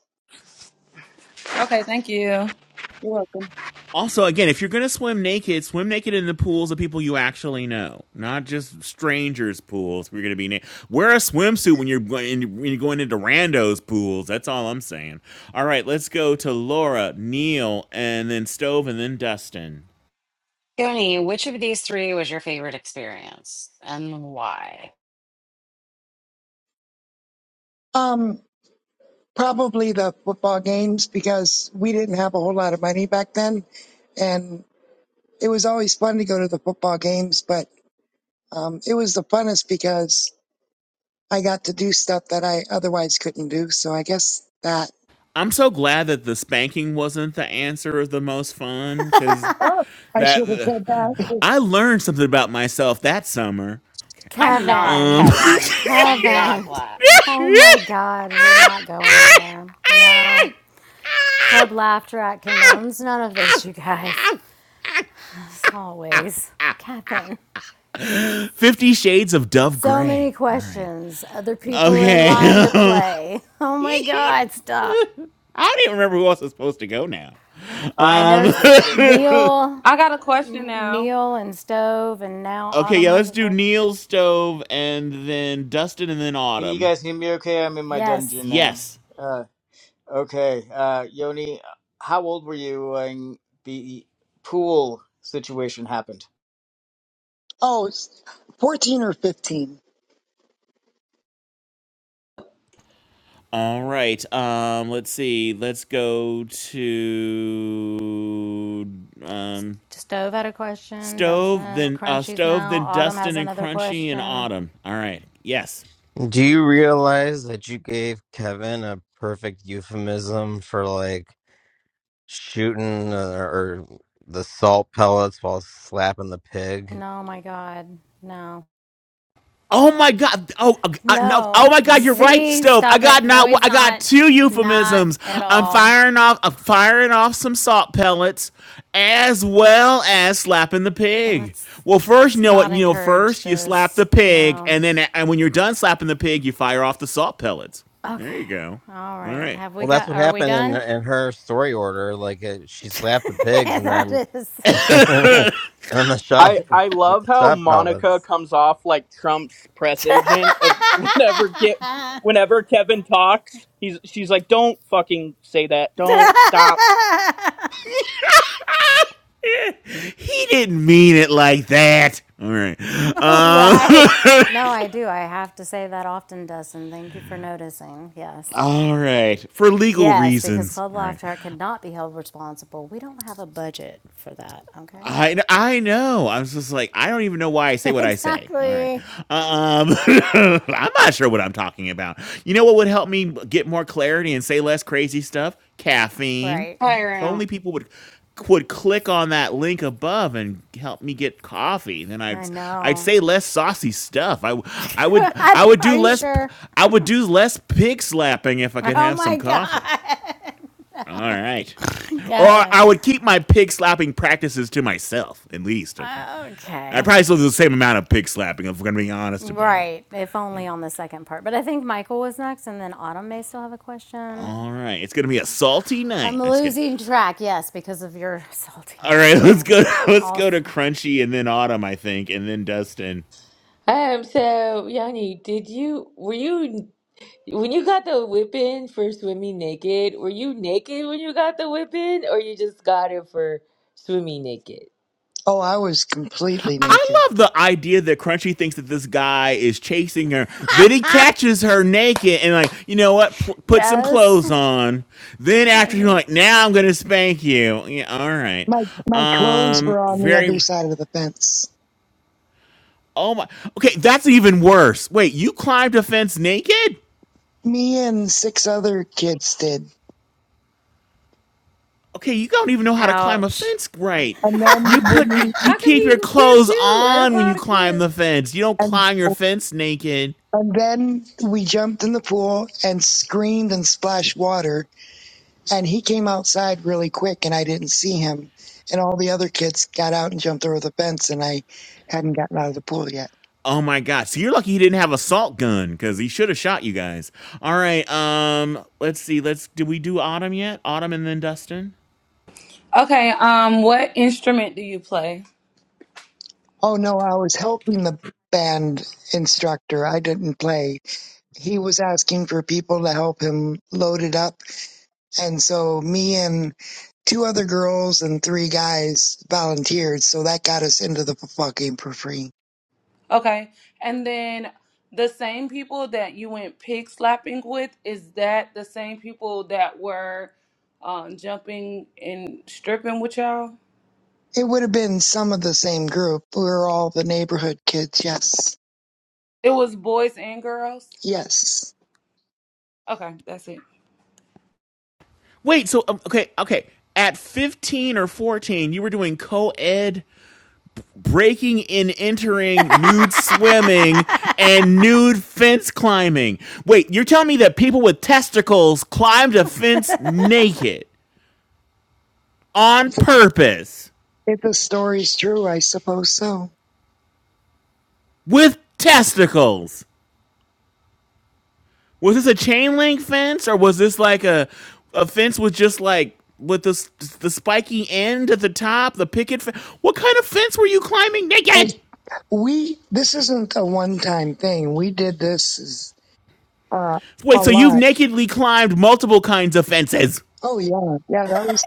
[SPEAKER 14] Okay, thank you.
[SPEAKER 7] You're welcome.
[SPEAKER 5] Also, again, if you're going to swim naked, swim naked in the pools of people you actually know, not just strangers' pools. We're going to be naked. wear a swimsuit when you're going when you're going into randos' pools. That's all I'm saying. All right, let's go to Laura, Neil, and then Stove, and then Dustin.
[SPEAKER 1] Tony, which of these three was your favorite experience and why?
[SPEAKER 7] Um, probably the football games because we didn't have a whole lot of money back then, and it was always fun to go to the football games. But um, it was the funnest because I got to do stuff that I otherwise couldn't do. So I guess that.
[SPEAKER 5] I'm so glad that the spanking wasn't the answer of the most fun because
[SPEAKER 7] Oh, I
[SPEAKER 5] that
[SPEAKER 7] should have said that. <laughs>
[SPEAKER 5] I learned something about myself that summer.
[SPEAKER 1] I'm not,
[SPEAKER 5] Um,
[SPEAKER 3] Kevin,
[SPEAKER 1] Kevin. I'm not
[SPEAKER 3] Kevin.
[SPEAKER 1] glad.
[SPEAKER 3] Oh my God, we're not going there. No. Club
[SPEAKER 5] <laughs>
[SPEAKER 3] Laughter at condones none of this, you guys. As always, Kevin.
[SPEAKER 5] Fifty Shades of Dove
[SPEAKER 3] So many
[SPEAKER 5] Gray. All right.
[SPEAKER 3] questions, other people in
[SPEAKER 5] Okay.
[SPEAKER 3] line to
[SPEAKER 5] Um, <laughs>
[SPEAKER 3] play. Oh my
[SPEAKER 5] I
[SPEAKER 3] God, stop.
[SPEAKER 5] don't even remember who else is supposed to go now.
[SPEAKER 3] I
[SPEAKER 4] I, I
[SPEAKER 3] know
[SPEAKER 4] was
[SPEAKER 5] Um,
[SPEAKER 4] supposed to go next.
[SPEAKER 3] Neil,
[SPEAKER 14] I got a question now.
[SPEAKER 3] Neil and Stove, and
[SPEAKER 5] <laughs>
[SPEAKER 3] now
[SPEAKER 5] okay,
[SPEAKER 3] Autumn
[SPEAKER 5] yeah,
[SPEAKER 3] has
[SPEAKER 5] let's
[SPEAKER 3] a
[SPEAKER 5] do
[SPEAKER 3] question.
[SPEAKER 5] Neil Stove and then Dustin and then
[SPEAKER 4] Can you
[SPEAKER 5] Autumn.
[SPEAKER 4] guys hear me? Okay, I'm in my dungeon
[SPEAKER 3] Yes.
[SPEAKER 4] now.
[SPEAKER 5] Yes.
[SPEAKER 4] Okay, uh, Yoni, how old were you when the pool situation happened?
[SPEAKER 7] Oh, it's 14 or 15.
[SPEAKER 5] All right. Um, let's see. Let's go to um
[SPEAKER 3] Stove had a question.
[SPEAKER 5] Stove,
[SPEAKER 3] Dustin,
[SPEAKER 5] then uh,
[SPEAKER 3] Crunchy's
[SPEAKER 5] stove,
[SPEAKER 3] now.
[SPEAKER 5] then
[SPEAKER 3] Autumn has
[SPEAKER 5] Dustin and
[SPEAKER 3] another
[SPEAKER 5] Crunchy in
[SPEAKER 3] question.
[SPEAKER 5] autumn. All right. Yes.
[SPEAKER 2] Do you realize that you gave Kevin a perfect euphemism for like shooting or, or the salt pellets while slapping the pig?
[SPEAKER 3] No, my God. No.
[SPEAKER 5] Oh my God. Oh uh, uh, no.
[SPEAKER 3] No.
[SPEAKER 5] Oh my God. You're right,
[SPEAKER 3] See?
[SPEAKER 5] stove. I
[SPEAKER 3] Stop it.
[SPEAKER 5] got
[SPEAKER 3] No,
[SPEAKER 5] not.
[SPEAKER 3] he's
[SPEAKER 5] I got
[SPEAKER 3] not.
[SPEAKER 5] two
[SPEAKER 3] Not
[SPEAKER 5] euphemisms.
[SPEAKER 3] at
[SPEAKER 5] I'm
[SPEAKER 3] all.
[SPEAKER 5] firing off. I'm firing off some salt pellets, as well as slapping the pig.
[SPEAKER 3] Let's,
[SPEAKER 5] Well, first, you
[SPEAKER 3] let's
[SPEAKER 5] know what?
[SPEAKER 3] not
[SPEAKER 5] You know,
[SPEAKER 3] encourage
[SPEAKER 5] first you slap the
[SPEAKER 3] this.
[SPEAKER 5] pig,
[SPEAKER 3] No.
[SPEAKER 5] and then and when you're done slapping the pig, you fire off the salt pellets. There
[SPEAKER 3] Okay.
[SPEAKER 5] you go.
[SPEAKER 3] All
[SPEAKER 5] All
[SPEAKER 3] right.
[SPEAKER 5] right.
[SPEAKER 3] Have we
[SPEAKER 2] Well, that's
[SPEAKER 3] got,
[SPEAKER 2] what
[SPEAKER 3] are we
[SPEAKER 2] happened in
[SPEAKER 3] done?
[SPEAKER 2] in her story order. Like uh she
[SPEAKER 3] <laughs>
[SPEAKER 2] slapped the pigs and then
[SPEAKER 3] that is.
[SPEAKER 2] <laughs> and then the shot
[SPEAKER 8] I I love how
[SPEAKER 2] shot
[SPEAKER 8] Monica
[SPEAKER 2] pellets.
[SPEAKER 8] comes off like Trump's press
[SPEAKER 3] <laughs>
[SPEAKER 8] agent of <laughs> whenever get whenever Kevin talks, he's she's like, "Don't fucking say that. Don't stop."
[SPEAKER 5] <laughs> he didn't mean it like that. All right.
[SPEAKER 3] All right.
[SPEAKER 5] Uh,
[SPEAKER 3] No, I do. I have to say that often, Dustin. Thank you for noticing.
[SPEAKER 5] <laughs>
[SPEAKER 3] Yes.
[SPEAKER 5] all right. For legal
[SPEAKER 3] Yes, because
[SPEAKER 5] reasons.
[SPEAKER 3] Club
[SPEAKER 5] All
[SPEAKER 3] Laugh
[SPEAKER 5] right.
[SPEAKER 3] Track cannot be held responsible. We don't have a budget for that, okay?
[SPEAKER 5] I kn- I know. I was just like, I don't even know why I
[SPEAKER 3] <laughs>
[SPEAKER 5] say what I say. All right,
[SPEAKER 3] exactly.
[SPEAKER 5] um, <laughs> I'm not sure what I'm talking about. You know what would help me get more clarity and say less crazy stuff? Caffeine.
[SPEAKER 3] Right.
[SPEAKER 5] If
[SPEAKER 1] Pyro.
[SPEAKER 5] only people would would click on that link above and help me get coffee, then
[SPEAKER 3] I
[SPEAKER 5] I'd I'd
[SPEAKER 3] know.
[SPEAKER 5] say less saucy stuff. I w- I would
[SPEAKER 3] <laughs>
[SPEAKER 5] I would
[SPEAKER 3] Are
[SPEAKER 5] do
[SPEAKER 3] you
[SPEAKER 5] less
[SPEAKER 3] sure?
[SPEAKER 5] I would do less pig slapping if I could
[SPEAKER 3] Oh
[SPEAKER 5] have some
[SPEAKER 3] my
[SPEAKER 5] coffee.
[SPEAKER 3] God.
[SPEAKER 5] All right.
[SPEAKER 3] <laughs>
[SPEAKER 5] Or I
[SPEAKER 3] Kevin.
[SPEAKER 5] would keep my pig slapping practices to myself, at least. Okay. I'd
[SPEAKER 3] Okay.
[SPEAKER 5] probably still do the same amount of pig slapping if we're going to be honest about it.
[SPEAKER 3] Right. If only on the second part. But I think Michael was next, and then Autumn may still have a question.
[SPEAKER 5] All right. It's going to be a salty night.
[SPEAKER 3] I'm
[SPEAKER 5] I'm just kidding.
[SPEAKER 3] losing track, yes, because of your <laughs>
[SPEAKER 5] All right.
[SPEAKER 3] saltiness.
[SPEAKER 5] Let's
[SPEAKER 3] Yeah.
[SPEAKER 5] go. <laughs> Let's
[SPEAKER 3] Also,
[SPEAKER 5] go to Crunchy and then Autumn, I think, and then Dustin.
[SPEAKER 12] Um. So, Yanni, did you were you when you got the whipping for swimming naked? Were you naked when you got the whipping, or you just got it for swimming naked?
[SPEAKER 7] Oh, I was completely naked.
[SPEAKER 5] I love the idea that Crunchy thinks that this guy is chasing her. Then he catches her naked and, like, you know what? P- put some
[SPEAKER 3] yes.
[SPEAKER 5] clothes on. Then
[SPEAKER 3] I
[SPEAKER 5] after you're
[SPEAKER 3] mean,
[SPEAKER 5] like, now I'm going to spank you. Yeah. All right.
[SPEAKER 7] My my clothes were
[SPEAKER 5] Um,
[SPEAKER 7] on the other
[SPEAKER 5] very.
[SPEAKER 7] side of the fence.
[SPEAKER 5] Oh my. Okay, that's even worse. Wait, you climbed a fence naked?
[SPEAKER 7] Me and six other kids did.
[SPEAKER 5] Okay, you don't even know how to climb a
[SPEAKER 3] ouch.
[SPEAKER 5] fence right.
[SPEAKER 7] And then
[SPEAKER 5] You
[SPEAKER 7] when
[SPEAKER 5] put your
[SPEAKER 7] we
[SPEAKER 5] you
[SPEAKER 12] How come
[SPEAKER 5] keep your
[SPEAKER 12] he whipped
[SPEAKER 5] clothes
[SPEAKER 12] you out of
[SPEAKER 5] on when
[SPEAKER 12] all
[SPEAKER 5] you
[SPEAKER 12] the
[SPEAKER 5] climb
[SPEAKER 12] kids?
[SPEAKER 5] the fence. You don't
[SPEAKER 7] and
[SPEAKER 5] climb your fence naked.
[SPEAKER 7] and then we jumped in the pool and screamed and splashed water and he came outside really quick and I didn't see him. And all the other kids got out and jumped over the fence and I hadn't gotten out of the pool yet.
[SPEAKER 5] Oh my god. So you're lucky he didn't have a salt gun cuz he should have shot you guys. All right, um let's see. Let's did we do Autumn yet? Autumn and then Dustin?
[SPEAKER 14] Okay, um, what instrument do you play?
[SPEAKER 7] Oh no, I was helping the band instructor. I didn't play. He was asking for people to help him load it up. And so me and two other girls and three guys volunteered. So that got us into the football game for free.
[SPEAKER 14] Okay. And then the same people that you went pig slapping with, is that the same people that were um, jumping and stripping with y'all?
[SPEAKER 7] It would have been some of the same group. We were all the neighborhood kids. Yes.
[SPEAKER 14] It was boys and girls?
[SPEAKER 7] Yes
[SPEAKER 14] Okay, that's it.
[SPEAKER 5] Wait, so um, okay, okay. At 15 or 14, you were doing co-ed breaking and
[SPEAKER 3] <laughs>
[SPEAKER 5] entering, nude swimming, and nude fence climbing. Wait, you're telling me that people with testicles climbed a fence naked on purpose
[SPEAKER 7] If the story's true, I suppose so.
[SPEAKER 5] with testicles? Was this a chain link fence or was this like a a fence with just like with the the spiky end at the top, the picket fence? What kind of fence were you climbing
[SPEAKER 7] It,
[SPEAKER 5] naked?
[SPEAKER 7] we this isn't a one-time thing. We did this uh, a
[SPEAKER 5] Wait, so you've
[SPEAKER 7] lot.
[SPEAKER 5] nakedly climbed multiple kinds of fences?
[SPEAKER 7] Oh yeah, yeah. That was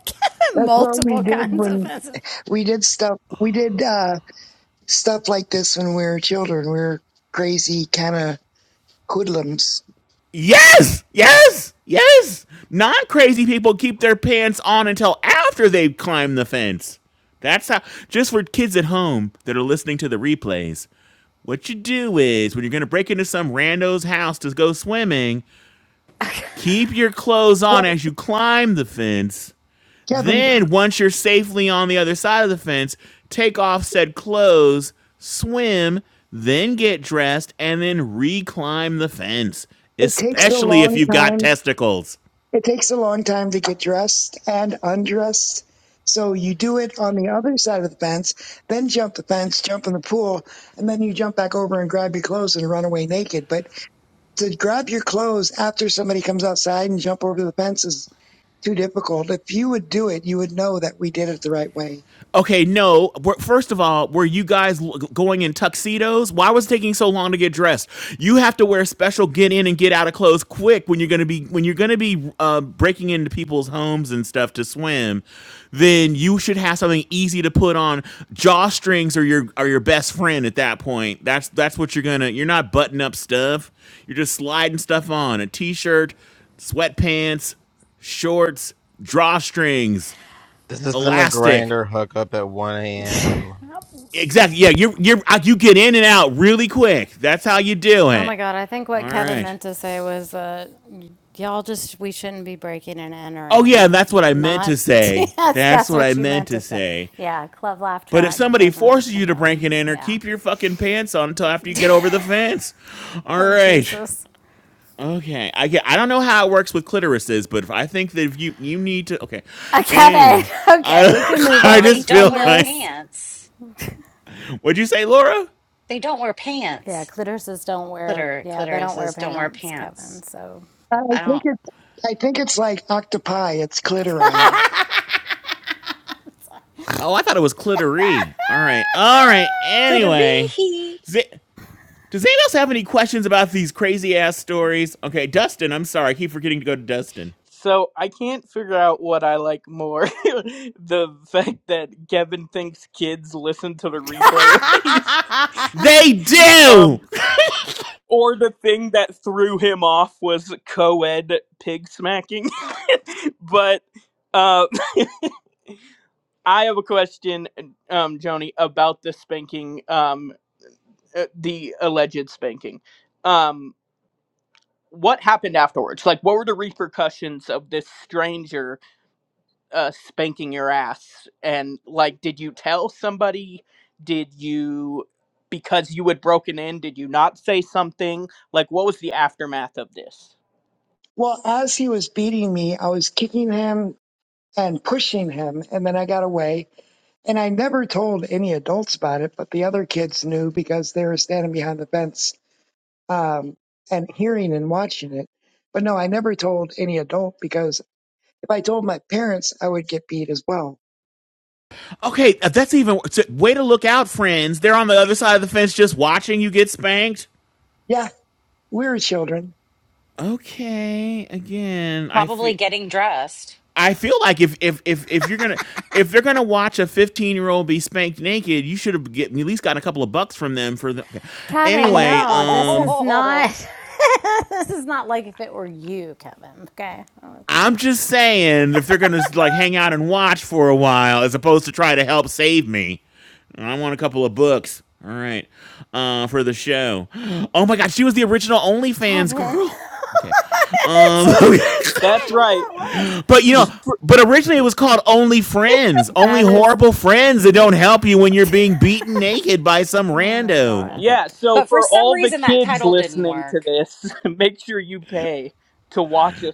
[SPEAKER 7] that's what we
[SPEAKER 3] Multiple
[SPEAKER 7] did
[SPEAKER 3] kinds of
[SPEAKER 7] when
[SPEAKER 3] offensive.
[SPEAKER 7] we did stuff. We did uh, stuff like this when we were children. We were crazy kind of hoodlums.
[SPEAKER 5] Yes, yes, yes. Non crazy people keep their pants on until after they've climbed the fence. That's how, just for kids at home that are listening to the replays, what you do is when you're going to break into some rando's house to go swimming, keep your clothes on
[SPEAKER 7] Well,
[SPEAKER 5] as you climb the fence
[SPEAKER 7] Kevin,
[SPEAKER 5] then, once you're safely on the other side of the fence, take off said clothes, swim, then get dressed, and then reclimb the fence,
[SPEAKER 7] it takes a
[SPEAKER 5] especially if
[SPEAKER 7] long
[SPEAKER 5] you've got
[SPEAKER 7] time
[SPEAKER 5] testicles.
[SPEAKER 7] It takes a long time to get dressed and undressed. So you do it on the other side of the fence, then jump the fence, jump in the pool, and then you jump back over and grab your clothes and run away naked. But to grab your clothes after somebody comes outside and jump over the fence is too difficult. If you would do it, you would know that we did it the right way.
[SPEAKER 5] Okay, no. We're- First of all, were you guys l- going in tuxedos? Why was it taking so long to get dressed? You have to wear special get in and get out of clothes quick when you're gonna be when you're gonna be uh, breaking into people's homes and stuff to swim. Then you should have something easy to put on. Jawstrings are your are your best friend at that point. That's that's what you're gonna. You're not button up stuff. You're just sliding stuff on a t-shirt, sweatpants, shorts, drawstrings,
[SPEAKER 2] This isn't a
[SPEAKER 5] elastic.
[SPEAKER 2] grinder hookup at one a.m.
[SPEAKER 5] Exactly. Yeah, you you you get in and out really quick. That's how you do
[SPEAKER 3] Oh
[SPEAKER 5] it.
[SPEAKER 3] my God, I think what
[SPEAKER 5] All
[SPEAKER 3] Kevin
[SPEAKER 5] right.
[SPEAKER 3] meant to say was uh, y'all just, we shouldn't be breaking and
[SPEAKER 5] Oh yeah,
[SPEAKER 3] entering.
[SPEAKER 5] that's what I meant to
[SPEAKER 3] Not, <laughs>
[SPEAKER 5] say.
[SPEAKER 3] yes,
[SPEAKER 5] That's
[SPEAKER 3] that's
[SPEAKER 5] what I
[SPEAKER 3] what you
[SPEAKER 5] meant
[SPEAKER 3] meant
[SPEAKER 5] to
[SPEAKER 3] to say.
[SPEAKER 5] say.
[SPEAKER 3] Yeah, Club Laugh
[SPEAKER 5] But if
[SPEAKER 3] Track
[SPEAKER 5] somebody
[SPEAKER 3] doesn't
[SPEAKER 5] forces you to break
[SPEAKER 3] condone.
[SPEAKER 5] and enter,
[SPEAKER 3] Yeah.
[SPEAKER 5] keep your fucking pants on until after you get over the fence. All
[SPEAKER 3] Oh,
[SPEAKER 5] right.
[SPEAKER 3] Jesus.
[SPEAKER 5] Okay. I get, I don't know how it works with clitorises, but if I think that if you you need to okay.
[SPEAKER 3] Uh, Kevin,
[SPEAKER 5] Anyway,
[SPEAKER 3] <laughs> okay, we can
[SPEAKER 5] I <laughs>
[SPEAKER 3] move
[SPEAKER 5] I
[SPEAKER 1] Well, they
[SPEAKER 3] on
[SPEAKER 5] just
[SPEAKER 1] don't
[SPEAKER 5] feel
[SPEAKER 3] from
[SPEAKER 1] wear
[SPEAKER 5] like
[SPEAKER 3] this.
[SPEAKER 1] pants.
[SPEAKER 5] What'd you say, Laura?
[SPEAKER 1] They don't wear
[SPEAKER 3] Yeah,
[SPEAKER 1] pants.
[SPEAKER 3] clitorises don't wear,
[SPEAKER 1] Clitor,
[SPEAKER 3] yeah, they don't wear
[SPEAKER 1] clitorises don't wear
[SPEAKER 3] pants,
[SPEAKER 1] pants.
[SPEAKER 3] Kevin, so.
[SPEAKER 7] I
[SPEAKER 1] I
[SPEAKER 7] think
[SPEAKER 1] don't.
[SPEAKER 7] it's I think it's like octopi, it's clitori.
[SPEAKER 3] <laughs>
[SPEAKER 5] Oh, I thought it was clitory. All right. All right.
[SPEAKER 3] <laughs>
[SPEAKER 5] Anyway.
[SPEAKER 1] Clitoris.
[SPEAKER 5] Z. Does anyone else have any questions about these crazy ass stories? Okay, Dustin, I'm sorry. I keep forgetting to go to Dustin.
[SPEAKER 8] So I can't figure out what I like more: <laughs> the fact that Kevin thinks kids listen to the replay of these,
[SPEAKER 5] They do!
[SPEAKER 8] um, or the thing that threw him off was co-ed pig smacking. <laughs> but uh. I have a question, um, Joni, about the spanking, um, uh, the alleged spanking. Um, what happened afterwards? Like, what were the repercussions of this stranger uh, spanking your ass? And like, did you tell somebody? Did you, because you had broken in, did you not say something? Like, what was the aftermath of this?
[SPEAKER 7] Well, as he was beating me, I was kicking him and pushing him, and then I got away. And I never told any adults about it, but the other kids knew because they were standing behind the fence um, and hearing and watching it. But no, I never told any adult because if I told my parents, I would get beat as well.
[SPEAKER 5] Okay, uh, that's even so, way to look out, friends. They're on the other side of the fence just watching you get spanked.
[SPEAKER 7] Yeah, we were children.
[SPEAKER 5] Okay, again, I
[SPEAKER 1] Probably
[SPEAKER 5] feel.
[SPEAKER 1] getting dressed. <laughs>
[SPEAKER 5] I feel like if, if if if you're gonna if they're gonna watch a 15 year old be spanked naked, you should have at least got a couple of bucks from them for the. Okay.
[SPEAKER 3] Kevin,
[SPEAKER 5] Anyway,
[SPEAKER 3] no, this
[SPEAKER 5] um,
[SPEAKER 3] is
[SPEAKER 1] Oh,
[SPEAKER 3] not. <laughs> this is not like if it were you, Kevin. Okay, oh,
[SPEAKER 5] I'm just saying, if they're gonna like hang out and watch for a while, as opposed to try to help save me, I want a couple of books. All right, uh, for the show. Oh my God, she was the original
[SPEAKER 3] Kevin,
[SPEAKER 5] OnlyFans
[SPEAKER 3] <laughs>
[SPEAKER 5] girl. Okay,
[SPEAKER 3] it's
[SPEAKER 5] um,
[SPEAKER 3] just, that's
[SPEAKER 8] That's
[SPEAKER 3] not what
[SPEAKER 8] right.
[SPEAKER 3] that was.
[SPEAKER 5] <laughs> but you know, but originally it was called Only Friends, only
[SPEAKER 3] That is.
[SPEAKER 5] horrible friends that don't help you when you're
[SPEAKER 3] <laughs>
[SPEAKER 5] being beaten naked by some
[SPEAKER 3] Oh my
[SPEAKER 5] rando.
[SPEAKER 3] God.
[SPEAKER 5] Okay,
[SPEAKER 8] Yeah, so
[SPEAKER 1] But for
[SPEAKER 8] for
[SPEAKER 1] some
[SPEAKER 8] all the
[SPEAKER 1] reason, that
[SPEAKER 8] kids
[SPEAKER 1] title didn't
[SPEAKER 8] listening to
[SPEAKER 1] work.
[SPEAKER 8] this, <laughs> make sure you pay to watch a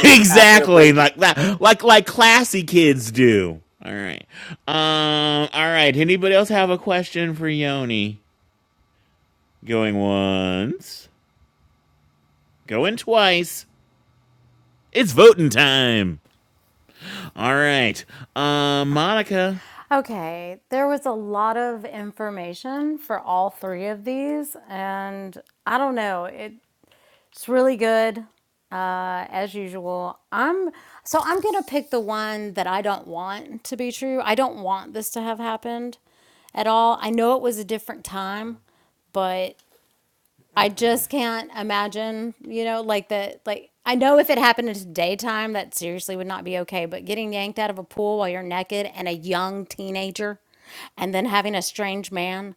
[SPEAKER 5] <laughs>
[SPEAKER 8] after a
[SPEAKER 5] exactly
[SPEAKER 8] breaking
[SPEAKER 5] like
[SPEAKER 8] and entering.
[SPEAKER 5] that like like classy kids do all right um all right anybody else have a question for yoni going once going twice it's voting time all right um monica
[SPEAKER 3] Okay, there was a lot of information for all three of these, and I don't know. it. It's really good, uh, as usual. I'm so I'm gonna pick the one that I don't want to be true. I don't want this to have happened at all. I know it was a different time, but I just can't imagine, you know, like the like I know if it happened in daytime, that seriously would not be okay. But getting yanked out of a pool while you're naked and a young teenager, and then having a strange man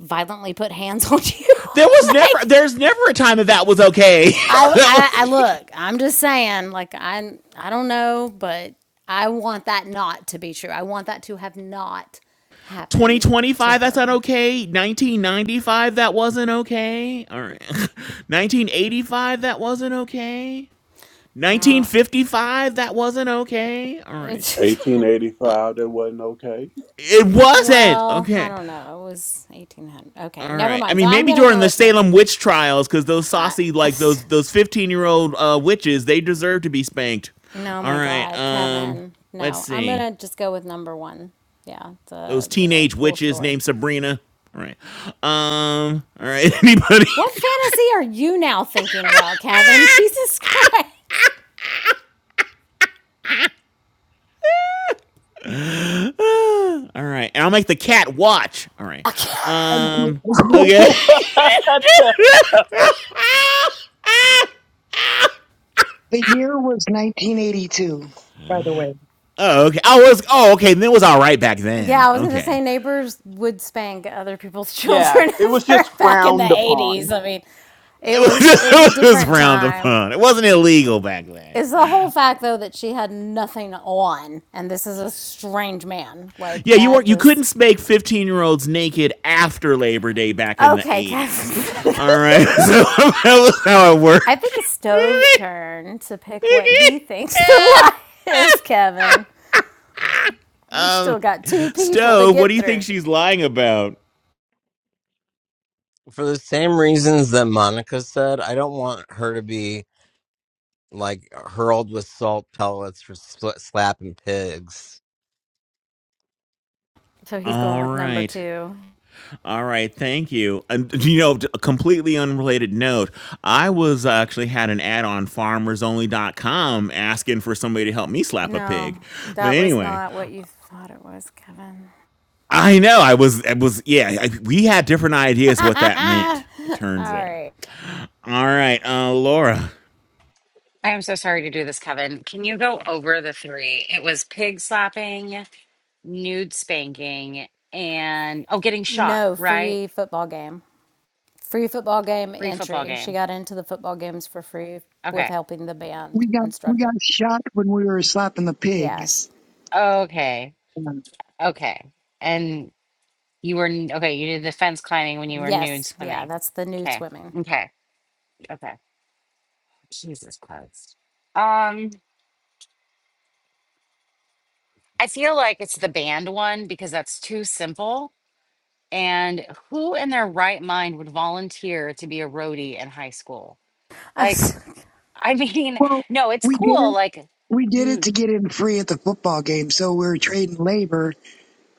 [SPEAKER 3] violently put hands on you,
[SPEAKER 5] there was
[SPEAKER 3] <laughs>
[SPEAKER 5] never
[SPEAKER 3] like.
[SPEAKER 5] there's never a time that that was okay <laughs>
[SPEAKER 3] I,
[SPEAKER 5] that
[SPEAKER 3] I I
[SPEAKER 5] was
[SPEAKER 3] look. I'm just saying. Like I I don't know, but I want that not to be true. I want that to have not happened to
[SPEAKER 5] 2025 that's not
[SPEAKER 3] her.
[SPEAKER 5] okay 1995 that wasn't okay all right <laughs> 1985 that wasn't okay
[SPEAKER 3] No.
[SPEAKER 5] 1955. That wasn't okay. All right.
[SPEAKER 3] It's,
[SPEAKER 6] 1885, that wasn't okay.
[SPEAKER 5] It
[SPEAKER 3] <laughs>
[SPEAKER 5] wasn't
[SPEAKER 3] well, I
[SPEAKER 5] okay.
[SPEAKER 3] don't know. It was 1800. Okay,
[SPEAKER 5] All
[SPEAKER 3] never
[SPEAKER 5] right. I
[SPEAKER 3] mind. So
[SPEAKER 5] mean,
[SPEAKER 3] I'm
[SPEAKER 5] maybe
[SPEAKER 3] gonna
[SPEAKER 5] during
[SPEAKER 3] go
[SPEAKER 5] the
[SPEAKER 3] with them.
[SPEAKER 5] Salem witch trials, because those
[SPEAKER 3] I,
[SPEAKER 5] saucy, like those those 15 year old uh, witches, they deserve to be spanked.
[SPEAKER 3] <laughs> no,
[SPEAKER 5] All
[SPEAKER 3] my
[SPEAKER 5] right.
[SPEAKER 3] God,
[SPEAKER 5] Um.
[SPEAKER 3] Kevin.
[SPEAKER 5] Let's
[SPEAKER 3] No, I'm
[SPEAKER 5] see.
[SPEAKER 3] gonna just go with number one. Yeah,
[SPEAKER 5] Those
[SPEAKER 3] the the
[SPEAKER 5] teenage
[SPEAKER 3] pool
[SPEAKER 5] witches
[SPEAKER 3] store.
[SPEAKER 5] named Sabrina. All right. Um. All right. <laughs> Anybody?
[SPEAKER 3] What fantasy are you now thinking about, Kevin? Jesus <laughs> Christ.
[SPEAKER 5] <laughs> All right. And I'll make the cat watch. All right.
[SPEAKER 3] Okay.
[SPEAKER 7] And the
[SPEAKER 5] Um.
[SPEAKER 7] year,
[SPEAKER 8] <laughs>
[SPEAKER 5] Okay.
[SPEAKER 8] What the-
[SPEAKER 5] <laughs>
[SPEAKER 7] the year was 1982, by the way.
[SPEAKER 5] Oh, okay. I was. Oh, okay. Then it was all right back
[SPEAKER 3] Yeah,
[SPEAKER 5] then.
[SPEAKER 3] I was gonna
[SPEAKER 5] Okay,
[SPEAKER 3] say neighbors would spank other people's
[SPEAKER 8] yeah,
[SPEAKER 3] children
[SPEAKER 8] it was
[SPEAKER 3] <laughs>
[SPEAKER 8] just
[SPEAKER 3] for- back in the
[SPEAKER 8] frowned
[SPEAKER 3] eighties.
[SPEAKER 8] upon.
[SPEAKER 3] I mean,
[SPEAKER 5] <laughs> it
[SPEAKER 3] it
[SPEAKER 5] was,
[SPEAKER 3] was it
[SPEAKER 5] just,
[SPEAKER 3] was a
[SPEAKER 5] it was
[SPEAKER 3] different
[SPEAKER 5] frowned
[SPEAKER 3] time.
[SPEAKER 5] upon. It wasn't illegal back then.
[SPEAKER 3] It's the whole fact though that she had nothing on, and this is a strange man like
[SPEAKER 5] Yeah, you
[SPEAKER 3] that.
[SPEAKER 5] weren't. You
[SPEAKER 3] Just
[SPEAKER 5] couldn't make fifteen-year-olds naked after Labor Day back in the
[SPEAKER 3] okay,
[SPEAKER 5] eighties.
[SPEAKER 3] Kevin. <laughs>
[SPEAKER 5] All right, <laughs> so that was how it
[SPEAKER 3] I think
[SPEAKER 5] worked.
[SPEAKER 3] it's Stove's turn to pick what he thinks the <laughs> lie is,
[SPEAKER 5] <laughs>
[SPEAKER 3] Kevin. We still got two people to
[SPEAKER 5] Stove, what do
[SPEAKER 3] get
[SPEAKER 5] you think
[SPEAKER 3] through.
[SPEAKER 5] she's lying about?
[SPEAKER 2] For the same reasons that Monica said, I don't want her to be like hurled with salt pellets for sl- slapping pigs.
[SPEAKER 3] So he's going
[SPEAKER 5] All
[SPEAKER 3] with number
[SPEAKER 5] right.
[SPEAKER 3] two.
[SPEAKER 5] All right, thank you. And you know, a completely unrelated note, I was uh, actually had an ad on farmers only dot com asking for somebody to help me slap a
[SPEAKER 3] No,
[SPEAKER 5] pig. But
[SPEAKER 3] that was
[SPEAKER 5] anyway,
[SPEAKER 3] not what you thought it was, Kevin.
[SPEAKER 5] I know I was I was yeah, I, we had different
[SPEAKER 3] <laughs>
[SPEAKER 5] ideas what that
[SPEAKER 3] All
[SPEAKER 5] meant. It turns out.
[SPEAKER 3] right.
[SPEAKER 5] All right, uh Laura.
[SPEAKER 1] I am so sorry to do this, Kevin. Can you go over the three? It was pig slapping, nude spanking, and oh, getting shot,
[SPEAKER 3] No,
[SPEAKER 1] right?
[SPEAKER 3] free football game. Free football game
[SPEAKER 1] Free football
[SPEAKER 3] entry. She
[SPEAKER 1] game.
[SPEAKER 3] got into the football games for free with
[SPEAKER 1] Okay.
[SPEAKER 3] helping the band
[SPEAKER 7] We got we
[SPEAKER 3] instructor.
[SPEAKER 7] got shot when we were slapping the
[SPEAKER 3] Yes.
[SPEAKER 7] pigs.
[SPEAKER 1] Okay.
[SPEAKER 7] Um,
[SPEAKER 1] Okay. And you were, n- okay, you did the fence climbing when you were nude
[SPEAKER 3] Yes. Yeah,
[SPEAKER 1] swimming.
[SPEAKER 3] that's the nude
[SPEAKER 1] Okay.
[SPEAKER 3] swimming.
[SPEAKER 1] Okay. Okay. Jesus Christ. Um, I feel like it's the band one because that's too simple And who in their right mind would volunteer to be a roadie in high school? Like,
[SPEAKER 3] <laughs>
[SPEAKER 1] I mean,
[SPEAKER 7] Well,
[SPEAKER 1] <laughs> no, it's
[SPEAKER 7] we did
[SPEAKER 1] cool.
[SPEAKER 7] it.
[SPEAKER 1] Like,
[SPEAKER 7] We did it
[SPEAKER 1] mm,
[SPEAKER 7] to get in free at the football game, so we were trading labor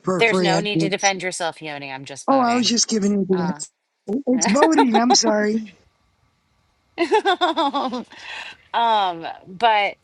[SPEAKER 7] for
[SPEAKER 1] there's
[SPEAKER 7] free
[SPEAKER 1] no need to
[SPEAKER 7] entrance
[SPEAKER 1] defend yourself, Yoni. I'm just
[SPEAKER 7] Oh, I was
[SPEAKER 1] voting.
[SPEAKER 7] just giving you
[SPEAKER 1] Uh,
[SPEAKER 7] the It's
[SPEAKER 1] <laughs>
[SPEAKER 7] voting. I'm sorry.
[SPEAKER 1] um, but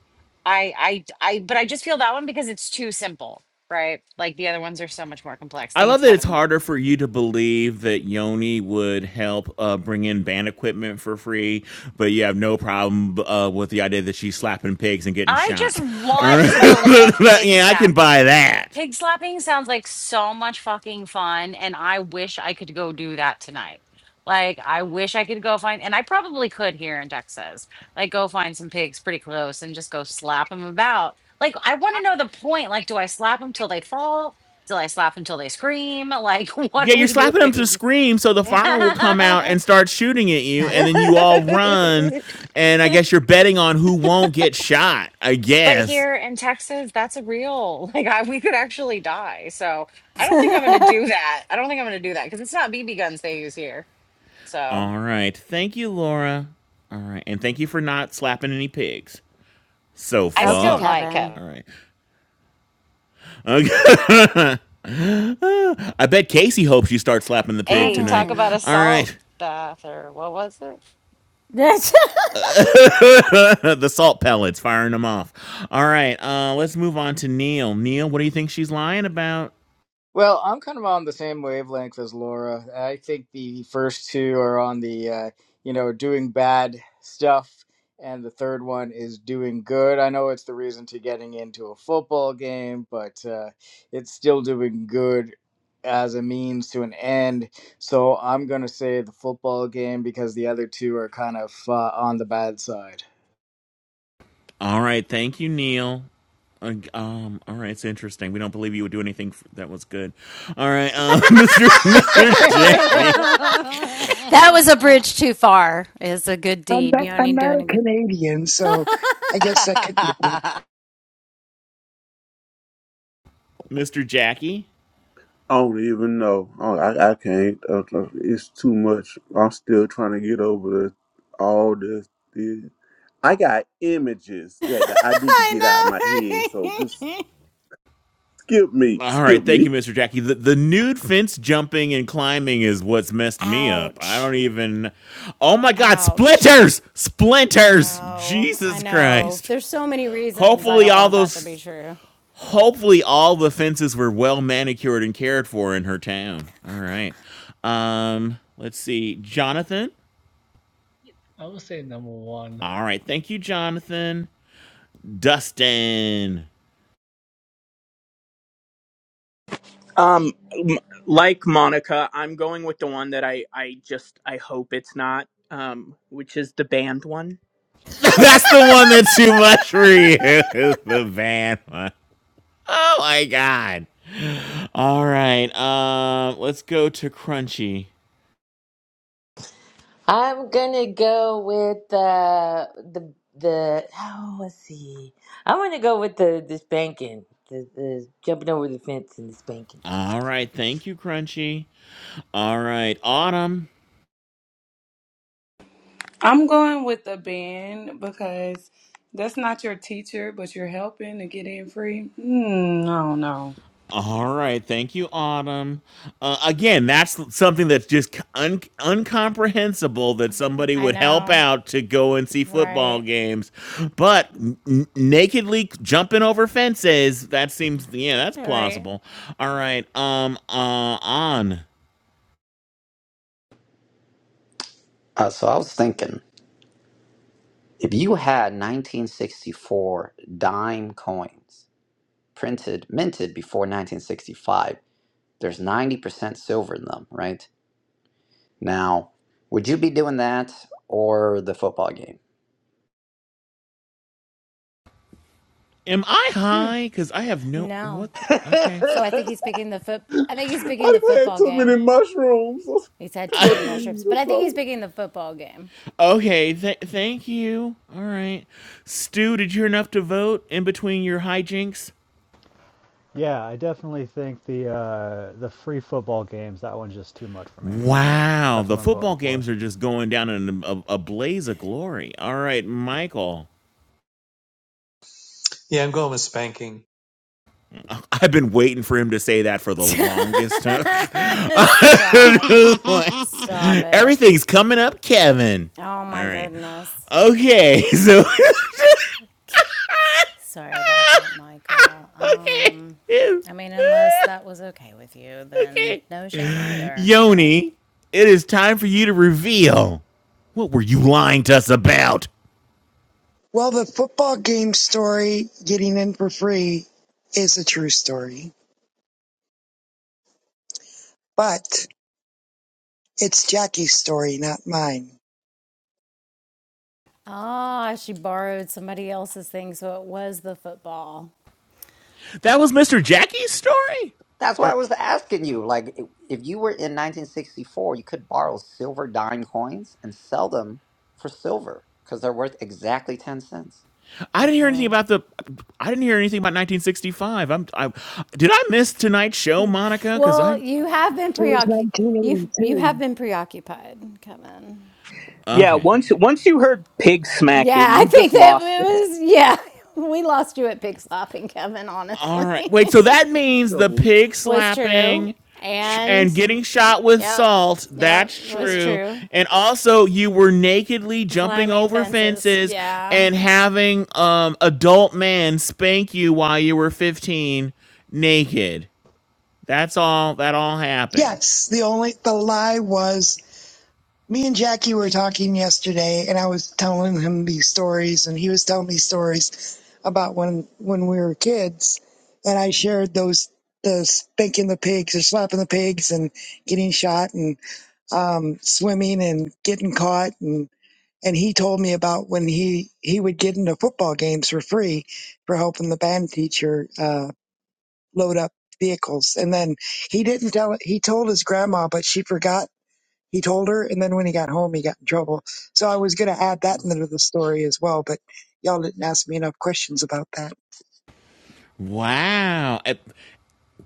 [SPEAKER 1] I, I, I, but I just feel that one because it's too simple, right? Like the other ones are so much more complex.
[SPEAKER 5] I
[SPEAKER 1] Thanks,
[SPEAKER 5] love that it's
[SPEAKER 1] Kevin.
[SPEAKER 5] harder for you to believe that Yoni would help uh, bring in band equipment for free, but you have no problem uh, with the idea that she's slapping pigs and getting
[SPEAKER 1] I
[SPEAKER 5] shot.
[SPEAKER 1] just
[SPEAKER 5] All
[SPEAKER 1] want
[SPEAKER 5] right,
[SPEAKER 1] to
[SPEAKER 5] <laughs>
[SPEAKER 1] believe pig
[SPEAKER 5] yeah, I can
[SPEAKER 1] sap.
[SPEAKER 5] buy that.
[SPEAKER 1] Pig slapping sounds like so much fucking fun, and I wish I could go do that tonight. Like, I wish I could go find, and I probably could here in Texas, like, go find some pigs pretty close and just go slap them about. Like, I want to know the point. Like, do I slap them till they fall? Do I slap them till they scream? Like, <laughs> what
[SPEAKER 5] Yeah,
[SPEAKER 1] are
[SPEAKER 5] you're
[SPEAKER 1] we
[SPEAKER 5] slapping them to
[SPEAKER 1] doing?
[SPEAKER 5] scream, so the farmer will come out and start shooting at you, and then you all run.
[SPEAKER 1] <laughs>
[SPEAKER 5] And I guess you're betting on who won't get shot. I
[SPEAKER 1] But
[SPEAKER 5] guess.
[SPEAKER 1] here in Texas, that's a real. <laughs> Like I, we could actually die. So I don't think I'm going to do that. I don't think I'm going to do that because it's not BB guns they use here. So
[SPEAKER 5] All right. Thank you, Laura. All right. And thank you for not slapping any pigs so
[SPEAKER 1] I
[SPEAKER 3] okay,
[SPEAKER 1] still
[SPEAKER 5] far.
[SPEAKER 1] might,
[SPEAKER 3] Kevin.
[SPEAKER 1] Kevin.
[SPEAKER 5] All right. Okay. <laughs> I bet Casey hopes you start slapping the pig
[SPEAKER 1] Hey, talk
[SPEAKER 5] tonight.
[SPEAKER 1] about
[SPEAKER 3] Kevin.
[SPEAKER 1] a
[SPEAKER 5] All
[SPEAKER 1] salt
[SPEAKER 5] right.
[SPEAKER 1] bath or what was it?
[SPEAKER 3] <laughs> that
[SPEAKER 5] <laughs> the salt pellets firing them off. All right. Uh, let's move on to Neil. Neil, what do you think she's lying about?
[SPEAKER 4] Well, I'm kind of on the same wavelength as Laura. I think the first two are on the, uh, you know, doing bad stuff, and the third one is doing good. I know it's the reason to getting into a football game, but uh, it's still doing good as a means to an end. So I'm going to say the football game because the other two are kind of uh, on the bad side.
[SPEAKER 5] All right. Thank you, Neil. Uh, um. All right. It's interesting. We don't believe you would do anything f- that was good. All right. Uh, Mr. Mr. <laughs>
[SPEAKER 4] <laughs>
[SPEAKER 5] Jackie.
[SPEAKER 3] was a bridge too far. It's a good
[SPEAKER 7] I'm
[SPEAKER 3] deed.
[SPEAKER 7] not,
[SPEAKER 3] You only
[SPEAKER 7] I'm not
[SPEAKER 3] doing
[SPEAKER 7] a
[SPEAKER 3] a good
[SPEAKER 7] Canadian,
[SPEAKER 3] <laughs>
[SPEAKER 7] so I guess that could be. true.
[SPEAKER 1] <laughs>
[SPEAKER 5] Mr. Jackie.
[SPEAKER 6] I don't even know. I, I I can't. I don't- It's too much. I'm still trying to get over the, all this, this. I got images
[SPEAKER 3] I
[SPEAKER 6] that, that I need to get out of
[SPEAKER 3] know.
[SPEAKER 6] my head, so just
[SPEAKER 3] right? <laughs>
[SPEAKER 6] skip me.
[SPEAKER 5] All right,
[SPEAKER 6] Skip
[SPEAKER 5] thank you,
[SPEAKER 6] me.
[SPEAKER 5] Mr. Jackie. The, the nude fence jumping and climbing is what's messed me up. I
[SPEAKER 3] Ouch.
[SPEAKER 5] don't even. Oh my God,
[SPEAKER 3] Ouch.
[SPEAKER 5] splinters!
[SPEAKER 3] I
[SPEAKER 5] Splinters!
[SPEAKER 3] know. I
[SPEAKER 5] Jesus
[SPEAKER 3] know.
[SPEAKER 5] Christ!
[SPEAKER 3] There's so many reasons I
[SPEAKER 5] Hopefully,
[SPEAKER 3] don't
[SPEAKER 5] all
[SPEAKER 3] want that to be
[SPEAKER 5] those.
[SPEAKER 3] true.
[SPEAKER 5] Hopefully, all the fences were well manicured and cared for in her town. All right. Um, let's see, Jonathan.
[SPEAKER 10] I would say number one,
[SPEAKER 5] All right, thank you, Jonathan. Dustin.
[SPEAKER 8] Um, m- like Monica, I'm going with the one that I I just I hope it's not um, which is the band one.
[SPEAKER 5] <laughs> That's the one that's too much for you. <laughs> the van. one. Oh my god. All right. Um, let's go to Crunchy.
[SPEAKER 12] I'm gonna go with uh, the the oh let's see. I'm gonna go with the the spanking, the, the jumping over the fence and the spanking.
[SPEAKER 5] All right, thank you, Crunchy. All right, Autumn.
[SPEAKER 14] I'm going with the band because that's not your teacher, but you're helping to get in free. Hmm, I don't know.
[SPEAKER 5] All right, thank you, Autumn. Uh, again, that's something that's just un- uncomprehensible that somebody
[SPEAKER 3] I
[SPEAKER 5] would help
[SPEAKER 3] know.
[SPEAKER 5] out to go and see football
[SPEAKER 3] Right.
[SPEAKER 5] games, but n- nakedly jumping over fences—that seems, yeah, that's
[SPEAKER 3] Right.
[SPEAKER 5] plausible. All right, um, uh, on.
[SPEAKER 16] Uh, so I was thinking, if you had 1964 dime coins printed, minted before 1965, there's 90% silver in them, right? Now, would you be doing that or the football game?
[SPEAKER 5] Am I high? Because I have no.
[SPEAKER 3] No.
[SPEAKER 5] What? The,
[SPEAKER 16] <laughs>
[SPEAKER 5] okay.
[SPEAKER 3] So I think he's picking the foot
[SPEAKER 6] <laughs> I
[SPEAKER 3] I think he's picking the
[SPEAKER 6] done had
[SPEAKER 3] football
[SPEAKER 6] too
[SPEAKER 3] game.
[SPEAKER 6] many mushrooms <laughs> or
[SPEAKER 3] He's had
[SPEAKER 6] too
[SPEAKER 3] too
[SPEAKER 6] much
[SPEAKER 3] many
[SPEAKER 5] <laughs>
[SPEAKER 3] mushrooms,
[SPEAKER 6] weed
[SPEAKER 3] but
[SPEAKER 6] or
[SPEAKER 3] I think he's
[SPEAKER 6] something.
[SPEAKER 3] picking the football game.
[SPEAKER 5] okay. Th- thank you. All right. Stu, did you hear enough to vote in between your hijinks?
[SPEAKER 15] Yeah, I definitely think the uh, the free football games. That one's just too much for me.
[SPEAKER 5] Wow.
[SPEAKER 15] That's
[SPEAKER 5] The
[SPEAKER 15] what I'm
[SPEAKER 5] football
[SPEAKER 15] voting for.
[SPEAKER 5] games are just going down in a, a blaze of glory. All right, Michael.
[SPEAKER 11] Yeah, I'm going with spanking.
[SPEAKER 5] I've been waiting for him to say that for
[SPEAKER 3] <laughs>
[SPEAKER 5] the longest time.
[SPEAKER 3] Stop.
[SPEAKER 5] <laughs> like,
[SPEAKER 3] Stop it.
[SPEAKER 5] Everything's coming up, Kevin.
[SPEAKER 3] Oh
[SPEAKER 5] All
[SPEAKER 3] my
[SPEAKER 5] right.
[SPEAKER 3] goodness.
[SPEAKER 5] Okay. So. <laughs>
[SPEAKER 3] Sorry about that, Michael.
[SPEAKER 5] okay.
[SPEAKER 3] Um, I mean, unless
[SPEAKER 5] <laughs>
[SPEAKER 3] that was okay with you, then
[SPEAKER 5] Okay.
[SPEAKER 3] no shame either, right?
[SPEAKER 5] Yoni, it is time for you to reveal. What were you lying to us about?
[SPEAKER 7] Well, the football game story, getting in for free, is a true story, but it's Jackie's story, not mine.
[SPEAKER 3] Ah, she borrowed somebody else's thing, so it was the football.
[SPEAKER 5] That was Mr. Jackie's story?
[SPEAKER 16] That's why I
[SPEAKER 5] Or
[SPEAKER 16] was asking you. Like, if if you were in 1964, you could borrow silver dime coins and sell them for silver because they're worth exactly 10 cents.
[SPEAKER 5] I
[SPEAKER 3] Very
[SPEAKER 5] didn't hear anything
[SPEAKER 3] cool.
[SPEAKER 5] about the I didn't hear anything about 1965. I'm I Did I miss tonight's show, Monica? Cuz I
[SPEAKER 3] Well, you have been
[SPEAKER 7] It was
[SPEAKER 3] preoccupied. You you have
[SPEAKER 7] 1982.
[SPEAKER 3] been preoccupied, Kevin.
[SPEAKER 8] Yeah,
[SPEAKER 5] Okay.
[SPEAKER 8] once once you heard pig
[SPEAKER 3] Yeah,
[SPEAKER 8] smacking,
[SPEAKER 3] I
[SPEAKER 8] you
[SPEAKER 3] think
[SPEAKER 8] just
[SPEAKER 3] that it
[SPEAKER 8] lost it. <laughs>
[SPEAKER 3] was. Yeah, <laughs> we lost you at pig slopping, Kevin.
[SPEAKER 5] All right.
[SPEAKER 3] Honestly,
[SPEAKER 5] Wait, so that means the
[SPEAKER 6] So,
[SPEAKER 5] pig
[SPEAKER 3] <laughs> was true.
[SPEAKER 5] slapping tr-
[SPEAKER 3] And
[SPEAKER 5] and getting shot with
[SPEAKER 3] yep,
[SPEAKER 5] salt.
[SPEAKER 3] yep,
[SPEAKER 5] That's
[SPEAKER 3] was
[SPEAKER 5] true.
[SPEAKER 3] true.
[SPEAKER 5] And also you were nakedly jumping
[SPEAKER 3] Climbing
[SPEAKER 5] over
[SPEAKER 3] fences.
[SPEAKER 5] fences
[SPEAKER 3] Yeah.
[SPEAKER 5] and having um adult men spank you while you were 15 naked. That's all that all happened.
[SPEAKER 7] Yes, the only the lie was me and Jackie were talking yesterday, and I was telling him these stories, and he was telling me stories about when when we were kids, and I shared those the spanking the pigs or slapping the pigs and getting shot and um, swimming and getting caught and and he told me about when he he would get into football games for free for helping the band teacher uh, load up vehicles and then he didn't tell he told his grandma but she forgot he told her, and then when he got home, he got in trouble. So I was going to add that into the story as well, but y'all didn't ask me enough questions about that.
[SPEAKER 5] Wow. I-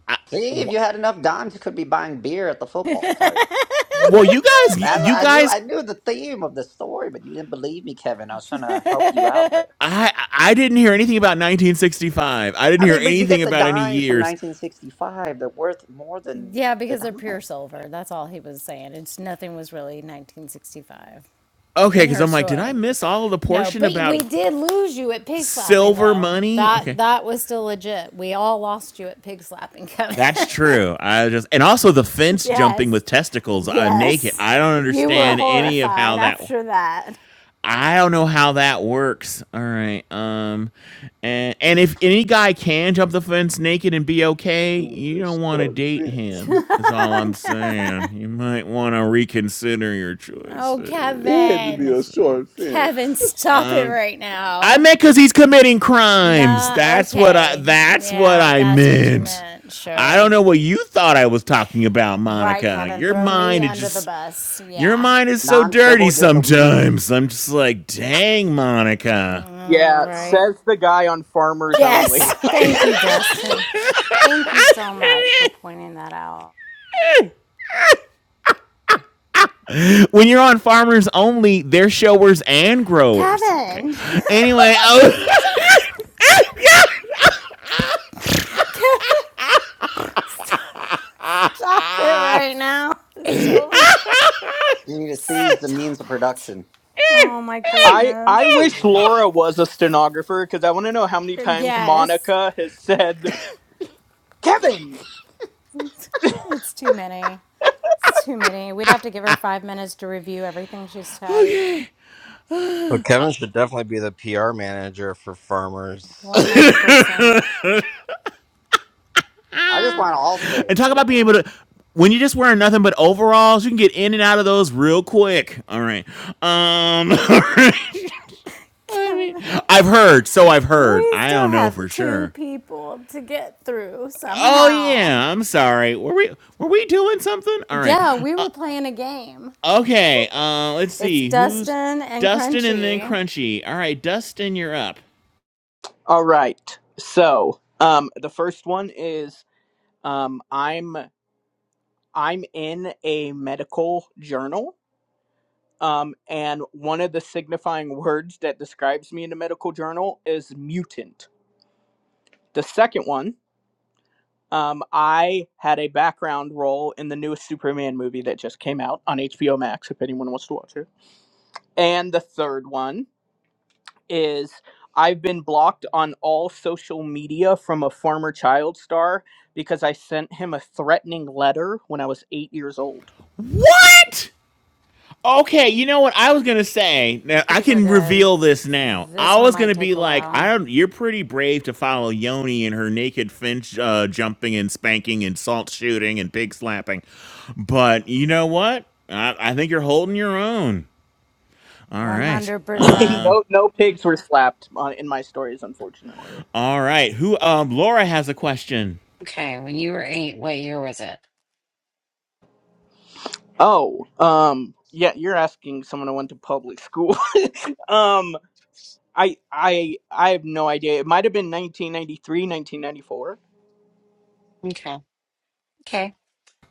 [SPEAKER 5] I-
[SPEAKER 16] See, if you had enough dimes, you could be buying beer at the
[SPEAKER 3] <laughs>
[SPEAKER 16] football party.
[SPEAKER 6] <laughs>
[SPEAKER 5] well, you guys you,
[SPEAKER 16] That's
[SPEAKER 5] you
[SPEAKER 16] I knew
[SPEAKER 5] guys
[SPEAKER 16] I knew the theme of the story, but you didn't believe me, Kevin. I was trying to help you out there.
[SPEAKER 5] I I didn't hear anything about 1965. I didn't
[SPEAKER 16] I
[SPEAKER 5] hear
[SPEAKER 16] mean, but you
[SPEAKER 5] anything
[SPEAKER 16] get the
[SPEAKER 5] about any
[SPEAKER 16] dimes from
[SPEAKER 5] years.
[SPEAKER 16] 1965. They're worth more than
[SPEAKER 3] Yeah,
[SPEAKER 16] the
[SPEAKER 3] because they're
[SPEAKER 16] dime.
[SPEAKER 3] pure silver. That's all he was saying. It's nothing was really 1965
[SPEAKER 5] Okay,
[SPEAKER 3] in
[SPEAKER 5] because
[SPEAKER 3] her
[SPEAKER 5] I'm like, did I
[SPEAKER 3] story.
[SPEAKER 5] miss all of the
[SPEAKER 3] No,
[SPEAKER 5] portion
[SPEAKER 3] but
[SPEAKER 5] about
[SPEAKER 3] we did lose you at pig slapping
[SPEAKER 5] silver
[SPEAKER 3] though.
[SPEAKER 5] money? Okay,
[SPEAKER 3] That that was still legit. We all lost you at pig slapping, Kevin.
[SPEAKER 5] that's true. I just and also the
[SPEAKER 3] <laughs>
[SPEAKER 5] fence jumping
[SPEAKER 3] yes.
[SPEAKER 5] with testicles uh, naked.
[SPEAKER 3] Yes.
[SPEAKER 5] I don't
[SPEAKER 3] You were
[SPEAKER 5] understand any of how
[SPEAKER 3] horrified
[SPEAKER 5] that.
[SPEAKER 3] after that.
[SPEAKER 5] I don't know how that works. All right. Um, and and if any guy can jump the fence naked and be okay,
[SPEAKER 6] It was
[SPEAKER 5] you don't
[SPEAKER 6] a
[SPEAKER 5] want to
[SPEAKER 6] short
[SPEAKER 5] date
[SPEAKER 3] <laughs>
[SPEAKER 6] fence.
[SPEAKER 5] him. Is all I'm
[SPEAKER 3] Kevin.
[SPEAKER 5] saying. You might want to reconsider your
[SPEAKER 3] Oh,
[SPEAKER 5] choices.
[SPEAKER 6] It had to be
[SPEAKER 3] Kevin.
[SPEAKER 6] a short fence.
[SPEAKER 3] Kevin,
[SPEAKER 6] <laughs>
[SPEAKER 3] stop it
[SPEAKER 5] Um,
[SPEAKER 3] right
[SPEAKER 5] I
[SPEAKER 3] now.
[SPEAKER 5] meant because he's committing crimes.
[SPEAKER 3] Nah,
[SPEAKER 5] That's what I.
[SPEAKER 3] okay.
[SPEAKER 5] That's what
[SPEAKER 3] Yeah,
[SPEAKER 5] I
[SPEAKER 3] that's what you
[SPEAKER 5] meant.
[SPEAKER 3] meant.
[SPEAKER 5] I don't
[SPEAKER 3] Sure.
[SPEAKER 5] know what you thought I was talking about,
[SPEAKER 3] Right,
[SPEAKER 5] Monica.
[SPEAKER 3] Kevin.
[SPEAKER 5] Your
[SPEAKER 3] Throw me
[SPEAKER 5] mind is
[SPEAKER 3] under the
[SPEAKER 5] just.
[SPEAKER 3] bus.
[SPEAKER 5] Your
[SPEAKER 3] Yeah.
[SPEAKER 5] mind is so dirty
[SPEAKER 16] Non-civil disobedience.
[SPEAKER 5] sometimes. I'm just like, dang, Monica.
[SPEAKER 3] All
[SPEAKER 8] Yeah,
[SPEAKER 3] right.
[SPEAKER 8] says the guy on Farmers Only.
[SPEAKER 3] Yes. <laughs> Thank
[SPEAKER 16] <laughs>
[SPEAKER 3] you,
[SPEAKER 16] you
[SPEAKER 3] Dustin. Thank you so much for pointing that out.
[SPEAKER 5] <laughs> when you're on Farmers Only, they're showers and growers. Okay.
[SPEAKER 3] Kevin!
[SPEAKER 5] Anyway,
[SPEAKER 3] <laughs>
[SPEAKER 5] <laughs> oh,
[SPEAKER 3] Stop it, Kevin! Stop, stop it right now. It's so
[SPEAKER 16] need to seize the means
[SPEAKER 3] Stop
[SPEAKER 16] of
[SPEAKER 3] it.
[SPEAKER 16] production.
[SPEAKER 3] Oh my
[SPEAKER 8] <laughs> I
[SPEAKER 3] goodness.
[SPEAKER 8] I wish Laura was a stenographer because I want to know how many times
[SPEAKER 3] Yes.
[SPEAKER 8] Monica has said Kevin.
[SPEAKER 3] It's too many. It's too many. We'd have to give her five minutes to review everything she's typed.
[SPEAKER 5] okay.
[SPEAKER 2] So Kevin should definitely be the PR manager for farmers.
[SPEAKER 3] 100%.
[SPEAKER 16] I just want to all
[SPEAKER 5] And
[SPEAKER 16] say,
[SPEAKER 5] talk about being able to. When you're just wearing nothing but overalls, you can get in and out of those real quick. All right. Um. <laughs> I
[SPEAKER 3] Kevin,
[SPEAKER 5] mean,
[SPEAKER 3] <laughs>
[SPEAKER 5] I've heard, so I've heard.
[SPEAKER 3] we
[SPEAKER 5] I
[SPEAKER 3] still
[SPEAKER 5] don't know
[SPEAKER 3] have
[SPEAKER 5] for
[SPEAKER 3] two
[SPEAKER 5] sure.
[SPEAKER 3] people to get through
[SPEAKER 5] Oh
[SPEAKER 3] somehow.
[SPEAKER 5] yeah, I'm sorry. Were we were we doing something? All right.
[SPEAKER 3] Yeah, we
[SPEAKER 5] Uh,
[SPEAKER 3] were playing a game.
[SPEAKER 5] okay. Uh, let's
[SPEAKER 3] It's
[SPEAKER 5] see. Who's
[SPEAKER 3] Dustin and
[SPEAKER 5] Dustin and then
[SPEAKER 3] Crunchy.
[SPEAKER 5] Crunchy? All right, Dustin, you're up.
[SPEAKER 8] All right. So, um, the first one is um, I'm I'm in a medical journal. Um, and one of the signifying words that describes me in the medical journal is mutant. The second one, um, I had a background role in the newest Superman movie that just came out on HBO Max, if anyone wants to watch it. And the third one is I've been blocked on all social media from a former child star because I sent him a threatening letter when I was eight years old.
[SPEAKER 5] What? Okay, you know what I was gonna say. Now I
[SPEAKER 3] These are
[SPEAKER 5] can
[SPEAKER 3] good.
[SPEAKER 5] reveal this now.
[SPEAKER 3] This
[SPEAKER 5] I
[SPEAKER 3] one
[SPEAKER 5] was
[SPEAKER 3] might
[SPEAKER 5] gonna be
[SPEAKER 3] take a
[SPEAKER 5] like, I
[SPEAKER 3] while.
[SPEAKER 5] don't. You're pretty brave to follow Yoni and her naked finch uh, jumping and spanking and salt shooting and pig slapping, but you know what? I, I think you're holding your own. All right.
[SPEAKER 8] <laughs>
[SPEAKER 3] 100%.
[SPEAKER 5] Um.
[SPEAKER 8] no, no pigs were slapped on, in my stories, unfortunately.
[SPEAKER 5] All right. Who? Um. Laura has a question.
[SPEAKER 1] okay, when you were eight, what year was it?
[SPEAKER 8] Oh, um, yeah, you're asking someone who went to public school. <laughs> um, I, I, I have no idea. It might have been 1993, 1994.
[SPEAKER 1] Okay, okay.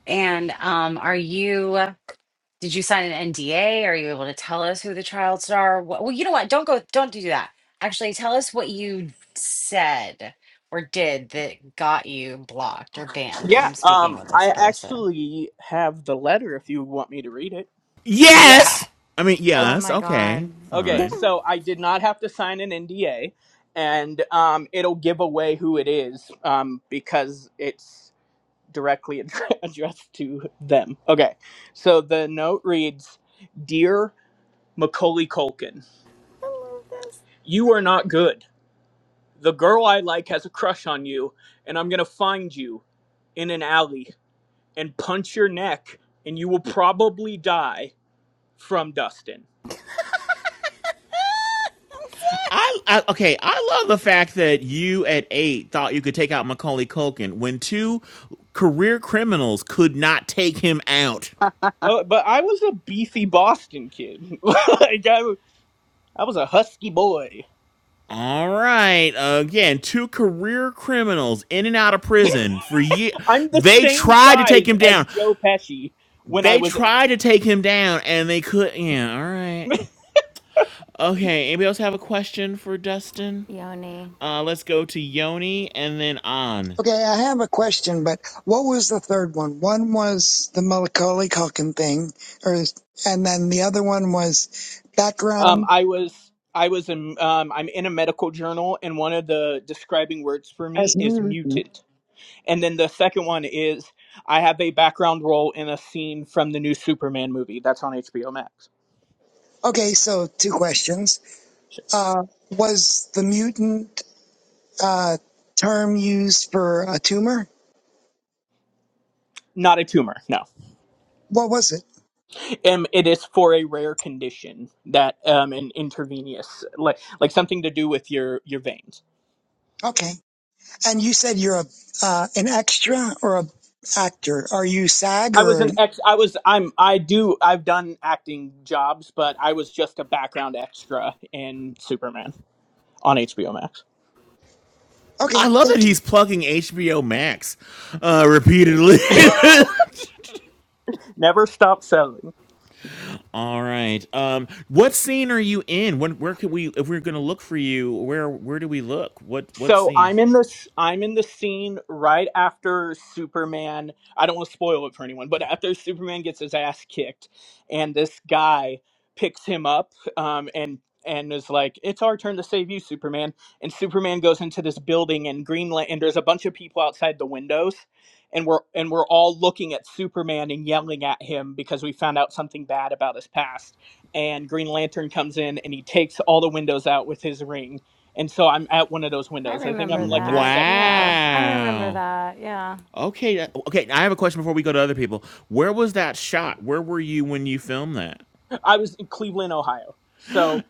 [SPEAKER 1] And um, are you? Did you sign an NDA? Are you able to tell us who the child star? wa- Well, you know what? Don't go. Don't do that. Actually, tell us what you said or did that got you blocked or banned
[SPEAKER 8] Yeah.
[SPEAKER 1] from speaking
[SPEAKER 8] Um,
[SPEAKER 1] with this
[SPEAKER 8] I
[SPEAKER 1] person.
[SPEAKER 8] actually have the letter if you want me to read it.
[SPEAKER 1] Yeah.
[SPEAKER 5] Yes. I mean,
[SPEAKER 8] Oh,
[SPEAKER 3] Oh
[SPEAKER 5] yes.
[SPEAKER 3] my
[SPEAKER 5] Okay.
[SPEAKER 3] god. <laughs>
[SPEAKER 8] okay.
[SPEAKER 3] I
[SPEAKER 5] Fine.
[SPEAKER 8] So I did not have to sign an NDA, and um, it'll give away who it is. Um, because it's directly ad- <laughs> addressed to them. Okay. So the note reads, "Dear Macaulay Culkin."
[SPEAKER 3] love this.
[SPEAKER 8] You are not good. The girl I like has a crush on you, and I'm going to find you in an alley and punch your neck, and you will probably die from Dustin.
[SPEAKER 3] <laughs> Ah, I'm sorry.
[SPEAKER 5] I, I okay. I love the fact that you at eight thought you could take out Macaulay Culkin when two career criminals could not take him out.
[SPEAKER 8] Oh, but I was a beefy Boston kid. <laughs> like I, w- I was a husky boy.
[SPEAKER 5] All right, again, two career criminals in and out of prison for years.
[SPEAKER 8] I'm the
[SPEAKER 5] They
[SPEAKER 8] same
[SPEAKER 5] tried to take
[SPEAKER 8] size
[SPEAKER 5] him
[SPEAKER 8] as
[SPEAKER 5] down.
[SPEAKER 8] Joe Pesci when I
[SPEAKER 5] They
[SPEAKER 8] was.
[SPEAKER 5] tried to take him down, and they could. Yeah, all right. Okay, anybody else have a question for Dustin?
[SPEAKER 3] Yoni.
[SPEAKER 5] Uh, let's go to Yoni and then on.
[SPEAKER 7] Okay, I have a question, but what was the third one? One was the Macaulay Culkin thing, or and then the other one was
[SPEAKER 8] Um,
[SPEAKER 7] background
[SPEAKER 8] I was. I was. In, um, I'm in a medical journal, and one of the describing words for
[SPEAKER 7] as
[SPEAKER 8] me is
[SPEAKER 7] mutant.
[SPEAKER 8] mutant. And then the second one is I have a background role in a scene from the new Superman movie that's on HBO Max.
[SPEAKER 7] Okay, so two questions.
[SPEAKER 8] Sure.
[SPEAKER 7] Uh, was the mutant uh, term used for a tumor?
[SPEAKER 8] Not a tumor, no.
[SPEAKER 7] What was it?
[SPEAKER 8] Um, it is for a rare condition that um, an intravenous, like like something to do with your your veins.
[SPEAKER 7] Okay. And you said you're a uh, an extra or a actor. Are you SAG
[SPEAKER 8] I was
[SPEAKER 7] or?
[SPEAKER 8] an ex. I was. I'm. I do. I've done acting jobs, but I was just a background extra in Superman on HBO Max.
[SPEAKER 7] Okay,
[SPEAKER 5] I love that
[SPEAKER 7] thank you.
[SPEAKER 5] he's plugging HBO Max uh, repeatedly.
[SPEAKER 8] Never stop selling.
[SPEAKER 5] <laughs> All right. Um, what scene are you in? When, where can we, if we're gonna look for you, where where do we look? What what
[SPEAKER 8] So
[SPEAKER 5] scene?
[SPEAKER 8] I'm in this I'm in the scene right after Superman. I don't want to spoil it for anyone, but after Superman gets his ass kicked and this guy picks him up um and and is like, "It's our turn to save you, Superman." And Superman goes into this building and Green Lan- and there's a bunch of people outside the windows and we're and we're all looking at Superman and yelling at him because we found out something bad about his past. And Green Lantern comes in and he takes all the windows out with his ring and so I'm at one of those
[SPEAKER 3] I
[SPEAKER 8] windows. I think
[SPEAKER 3] remember
[SPEAKER 8] I'm like in the
[SPEAKER 3] that.
[SPEAKER 8] second window.
[SPEAKER 3] Yeah, I remember
[SPEAKER 5] Wow.
[SPEAKER 3] that. Yeah.
[SPEAKER 5] Okay. that- Okay. I have a question before we go to other people. Where was that shot? Where were you when you filmed that?
[SPEAKER 8] I was in Cleveland, Ohio. So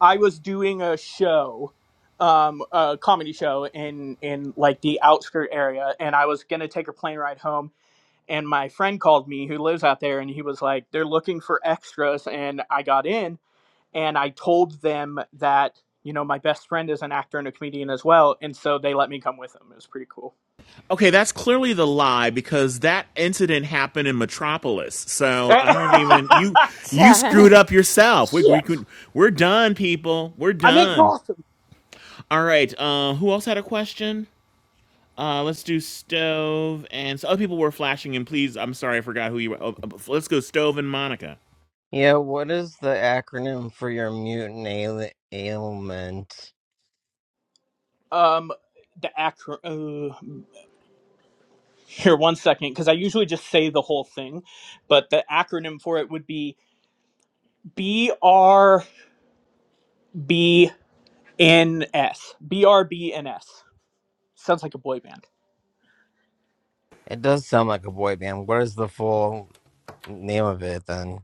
[SPEAKER 8] I was doing a show, um, a comedy show in in like the outskirt area, and I was gonna take a plane ride home. And my friend called me, who lives out there, and he was like, "They're looking for extras," and I got in, and I told them that you know my best friend is an actor and a comedian as well, and so they let me come with them. It was pretty cool.
[SPEAKER 5] Okay, that's clearly the lie because that incident happened in Metropolis.
[SPEAKER 8] <laughs>
[SPEAKER 5] So I don't even you you
[SPEAKER 3] Kevin.
[SPEAKER 5] screwed up yourself. We we
[SPEAKER 8] Shit.
[SPEAKER 5] could we're done, people. We're
[SPEAKER 8] I'm in
[SPEAKER 5] done.
[SPEAKER 8] Gotham.
[SPEAKER 5] All right. Uh, who else had a question? Uh, let's do stove and so other people were flashing. And please, I'm sorry, I forgot who you. were. Oh, let's go stove and Monica.
[SPEAKER 2] Yeah, what is the acronym for your mutant ail- ailment?
[SPEAKER 8] Um, the acro. Uh, here, one second, because I usually just say the whole thing, but the acronym for it would be BRBNS. BRBNS sounds like a boy band.
[SPEAKER 2] It does sound like a boy band. What is the full name of it then?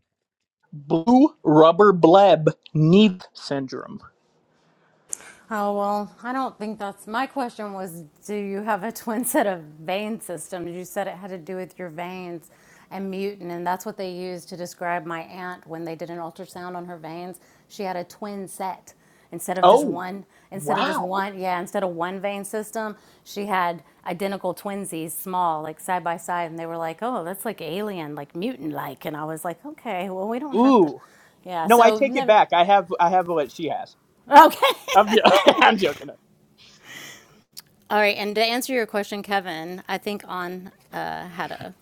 [SPEAKER 8] Blue Rubber Bleb Need Syndrome.
[SPEAKER 3] Oh, well, I don't think that's my question. Was do you have a <laughs> twin set of vein systems? You said it had to do with your veins and mutant, and that's what they used to describe my aunt when they did an ultrasound on her veins. She had a twin set instead of just
[SPEAKER 8] Oh,
[SPEAKER 3] one, instead of just
[SPEAKER 8] wow.
[SPEAKER 3] one, yeah, instead of one vein system, she had identical twinsies, small, like side by side, and they were like, oh, that's like alien, like mutant like. And I was like, okay, well, we don't have to.
[SPEAKER 8] Ooh.
[SPEAKER 3] Yeah,
[SPEAKER 8] No, I
[SPEAKER 3] so
[SPEAKER 8] take it
[SPEAKER 3] never.
[SPEAKER 8] back. I have I have what she has.
[SPEAKER 3] Okay. <laughs>
[SPEAKER 8] I'm jo- <laughs> I'm joking.
[SPEAKER 3] All right, and to answer your question, Kevin, I think on uh, had a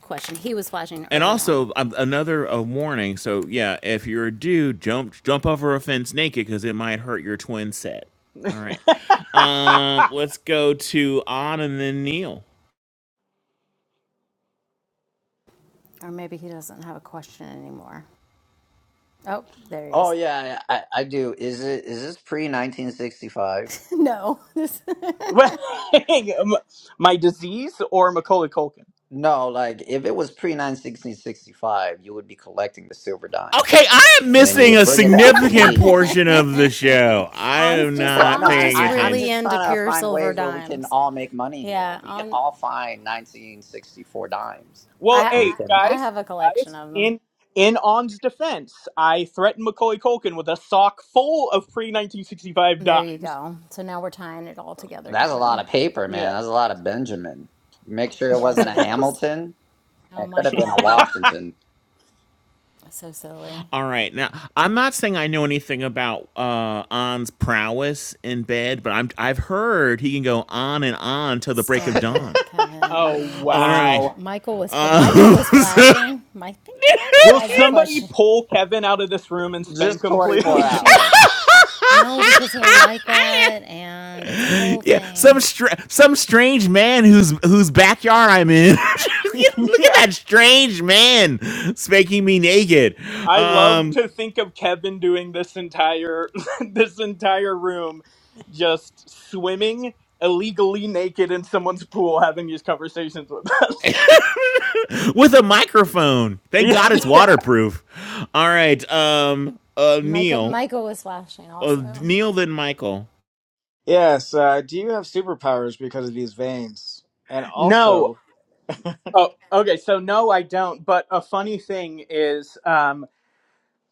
[SPEAKER 3] question. He was flashing
[SPEAKER 5] And
[SPEAKER 3] early on,
[SPEAKER 5] also um, another a warning. So yeah, if you're a dude, jump jump over a fence naked because it might hurt your twin set.
[SPEAKER 8] <laughs>
[SPEAKER 5] All right. Um, let's go to on and then Neil.
[SPEAKER 3] or maybe he doesn't have a question anymore. Oh, there he
[SPEAKER 16] oh
[SPEAKER 3] is. <laughs>
[SPEAKER 16] yeah, I, I I do. Is it is this pre 1965?
[SPEAKER 3] No, <laughs> this-
[SPEAKER 8] Well, <laughs> my disease or Macaulay Culkin.
[SPEAKER 16] No, like if it was pre 1965, you would be collecting the silver dimes,
[SPEAKER 5] Okay, I am
[SPEAKER 16] and then you
[SPEAKER 5] missing
[SPEAKER 16] would
[SPEAKER 5] a
[SPEAKER 16] bring it back to
[SPEAKER 5] significant
[SPEAKER 16] me.
[SPEAKER 5] portion of the show. I
[SPEAKER 3] On's
[SPEAKER 5] am
[SPEAKER 3] just
[SPEAKER 16] Well,
[SPEAKER 5] not
[SPEAKER 16] no,
[SPEAKER 3] On's
[SPEAKER 16] I,
[SPEAKER 5] paying
[SPEAKER 3] just
[SPEAKER 16] I, I'm
[SPEAKER 3] really
[SPEAKER 5] attention.
[SPEAKER 16] just
[SPEAKER 3] into
[SPEAKER 16] trying to
[SPEAKER 3] pure
[SPEAKER 16] find
[SPEAKER 3] silver
[SPEAKER 16] ways where we can
[SPEAKER 3] dimes.
[SPEAKER 16] all make money here.
[SPEAKER 3] Yeah,
[SPEAKER 16] If we can
[SPEAKER 3] On.
[SPEAKER 16] all find 1964 dimes,
[SPEAKER 8] Well,
[SPEAKER 16] and we
[SPEAKER 8] hey
[SPEAKER 3] I
[SPEAKER 16] can,
[SPEAKER 3] I
[SPEAKER 8] guys,
[SPEAKER 3] have a collection
[SPEAKER 8] guys,
[SPEAKER 3] of them.
[SPEAKER 8] in in On's defense, I threatened Macaulay Culkin with a sock full of pre nineteen sixty five
[SPEAKER 3] There you
[SPEAKER 8] dimes.
[SPEAKER 3] go. So now we're tying it all together,
[SPEAKER 16] that's a lot
[SPEAKER 3] Kevin.
[SPEAKER 16] of paper, man.
[SPEAKER 8] Yeah.
[SPEAKER 16] That's a lot of Benjamin. Make sure it
[SPEAKER 3] Yes,
[SPEAKER 16] wasn't a
[SPEAKER 3] it is.
[SPEAKER 16] Hamilton.
[SPEAKER 3] Oh
[SPEAKER 16] It could
[SPEAKER 3] my
[SPEAKER 16] have been a
[SPEAKER 3] God,
[SPEAKER 16] Washington.
[SPEAKER 3] so silly.
[SPEAKER 5] All right, now I'm not saying I know anything about uh, On's prowess in bed, but I'm I've heard he can go on and on till the break of
[SPEAKER 3] Stop it,
[SPEAKER 5] dawn.
[SPEAKER 8] Oh
[SPEAKER 3] Kevin.
[SPEAKER 5] All right.
[SPEAKER 3] Stop.
[SPEAKER 8] wow.
[SPEAKER 3] Michael was fl- Michael
[SPEAKER 5] Um,
[SPEAKER 3] was
[SPEAKER 5] <laughs>
[SPEAKER 3] flashing. I think Michael
[SPEAKER 8] Will
[SPEAKER 3] has a
[SPEAKER 8] somebody
[SPEAKER 3] question. <laughs>
[SPEAKER 8] pull Kevin out of this room and spank
[SPEAKER 16] Just
[SPEAKER 8] him,
[SPEAKER 3] Oh,
[SPEAKER 16] 24
[SPEAKER 8] please?
[SPEAKER 3] jeez.
[SPEAKER 16] hours.
[SPEAKER 3] No, because he'll like that,
[SPEAKER 5] <laughs>
[SPEAKER 3] and it's a whole
[SPEAKER 5] yeah, some
[SPEAKER 3] thing.
[SPEAKER 5] str- some strange man whose whose backyard I'm in. <laughs> Look
[SPEAKER 8] <laughs>
[SPEAKER 5] at
[SPEAKER 8] yeah.
[SPEAKER 5] that strange man spanking me naked
[SPEAKER 8] I love
[SPEAKER 5] um,
[SPEAKER 8] to think of Kevin doing this entire <laughs> this entire room just swimming illegally naked in someone's pool having these conversations with us.
[SPEAKER 5] with a microphone.
[SPEAKER 8] <laughs>
[SPEAKER 5] Thank God it's
[SPEAKER 8] yeah.
[SPEAKER 5] waterproof. All right, um, uh,
[SPEAKER 3] Michael
[SPEAKER 5] Neil,
[SPEAKER 3] Michael was flashing
[SPEAKER 5] uh,
[SPEAKER 3] also.
[SPEAKER 5] Neil, then Michael.
[SPEAKER 4] yes. Uh, do you have superpowers because of these veins? And
[SPEAKER 8] No,
[SPEAKER 4] also,
[SPEAKER 8] Oh, okay. So no, I don't. But a funny thing is, um,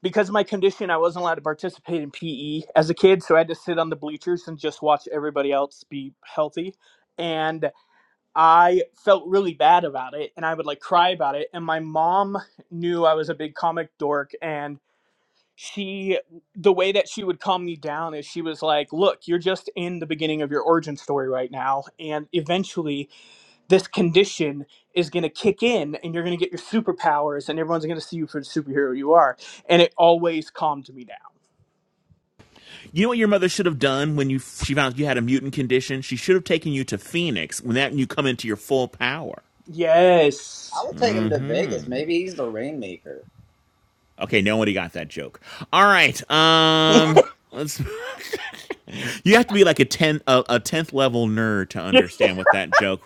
[SPEAKER 8] because of my condition, I wasn't allowed to participate in PE as a kid, so I had to sit on the bleachers and just watch everybody else be healthy. And I felt really bad about it, and I would like cry about it. And my mom knew I was a big comic dork, and she, the way that she would calm me down is she was like, "Look, you're just in the beginning of your origin story right now, and eventually." this condition is going to kick in and you're going to get your superpowers and everyone's going to see you for the superhero you are and it always calmed me down
[SPEAKER 5] You know what your mother should have done when you she found out you had a mutant condition? She should have taken you to Phoenix when that you come into your full power.
[SPEAKER 16] I
[SPEAKER 8] yes
[SPEAKER 16] would take him to Vegas. Maybe he's the rainmaker.
[SPEAKER 5] Okay, nobody got that joke. All right, um, let's <laughs> You have to be like a ten a, a tenth level nerd to
[SPEAKER 8] <laughs>
[SPEAKER 5] understand what that joke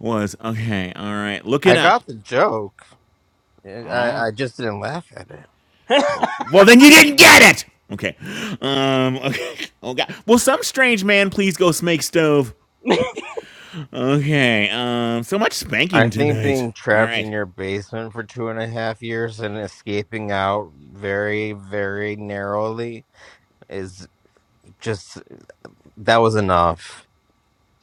[SPEAKER 5] was. Okay, all right, look it
[SPEAKER 2] I
[SPEAKER 5] up.
[SPEAKER 2] got the joke. I,
[SPEAKER 5] All right.
[SPEAKER 2] I I just didn't laugh at it.
[SPEAKER 8] yeah
[SPEAKER 5] Well, well, then you didn't get it. Okay. Um. <laughs> Okay. Oh God. Will some strange man please go smake stove? Okay. Um. So much
[SPEAKER 2] I
[SPEAKER 5] spanking
[SPEAKER 2] think
[SPEAKER 5] tonight.
[SPEAKER 2] being
[SPEAKER 5] All
[SPEAKER 2] trapped in
[SPEAKER 5] right.
[SPEAKER 2] your basement for two and a half years and escaping out very, very narrowly is just That was enough.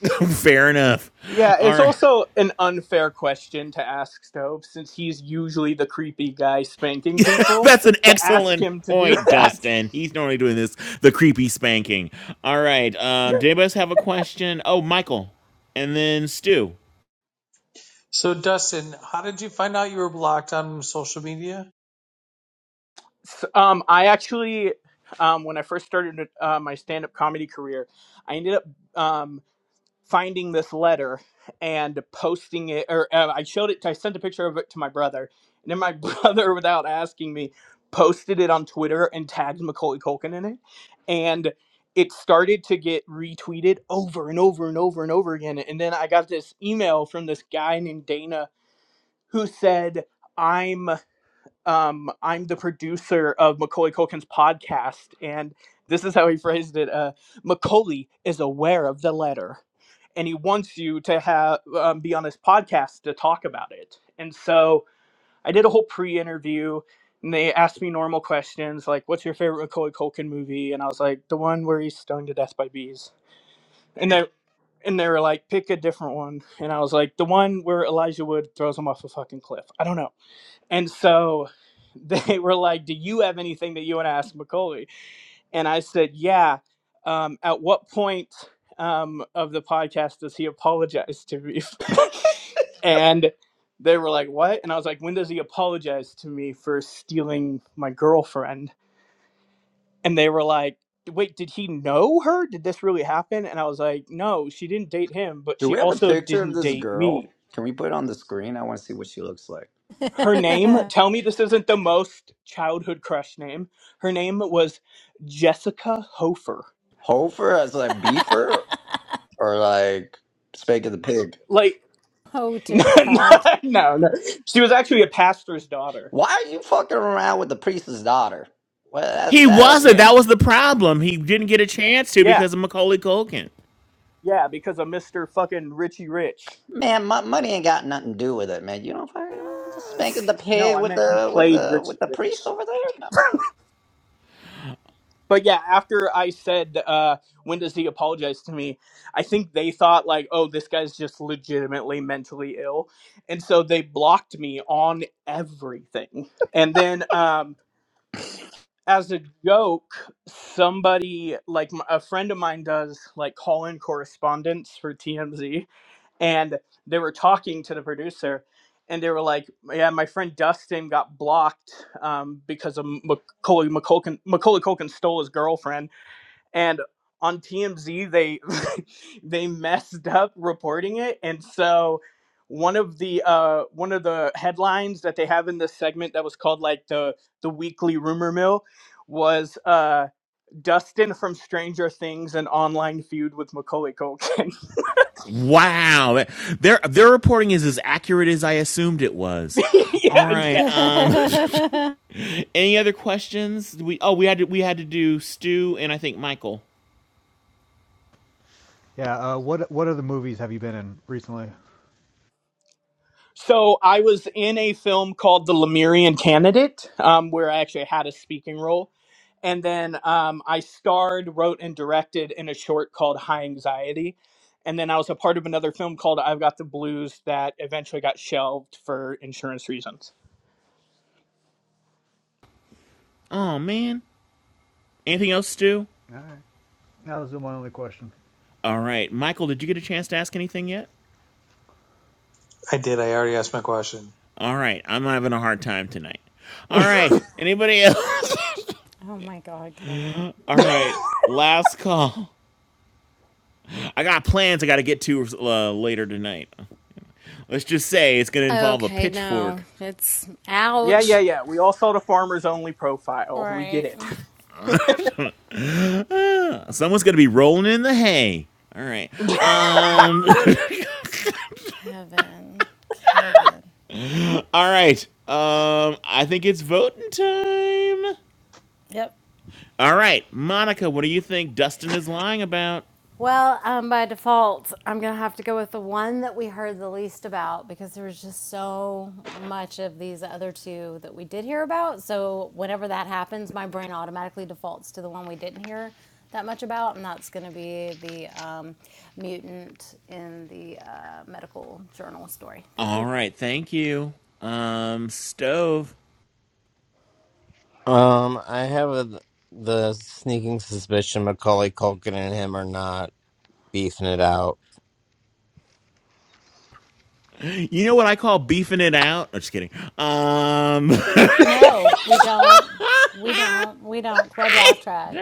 [SPEAKER 5] <laughs> Fair enough. All
[SPEAKER 8] it's
[SPEAKER 5] right.
[SPEAKER 8] also an unfair question to ask stove since he's usually the creepy guy spanking
[SPEAKER 5] <laughs>
[SPEAKER 8] people
[SPEAKER 5] That's an
[SPEAKER 8] to ask
[SPEAKER 5] excellent
[SPEAKER 8] him to do <laughs>
[SPEAKER 5] point,
[SPEAKER 8] that
[SPEAKER 5] Dustin. He's normally doing this the creepy spanking. All right. Um. Did anybody else have a question? Oh, Michael, and then Stu.
[SPEAKER 11] So, Dustin, how did you find out you were blocked on social media?
[SPEAKER 8] S- um, i actually um, when i first started uh, my stand-up comedy career i ended up um, finding this letter and posting it or uh, i showed it i sent a picture of it to my brother and then my <laughs> brother without asking me posted it on twitter and tagged macaulay culkin in it and it started to get retweeted over and over and over and over again and then i got this email from this guy named dana who said "I'm." um, I'm the producer of Macaulay Culkin's podcast, and this is how he phrased it: uh, Macaulay is aware of the letter, and he wants you to have um, be on his podcast to talk about it. And so I did a whole pre-interview, and they asked me normal questions like, "What's your favorite Macaulay Culkin movie?" And I was like, "The one where he's stoned to death by bees." And they and they were like, "Pick a different one," and I was like, "The one where Elijah Wood throws him off a fucking cliff." I don't know. And so <laughs> they were like, Do you have anything that you want to ask Macaulay? And I said, Yeah. Um, at what point um, of the podcast does he apologize to me? <laughs> and they were like, What? And I was like, When does he apologize to me for stealing my girlfriend? And they were like, Wait, did he know her? Did this really happen? And I was like, No, she didn't date him, but
[SPEAKER 16] Do
[SPEAKER 8] she
[SPEAKER 16] we have a
[SPEAKER 8] also
[SPEAKER 16] picture of
[SPEAKER 8] didn't
[SPEAKER 16] this
[SPEAKER 8] date me.
[SPEAKER 16] girl? Can we put it on the screen? I want to see what she looks like.
[SPEAKER 8] Her name,
[SPEAKER 3] <laughs>
[SPEAKER 8] tell me this isn't the most childhood crush name. Her name was Jessica Hofer.
[SPEAKER 16] Hofer as like beaver or like Spake of the Pig?
[SPEAKER 8] Like,
[SPEAKER 3] oh
[SPEAKER 8] <laughs> no,
[SPEAKER 3] dear God.
[SPEAKER 8] no, no. She was actually a pastor's daughter.
[SPEAKER 16] Why are you fucking around with the priest's daughter? Well, that's
[SPEAKER 5] He
[SPEAKER 16] that.
[SPEAKER 5] wasn't.
[SPEAKER 8] Yeah.
[SPEAKER 5] That was the problem. He didn't get a chance to
[SPEAKER 8] Yeah.
[SPEAKER 5] because of Macaulay Culkin.
[SPEAKER 8] Yeah, because of Mr. fucking Richie Rich.
[SPEAKER 16] Man, my money ain't got nothing to do with it, man. You don't fucking
[SPEAKER 3] <laughs>
[SPEAKER 16] just spanking the
[SPEAKER 8] No,
[SPEAKER 16] pig
[SPEAKER 8] I
[SPEAKER 16] with
[SPEAKER 8] meant he
[SPEAKER 16] the with
[SPEAKER 8] played
[SPEAKER 16] the
[SPEAKER 8] Richie
[SPEAKER 16] with the priest
[SPEAKER 8] Rich.
[SPEAKER 16] over there. No,
[SPEAKER 8] But yeah, after I said, uh, when does he apologize to me? I think they thought, like, oh, this guy's just legitimately mentally ill. And so they blocked me on everything. And then, um, as a joke, somebody like m- a friend of mine does like call in correspondence for TMZ, and they were talking to the producer, and they were like, "Yeah, my friend Dustin got blocked um, because of Macaulay, Macaulay Culkin Macaulay Culkin stole his girlfriend." and on TMZ they <laughs> they messed up reporting it and so one of the uh one of the headlines that they have in this segment that was called like the the weekly rumor mill was uh Dustin from Stranger Things an online feud with Macaulay Culkin.
[SPEAKER 5] Wow, their their reporting is as accurate as I assumed it was.
[SPEAKER 8] <laughs> yeah,
[SPEAKER 5] All
[SPEAKER 8] exactly.
[SPEAKER 5] right. Um,
[SPEAKER 3] oh
[SPEAKER 5] <laughs> any other questions? We oh we had to we had to do Stu and I think Michael.
[SPEAKER 15] yeah. Uh, what what other movies have you been in recently?
[SPEAKER 8] So I was in a film called The Lemurian Candidate, um, where I actually had a speaking role, and then um, I starred, wrote, and directed in a short called High Anxiety, and then I was a part of another film called I've Got the Blues that eventually got shelved for insurance reasons.
[SPEAKER 5] Oh man, anything else, Stu?
[SPEAKER 15] All right, that was my only question.
[SPEAKER 5] All right, Michael, did you get a chance to ask anything yet?
[SPEAKER 11] I did. I already asked my question.
[SPEAKER 5] All right, I'm having a hard time tonight.
[SPEAKER 8] <laughs>
[SPEAKER 5] All right, anybody else?
[SPEAKER 3] my God, Kevin.
[SPEAKER 5] <laughs> All
[SPEAKER 8] yeah,
[SPEAKER 5] right, last call. I got plans I got to get to uh, later tonight. Let's just say it's going to involve a
[SPEAKER 3] Okay, no,
[SPEAKER 5] pitchfork.
[SPEAKER 3] it's
[SPEAKER 8] yeah,
[SPEAKER 3] ouch.
[SPEAKER 8] yeah. We all saw the Farmers Only profile. We get
[SPEAKER 3] Right,
[SPEAKER 8] it.
[SPEAKER 5] Uh, someone's going to be rolling in the hay. All right.
[SPEAKER 3] Kevin.
[SPEAKER 5] Um
[SPEAKER 3] Kevin. Kevin.
[SPEAKER 5] <laughs> all right. Um I think it's voting time.
[SPEAKER 3] Yep.
[SPEAKER 5] All right. Monica, what do you think Dustin is lying about?
[SPEAKER 3] Well, um, by default, I'm going to have to go with the one that we heard the least about because there was just so much of these other two that we did hear about. So, whenever that happens, my brain automatically defaults to the one we didn't hear that much about, and that's going to be the um, mutant in the uh, medical journal story. Thank
[SPEAKER 5] All
[SPEAKER 3] you.
[SPEAKER 5] right, thank you. Um stove.
[SPEAKER 2] Um, I have a, the sneaking suspicion Macaulay Culkin and him are not beefing it out.
[SPEAKER 5] You know what I call beefing it out? I'm just kidding. Um
[SPEAKER 3] No, we don't. We don't. We don't. Club Laugh Track.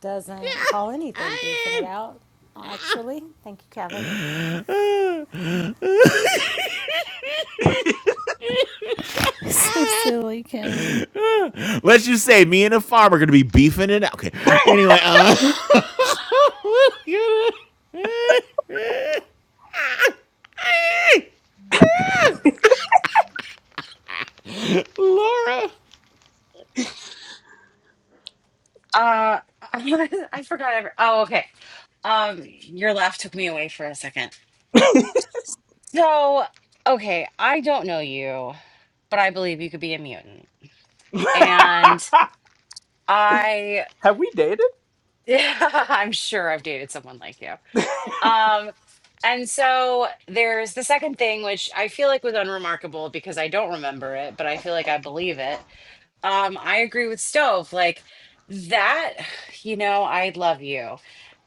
[SPEAKER 3] doesn't call anything beefing it
[SPEAKER 5] <laughs> <laughs>
[SPEAKER 3] out, actually. Thank you, Kevin. <laughs> so silly, Kevin.
[SPEAKER 5] Let's just say me and a farm are going to be beefing it out. Okay. Anyway, uh, <laughs> Laura.
[SPEAKER 1] Uh, <laughs> I forgot. Every- oh, okay. Um, your laugh took me away for a second. So, okay, I don't know you, but I believe you could be a mutant,
[SPEAKER 8] <laughs>
[SPEAKER 1] and I.
[SPEAKER 8] Have we dated?
[SPEAKER 1] <laughs> I'm sure I've dated someone like you. Um, and so there's the second thing, which I feel like was unremarkable because I don't remember it, but I feel like I believe it. Um, I agree with Stove. Like that, <sighs> you know, I love you.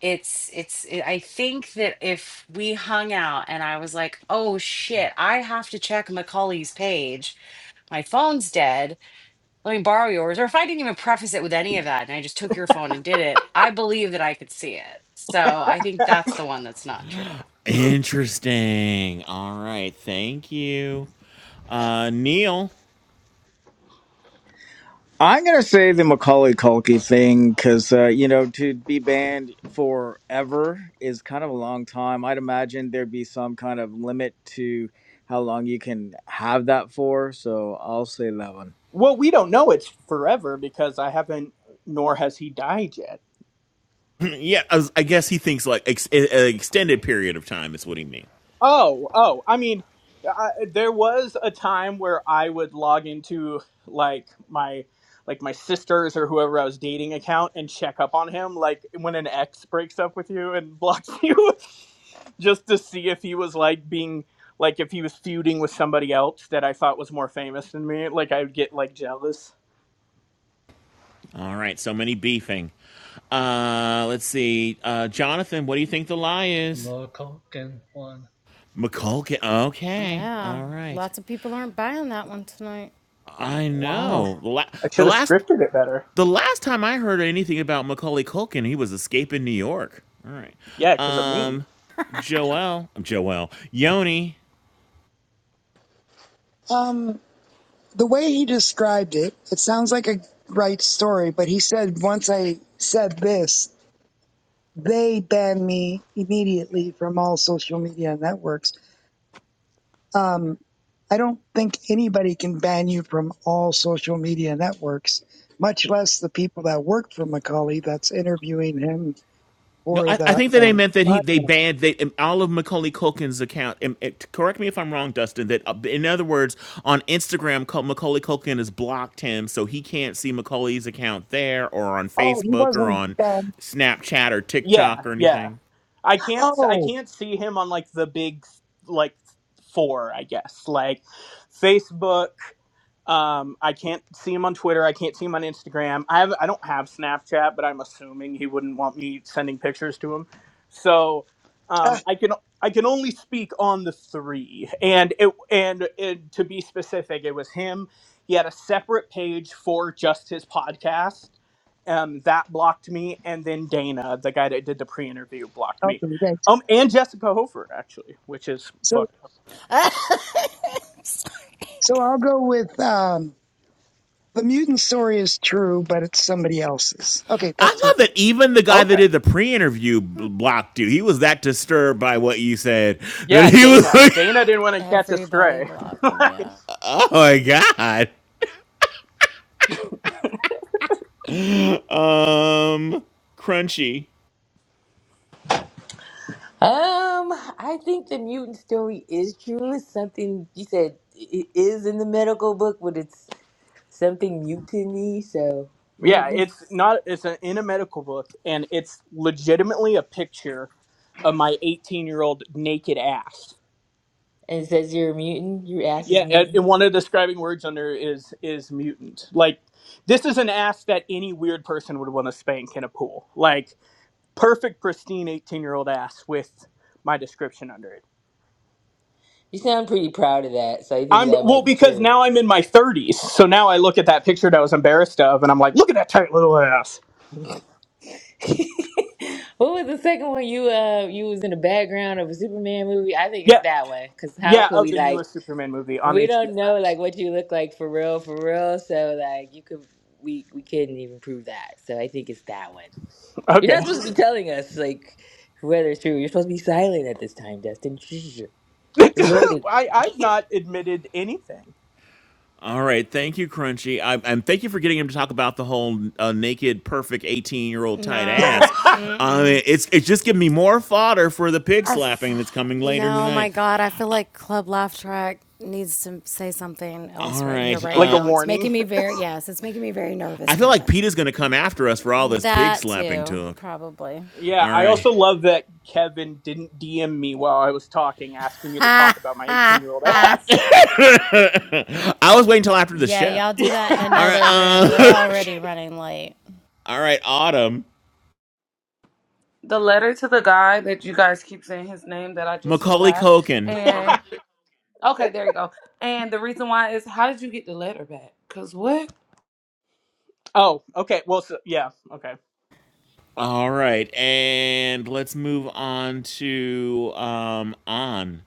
[SPEAKER 1] It's, it's, it, I think that if we hung out and I was like, oh shit, I have to check Macaulay's page, my phone's dead, let me borrow yours. Or if I didn't even preface it with any of that and I just took your phone and did it, I believe that I could see it. So I think that's the one that's not true.
[SPEAKER 5] Interesting. All right. Thank you, uh, Neil.
[SPEAKER 4] I'm gonna say the Macaulay Culkin thing because uh, you know to be banned forever is kind of a long time. I'd imagine there'd be some kind of limit to how long you can have that for. So I'll say that one.
[SPEAKER 8] Well, we don't know. It's forever because I haven't, nor has he died yet.
[SPEAKER 5] <laughs> yeah, I, was- I guess he thinks like ex-
[SPEAKER 15] Like,
[SPEAKER 5] an
[SPEAKER 15] I, I
[SPEAKER 5] extended period of time is
[SPEAKER 15] can't
[SPEAKER 5] what he means.
[SPEAKER 8] Oh,
[SPEAKER 15] figure
[SPEAKER 8] oh,
[SPEAKER 15] that
[SPEAKER 8] I
[SPEAKER 15] thing
[SPEAKER 8] mean,
[SPEAKER 15] out.
[SPEAKER 8] I, there was a time where I would log into like my like my sister's or whoever I was dating
[SPEAKER 15] Hey,
[SPEAKER 8] account and check up on him, like when an ex breaks up with you and blocks <laughs> you, just to see if he was like being like if he was feuding with somebody else that I thought was more famous than me. Like I'd get like jealous.
[SPEAKER 5] All right. So many beefing. Uh, let's see. Uh, Jonathan, what do you think the lie is?
[SPEAKER 10] American one.
[SPEAKER 5] McCulkin. Okay.
[SPEAKER 3] Yeah,
[SPEAKER 5] All right.
[SPEAKER 3] lots of people aren't buying that one tonight.
[SPEAKER 5] I
[SPEAKER 8] Wow,
[SPEAKER 5] know. The, la-
[SPEAKER 8] I
[SPEAKER 5] the
[SPEAKER 8] should have
[SPEAKER 5] last
[SPEAKER 15] whoa,
[SPEAKER 8] scripted it better.
[SPEAKER 15] uh,
[SPEAKER 5] the last time I
[SPEAKER 15] I'm
[SPEAKER 5] heard anything about Macaulay Culkin, he was escaping New York. All right.
[SPEAKER 8] Yeah, because of me.
[SPEAKER 5] Um Joel, Joel,
[SPEAKER 15] sorry,
[SPEAKER 5] Yoni.
[SPEAKER 7] Um, the way he described it, it sounds like a right story. But he said once I said this, they banned me immediately from all social media networks. Um, I don't think anybody can ban you from all social media networks, much less the people that work for Macaulay that's interviewing him
[SPEAKER 5] No,
[SPEAKER 7] for
[SPEAKER 5] I, I
[SPEAKER 7] the
[SPEAKER 5] think that
[SPEAKER 7] uh,
[SPEAKER 5] they meant that he they
[SPEAKER 7] podcast.
[SPEAKER 5] banned they um, all of Macaulay Culkin's account. um, it- correct me if I'm wrong, Dustin. That uh, in other words, on Instagram, Cul- Macaulay Culkin has blocked him, so he can't see Macaulay's account there, or on
[SPEAKER 7] Oh, he
[SPEAKER 5] Facebook, or
[SPEAKER 7] wasn't
[SPEAKER 5] on
[SPEAKER 7] banned
[SPEAKER 5] Snapchat, or
[SPEAKER 8] Yeah,
[SPEAKER 5] TikTok, or
[SPEAKER 8] yeah.
[SPEAKER 5] anything.
[SPEAKER 8] I can't I
[SPEAKER 7] Oh,
[SPEAKER 8] can't see him on like the big like four, I guess. Like Facebook um, I can't see him on Twitter. I can't see him on Instagram. I have I don't have Snapchat, but I'm assuming he wouldn't want me sending pictures to him. So
[SPEAKER 7] uh,
[SPEAKER 8] um, I can I can only speak on the three, and it and it, to be specific, it was him. He had a separate page for just his podcast. Um, that blocked me, and then Dana, the guy that did the pre-interview, blocked me.
[SPEAKER 7] okay, thanks.
[SPEAKER 8] Um, and Jessica Hofer actually, which is
[SPEAKER 7] So,
[SPEAKER 8] fucked up.
[SPEAKER 15] something
[SPEAKER 3] <laughs> Sorry.
[SPEAKER 7] so I'll go with um, the mutant story is true, but it's somebody else's. Okay,
[SPEAKER 5] I
[SPEAKER 7] that's it.
[SPEAKER 5] love that even the guy that
[SPEAKER 8] Okay.
[SPEAKER 5] did the pre-interview blocked you. He was that disturbed by what you said <laughs> that
[SPEAKER 8] Yeah,
[SPEAKER 5] he was
[SPEAKER 8] Dana.
[SPEAKER 5] like,
[SPEAKER 8] Dana didn't want to catch a
[SPEAKER 3] Everybody
[SPEAKER 8] stray.
[SPEAKER 3] blocked
[SPEAKER 8] <laughs>
[SPEAKER 3] him,
[SPEAKER 8] Like,
[SPEAKER 3] yeah.
[SPEAKER 5] "Oh my god." Um, Crunchy.
[SPEAKER 12] Um, I think the mutant story is true. It's something you said it is in the medical book, but it's something mutiny. So
[SPEAKER 8] yeah,
[SPEAKER 12] mutant,
[SPEAKER 8] it's not. It's an, in a medical book, and it's legitimately a picture of my 18 year old naked ass.
[SPEAKER 12] and it says you're a mutant. Your ass is
[SPEAKER 8] Yeah, and,
[SPEAKER 12] mutant.
[SPEAKER 8] and one of the describing words under is is mutant. Like this is an ass that any weird person would want to spank in a pool. Like perfect, pristine 18 year old ass with my description under it.
[SPEAKER 12] You sound pretty proud of that, so I think
[SPEAKER 8] I'm
[SPEAKER 12] that
[SPEAKER 8] well
[SPEAKER 12] might be
[SPEAKER 8] because
[SPEAKER 12] true.
[SPEAKER 8] now I'm in my 30s, so now I look at that picture that I was embarrassed of, and I'm like, look at that tight little ass.
[SPEAKER 12] <laughs> what was the second one? You uh, you was in the background of a Superman movie. I think
[SPEAKER 8] Yeah,
[SPEAKER 12] it's that one. Cause how
[SPEAKER 8] Yeah,
[SPEAKER 12] could
[SPEAKER 8] of
[SPEAKER 12] we
[SPEAKER 8] the
[SPEAKER 12] like
[SPEAKER 8] newest Superman movie on
[SPEAKER 12] we
[SPEAKER 8] HBO
[SPEAKER 12] don't know
[SPEAKER 8] Max.
[SPEAKER 12] like what you look like for real, for real. So like you could we we couldn't even prove that. So I think it's that one. You're not
[SPEAKER 8] Okay.
[SPEAKER 12] supposed to be telling us like whether it's true. You're supposed to be silent at this time, Dustin. Shh. We're voting.
[SPEAKER 8] <laughs> I, I've not admitted anything.
[SPEAKER 5] All right, thank you, Crunchy, I, and thank you for getting him to talk about the whole uh, naked, perfect eighteen-year-old tight
[SPEAKER 3] No,
[SPEAKER 5] ass.
[SPEAKER 8] <laughs>
[SPEAKER 5] I
[SPEAKER 3] mm-mm.
[SPEAKER 5] mean, it's it's just giving me more fodder for the pig
[SPEAKER 3] I
[SPEAKER 5] slapping that's
[SPEAKER 3] f-
[SPEAKER 5] coming later
[SPEAKER 3] no, my
[SPEAKER 5] tonight.
[SPEAKER 3] God, I feel like Club Laugh Track needs to say something
[SPEAKER 5] All
[SPEAKER 3] else right here,
[SPEAKER 5] right,
[SPEAKER 3] right
[SPEAKER 8] like a
[SPEAKER 5] uh,
[SPEAKER 3] now. It's
[SPEAKER 8] warning.
[SPEAKER 3] making me very, yes, it's making me very
[SPEAKER 5] I
[SPEAKER 3] nervous,
[SPEAKER 5] feel like
[SPEAKER 3] Kevin.
[SPEAKER 5] Pete is going to come after us for all this pig
[SPEAKER 3] That
[SPEAKER 5] slapping
[SPEAKER 3] too,
[SPEAKER 5] talk.
[SPEAKER 3] probably.
[SPEAKER 8] Yeah,
[SPEAKER 5] All
[SPEAKER 8] I
[SPEAKER 5] right,
[SPEAKER 8] also love that Kevin didn't DM me while I was talking, asking me to talk about my 18 year old
[SPEAKER 3] <laughs>
[SPEAKER 8] ass.
[SPEAKER 5] I was waiting until after the
[SPEAKER 3] Yeah,
[SPEAKER 5] show.
[SPEAKER 3] y'all do that in
[SPEAKER 8] <laughs>
[SPEAKER 5] All right.
[SPEAKER 3] another room. We're
[SPEAKER 5] Uh,
[SPEAKER 3] already running late.
[SPEAKER 5] <laughs> all right. Autumn.
[SPEAKER 14] The letter to the guy that you guys keep saying his name that I just
[SPEAKER 5] Macaulay
[SPEAKER 14] forgot.
[SPEAKER 5] Culkin.
[SPEAKER 14] And
[SPEAKER 8] Yeah.
[SPEAKER 14] Okay, there you go. And the reason why is how did you get the letter back? Cause what?
[SPEAKER 8] oh, okay. Well, so, yeah, okay.
[SPEAKER 5] All right. And let's move on to um on.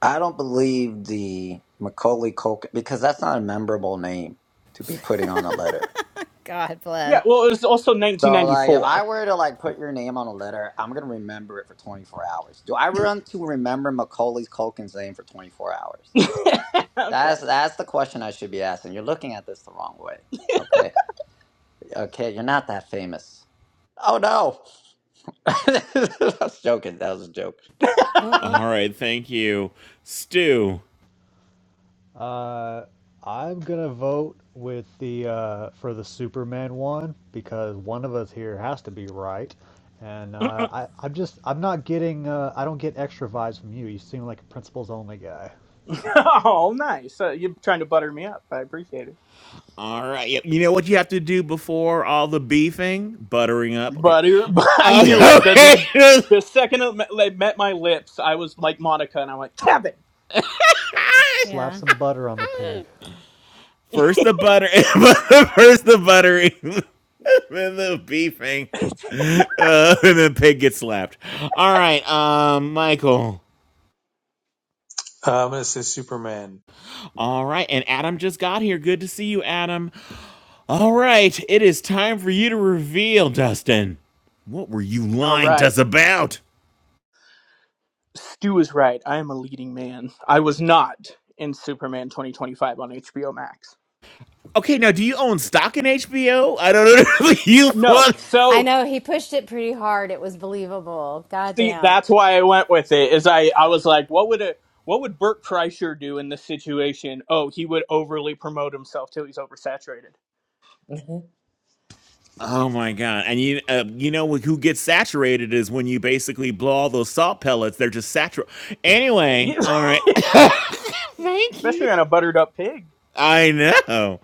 [SPEAKER 16] I don't believe the Macaulay Culkin because that's not a memorable name to be putting
[SPEAKER 3] <laughs>
[SPEAKER 16] on a letter.
[SPEAKER 3] God
[SPEAKER 8] Yeah,
[SPEAKER 3] bless.
[SPEAKER 8] well, it was also
[SPEAKER 16] So, like, if I
[SPEAKER 8] 1994.
[SPEAKER 16] were to like put your name on a letter, I'm gonna remember it for 24 hours. Do I run to remember Macaulay Culkin's name for 24 hours?
[SPEAKER 8] <laughs> okay.
[SPEAKER 16] That's that's the question I should be asking. You're looking at this the wrong way. Okay. Okay, you're not that famous. Oh no! <laughs> I was joking. That was a joke.
[SPEAKER 3] Mm-mm.
[SPEAKER 5] All right. Thank you, Stu.
[SPEAKER 15] Uh, I'm gonna vote with the uh, for the Superman one because one of us here has to be right, and uh, I I'm just I'm not getting uh, I don't get extra vibes from you. You seem like a principles only guy.
[SPEAKER 8] <laughs> Oh, nice. Uh, you're trying to butter me up. I appreciate it.
[SPEAKER 5] All right. yep, You know what you have to do before all the beefing? Buttering up. Okay.
[SPEAKER 8] But, it- <laughs> but I knew
[SPEAKER 5] Uh,
[SPEAKER 8] it.
[SPEAKER 5] <laughs>
[SPEAKER 8] The,
[SPEAKER 5] okay.
[SPEAKER 8] the second it met, it met my lips, I was like Monica, and i went, Kevin!
[SPEAKER 15] Slap
[SPEAKER 3] Yeah.
[SPEAKER 15] some butter on the pig.
[SPEAKER 5] <laughs> First the butter. <laughs> First the buttering. <laughs> then the beefing. <laughs> Uh, and then pig gets slapped. All right. Um, Michael.
[SPEAKER 11] Uh, I'm going to say Superman.
[SPEAKER 5] All right, and Adam just got here. Good to see you, Adam. All right, it is time for you to reveal, Dustin. What were you
[SPEAKER 8] All
[SPEAKER 5] lying to
[SPEAKER 8] right.
[SPEAKER 5] us about?
[SPEAKER 8] Stu is right. I am a leading man. I was not in Superman 2025 on HBO Max.
[SPEAKER 5] Okay, now do you own stock in HBO? I don't know. <laughs> if you
[SPEAKER 8] No.
[SPEAKER 5] want?
[SPEAKER 3] I
[SPEAKER 8] So,
[SPEAKER 3] know he pushed it pretty hard. It was believable.
[SPEAKER 8] see,
[SPEAKER 3] Goddamn.
[SPEAKER 8] that's why I went with it, is I, I was like, what would a what would Bert Kreischer do in this situation? Oh, he would overly promote himself till he's oversaturated.
[SPEAKER 12] Mhm.
[SPEAKER 5] Oh my god! And you, uh, you know who gets saturated is when you basically blow all those salt pellets. They're just saturated. Anyway,
[SPEAKER 8] Yeah,
[SPEAKER 5] all right. <laughs>
[SPEAKER 8] <laughs>
[SPEAKER 5] Thank you.
[SPEAKER 8] especially on a buttered up pig.
[SPEAKER 5] I know.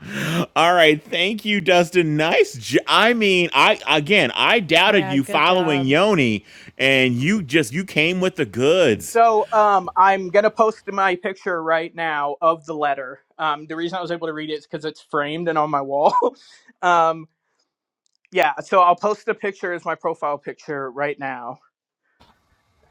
[SPEAKER 5] All right, thank you, Dustin. Nice. J- I mean, I again, I doubted
[SPEAKER 3] Yeah,
[SPEAKER 5] you
[SPEAKER 3] good
[SPEAKER 5] following
[SPEAKER 3] job.
[SPEAKER 5] Yoni, and you just you came with the goods.
[SPEAKER 8] So um, I'm gonna post my picture right now of the letter. Um, the reason I was able to read it is because it's framed and on my wall. <laughs> um, yeah, so I'll post the picture as my profile picture right now,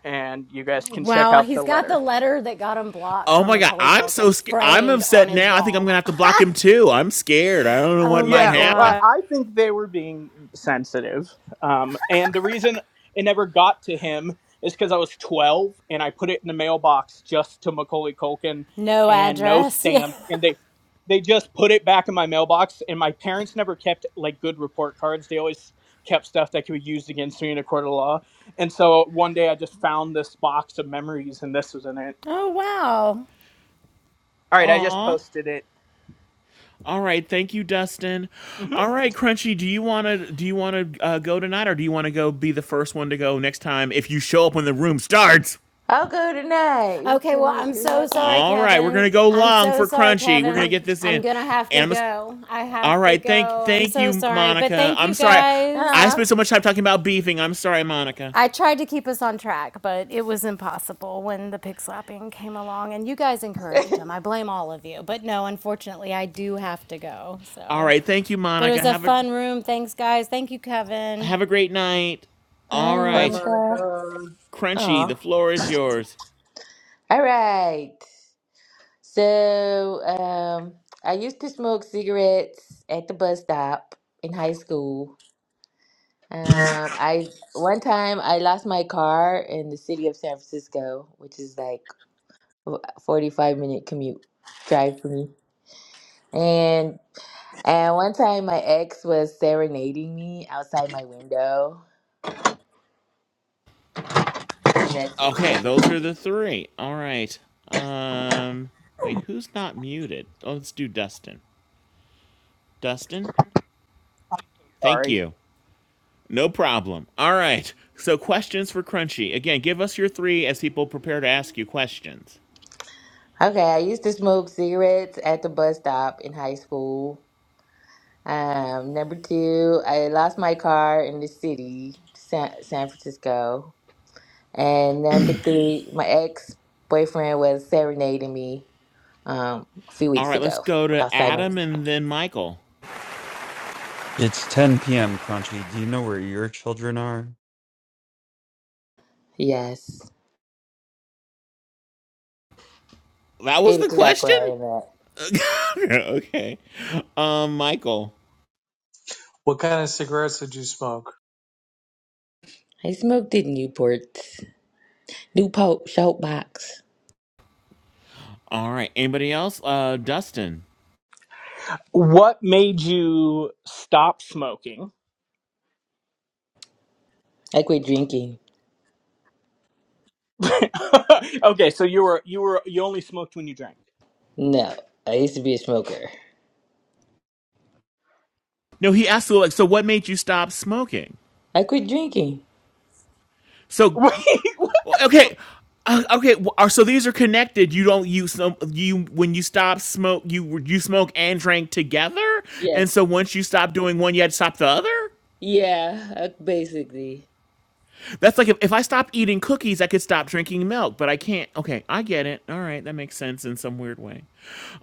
[SPEAKER 8] and you guys can check
[SPEAKER 3] Wow,
[SPEAKER 8] out the
[SPEAKER 3] he's got the
[SPEAKER 8] letter.
[SPEAKER 3] letter that got him blocked
[SPEAKER 5] Oh
[SPEAKER 3] from
[SPEAKER 5] my god,
[SPEAKER 3] Macaulay
[SPEAKER 5] I'm so
[SPEAKER 3] Culkin
[SPEAKER 5] scared. I'm
[SPEAKER 3] framed on
[SPEAKER 5] upset
[SPEAKER 3] his
[SPEAKER 5] now. I think I'm gonna
[SPEAKER 3] wall.
[SPEAKER 5] have
[SPEAKER 3] <laughs>
[SPEAKER 5] to block him too. I'm scared. I don't know what
[SPEAKER 3] Oh
[SPEAKER 5] might
[SPEAKER 3] my
[SPEAKER 8] Yeah, well, I
[SPEAKER 5] happen.
[SPEAKER 3] God.
[SPEAKER 8] I think they were being sensitive. Um, and the reason it never got to him is because I was 12 and I put it in the mailbox just to Macaulay Culkin
[SPEAKER 3] No
[SPEAKER 8] and no
[SPEAKER 3] address. <laughs> Yeah.
[SPEAKER 8] stamp. And they they just put it back in my mailbox. And my parents never kept like good report cards. They always kept stuff that could be used against me in a court of law. And so one day I just found this box of memories and this was in it.
[SPEAKER 3] Oh, wow.
[SPEAKER 8] All right, I just
[SPEAKER 5] Aw.
[SPEAKER 8] posted it.
[SPEAKER 5] All right, thank you, Dustin.
[SPEAKER 8] Mhm.
[SPEAKER 5] All right, Crunchy, do you wanna do you wanna uh, go tonight, or do you wanna go be the first one to go next time if you show up when the room starts?
[SPEAKER 12] I'll go tonight. We-
[SPEAKER 3] Okay,
[SPEAKER 12] Can
[SPEAKER 3] well,
[SPEAKER 12] we?
[SPEAKER 3] I'm
[SPEAKER 12] Do we
[SPEAKER 3] so
[SPEAKER 12] have time?
[SPEAKER 3] sorry,
[SPEAKER 5] All right, we're gonna
[SPEAKER 3] Kevin.
[SPEAKER 5] go
[SPEAKER 3] I'm
[SPEAKER 5] long
[SPEAKER 3] so
[SPEAKER 5] for
[SPEAKER 3] sorry,
[SPEAKER 5] crunchy. We're gonna
[SPEAKER 3] Kevin.
[SPEAKER 5] get this
[SPEAKER 3] I'm
[SPEAKER 5] in,
[SPEAKER 3] gonna have
[SPEAKER 5] and
[SPEAKER 3] to
[SPEAKER 5] I'm. Just,
[SPEAKER 3] go. I
[SPEAKER 5] all
[SPEAKER 3] have to
[SPEAKER 5] right, thank
[SPEAKER 3] go. I'm
[SPEAKER 5] thank
[SPEAKER 3] so
[SPEAKER 5] you,
[SPEAKER 3] sorry. But
[SPEAKER 5] Monica.
[SPEAKER 3] thank
[SPEAKER 5] I'm
[SPEAKER 3] you
[SPEAKER 5] sorry,
[SPEAKER 3] guys.
[SPEAKER 5] I spent
[SPEAKER 12] Ah.
[SPEAKER 5] so much time talking about beefing. I'm sorry, Monica.
[SPEAKER 3] I tried to keep us on track, but it was impossible when the pig slapping came along and you guys encouraged
[SPEAKER 12] <laughs> Bye,
[SPEAKER 3] him. I blame all of you. But no, unfortunately, I do have to go.
[SPEAKER 5] All
[SPEAKER 3] So,
[SPEAKER 5] right, thank you,
[SPEAKER 3] but it
[SPEAKER 5] Monica.
[SPEAKER 3] was a
[SPEAKER 5] Have a
[SPEAKER 3] fun room. Thanks, guys. Thank you, Kevin.
[SPEAKER 5] have a great night. All
[SPEAKER 11] Bye,
[SPEAKER 5] right,
[SPEAKER 12] Monica.
[SPEAKER 11] Monica.
[SPEAKER 5] crunchy. The
[SPEAKER 12] Oh.
[SPEAKER 5] floor is yours.
[SPEAKER 12] All right. So, um, I used to smoke cigarettes at the bus stop in high school. Um, I one time I lost my car in the city of San Francisco, which is like a 45 minute commute drive for me. And and one time my ex was serenading me outside my window. And that's it.
[SPEAKER 5] Okay,
[SPEAKER 12] That's a
[SPEAKER 5] those are the
[SPEAKER 12] great.
[SPEAKER 5] three. All right. Um, wait, who's not muted? Oh, let's do Dustin. Dustin, thank
[SPEAKER 8] Sorry.
[SPEAKER 5] you. No problem. All right. So, questions for Crunchy. Again, give us your three as people prepare to ask you questions.
[SPEAKER 12] Okay, I used to smoke cigarettes at the bus stop in high school. Um, number two, I lost my car in the city, San, San Francisco. And number three, my ex boyfriend was serenading me um, a few
[SPEAKER 5] All
[SPEAKER 12] weeks
[SPEAKER 5] right, let's
[SPEAKER 12] ago
[SPEAKER 5] go to
[SPEAKER 12] outside my.
[SPEAKER 5] Adam and then Michael.
[SPEAKER 17] It's 10 p.m., Crunchy. Do you know where your children are?
[SPEAKER 12] Yes,
[SPEAKER 5] That was
[SPEAKER 12] it
[SPEAKER 5] the
[SPEAKER 12] got quiet
[SPEAKER 5] question?
[SPEAKER 12] in that.
[SPEAKER 5] <laughs> okay. Um, Michael.
[SPEAKER 11] What kind of cigarettes did you smoke?
[SPEAKER 12] I smoked in Newport. New Pope Shout Box.
[SPEAKER 5] All right. Anybody else? Uh, Dustin.
[SPEAKER 8] What made you stop smoking?
[SPEAKER 12] I quit drinking.
[SPEAKER 8] <laughs> okay, so you were you were you only smoked when you drank.
[SPEAKER 12] No, I used to be a smoker.
[SPEAKER 5] No, he asked, like, so what made you stop smoking?
[SPEAKER 12] I quit drinking.
[SPEAKER 8] <laughs>
[SPEAKER 5] So,
[SPEAKER 8] Wait. what?
[SPEAKER 5] Well, Okay. Uh, okay, uh, so these are connected. You don't use some you when you stop smoke, you you smoke and drank together,
[SPEAKER 12] Yeah,
[SPEAKER 5] and so once you stop doing one, you had to stop the other.
[SPEAKER 12] yeah, uh, basically.
[SPEAKER 5] That's like if, if I stop eating cookies, I could stop drinking milk, but I can't. Okay, I get it. All right, that makes sense in some weird way.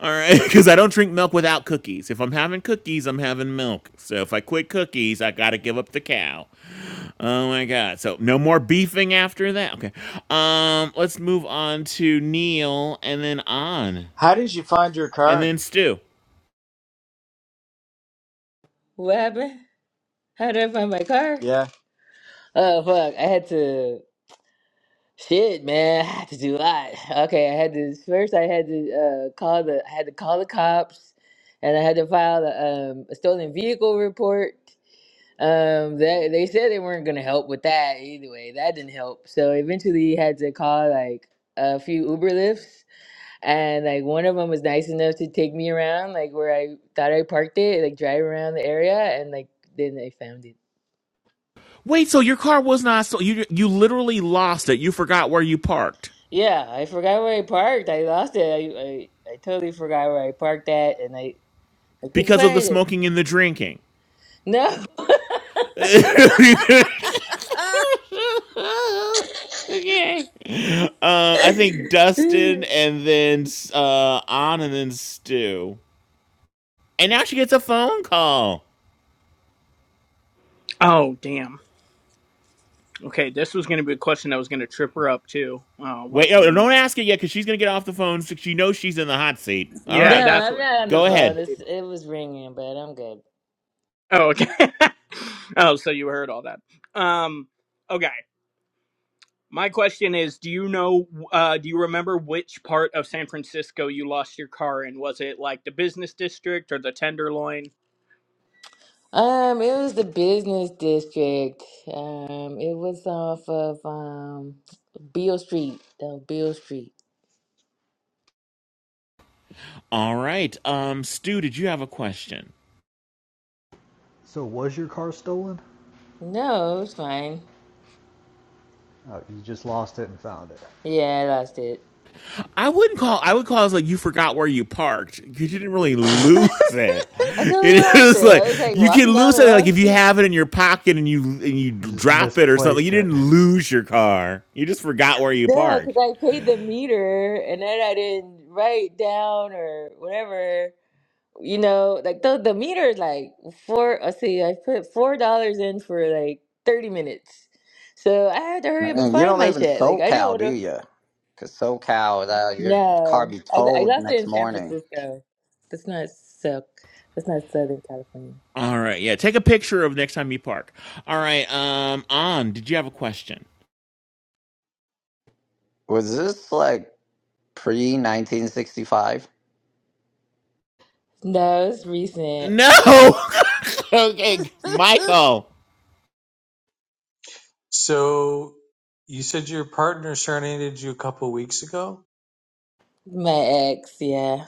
[SPEAKER 5] All right, because <laughs> I don't drink milk without cookies. If I'm having cookies, I'm having milk. So if I quit cookies, I gotta give up the cow. Oh my god. So no more beefing after that. Okay. Um let's move on to Neil and then on.
[SPEAKER 4] How did you find your
[SPEAKER 5] And
[SPEAKER 4] car?
[SPEAKER 5] then Stu.
[SPEAKER 12] What happened? How did I find my car?
[SPEAKER 4] Yeah.
[SPEAKER 12] Oh fuck! I had to. Shit, man, I had to do a lot. Okay, I had to first. I had to uh, call the. I had to call the cops, and I had to file a, um, a stolen vehicle report. Um, they they said they weren't gonna help with that either way. That didn't help. So eventually, he had to call like a few Uber lifts, and like one of them was nice enough to take me around, like where I thought I parked it, like drive around the area, and like then I found it.
[SPEAKER 5] Wait, so your car was not stolen. You you literally lost it. You forgot where you parked
[SPEAKER 12] Yeah, I forgot where I parked. I lost it. I I, I totally forgot where I parked at, and I I couldn't
[SPEAKER 5] because of the
[SPEAKER 12] find it.
[SPEAKER 5] smoking and the drinking.
[SPEAKER 12] No, <laughs>
[SPEAKER 5] <laughs> okay. Uh, I think Dustin and then uh on and then Stu. And now she gets a phone call.
[SPEAKER 8] Oh damn. Okay, this was going to be a question that was going to trip her up too. Oh, what a
[SPEAKER 5] Wait, oh,
[SPEAKER 8] bummer.
[SPEAKER 5] don't ask it yet because she's going to get off the phone. So she knows she's in the hot seat. All
[SPEAKER 8] Yeah,
[SPEAKER 12] no,
[SPEAKER 5] right,
[SPEAKER 8] that's
[SPEAKER 12] I'm
[SPEAKER 8] what
[SPEAKER 12] not on
[SPEAKER 8] it
[SPEAKER 12] the
[SPEAKER 5] go
[SPEAKER 8] was an
[SPEAKER 12] phone.
[SPEAKER 5] ahead.
[SPEAKER 12] It's,
[SPEAKER 8] escape.
[SPEAKER 12] it was ringing, but I'm good.
[SPEAKER 8] Oh, okay. <laughs> oh, so you heard all that. Um, okay. My question is, do you know? Uh, do you remember which part of San Francisco you lost your car in? Was it like the business district or the Tenderloin?
[SPEAKER 12] Um, it was the business district. Um, it was off of um Beale Street. No, Beale Street.
[SPEAKER 5] All right, um, Stu, did you have a question?
[SPEAKER 15] So was your car stolen?
[SPEAKER 12] No, it was fine.
[SPEAKER 15] Oh, you just lost it and found it.
[SPEAKER 12] Yeah, I lost it.
[SPEAKER 5] I wouldn't call. I would call it like you forgot where you parked because You didn't really lose it.
[SPEAKER 12] I
[SPEAKER 5] <laughs>
[SPEAKER 12] totally
[SPEAKER 5] It
[SPEAKER 12] lost it.
[SPEAKER 5] is like
[SPEAKER 12] I was like
[SPEAKER 5] you can
[SPEAKER 12] walking down
[SPEAKER 5] lose
[SPEAKER 12] the
[SPEAKER 5] it. Like
[SPEAKER 12] wrong
[SPEAKER 5] if you
[SPEAKER 12] street.
[SPEAKER 5] have it in your pocket and you and you
[SPEAKER 15] You just
[SPEAKER 5] drop it or something, you
[SPEAKER 15] misplaced it.
[SPEAKER 5] didn't
[SPEAKER 15] <laughs>
[SPEAKER 5] lose your car. You just forgot where you
[SPEAKER 12] No, because
[SPEAKER 5] parked.
[SPEAKER 12] I paid the meter and then I didn't write down or whatever. You know, like the the meter is like four. Let's see, I put four dollars in for like thirty minutes, so I had to
[SPEAKER 16] <laughs>
[SPEAKER 12] hurry up and
[SPEAKER 16] Man, you
[SPEAKER 12] find
[SPEAKER 16] don't
[SPEAKER 12] my
[SPEAKER 16] live in
[SPEAKER 12] shit. Like I didn't
[SPEAKER 16] SoCal,
[SPEAKER 12] want
[SPEAKER 16] do
[SPEAKER 12] to.
[SPEAKER 16] you? Because SoCal, uh, your car
[SPEAKER 12] No,
[SPEAKER 16] be
[SPEAKER 12] I, I
[SPEAKER 16] towed
[SPEAKER 12] lost it
[SPEAKER 16] next
[SPEAKER 12] in San
[SPEAKER 16] morning.
[SPEAKER 12] Francisco. That's not so. That's not Southern California.
[SPEAKER 5] All right, yeah. Take a picture of next time you park. All right, um, An, Did you have a question?
[SPEAKER 16] Was this like pre 1965?
[SPEAKER 12] No, it's recent.
[SPEAKER 5] No. <laughs> Okay,
[SPEAKER 12] <laughs>
[SPEAKER 5] Michael.
[SPEAKER 11] So, you said your partner serenaded you a couple weeks ago.
[SPEAKER 12] My ex, yeah,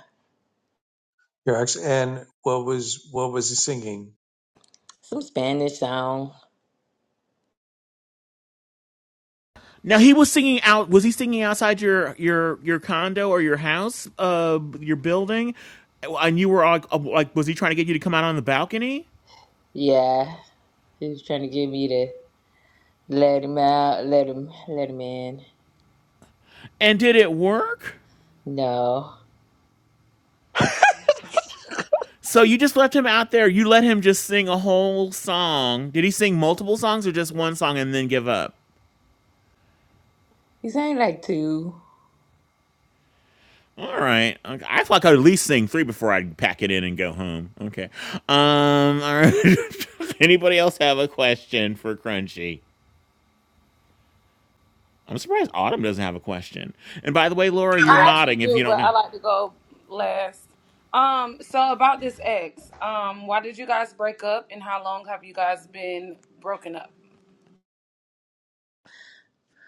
[SPEAKER 11] Your ex, and what was what was he singing?
[SPEAKER 12] some Spanish song.
[SPEAKER 5] Now he was singing out. Was he singing outside your your your condo or your house, uh, your building? And you were like, like, was he trying to get you to come out on the balcony?
[SPEAKER 12] Yeah, he was trying to get me to let him out, let him, let him in.
[SPEAKER 5] And did it work?
[SPEAKER 12] No,
[SPEAKER 5] So you just left him out there. You let him just sing a whole song. Did he sing multiple songs or just one song and then give up?
[SPEAKER 12] he sang like two.
[SPEAKER 5] All right. Okay. I feel like I would at least sing three before I pack it in and go home. Okay. Um. All right. <laughs> Anybody else have a question for Crunchy? I'm surprised Autumn doesn't have a question. And by the way, Laura, you're
[SPEAKER 14] I actually
[SPEAKER 5] modding if
[SPEAKER 14] do,
[SPEAKER 5] you
[SPEAKER 14] but
[SPEAKER 5] don't know.
[SPEAKER 14] I like to go last. Um, so about this ex, um, why did you guys break up and how long have you guys been broken up?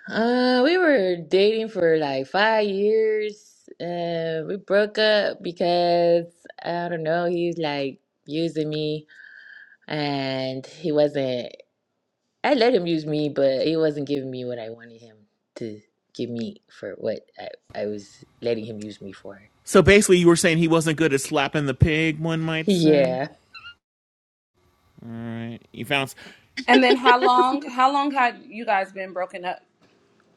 [SPEAKER 12] Uh, we were dating for like five years. Uh, we broke up because I don't know. He was like using me. and he wasn't i let him use me but he wasn't giving me what i wanted him to give me for what i, I was letting him use me for
[SPEAKER 5] So basically, you were saying he wasn't good at slapping the pig, one might say.
[SPEAKER 12] yeah
[SPEAKER 5] All right, you found.
[SPEAKER 14] And then how long how long had you guys been broken up?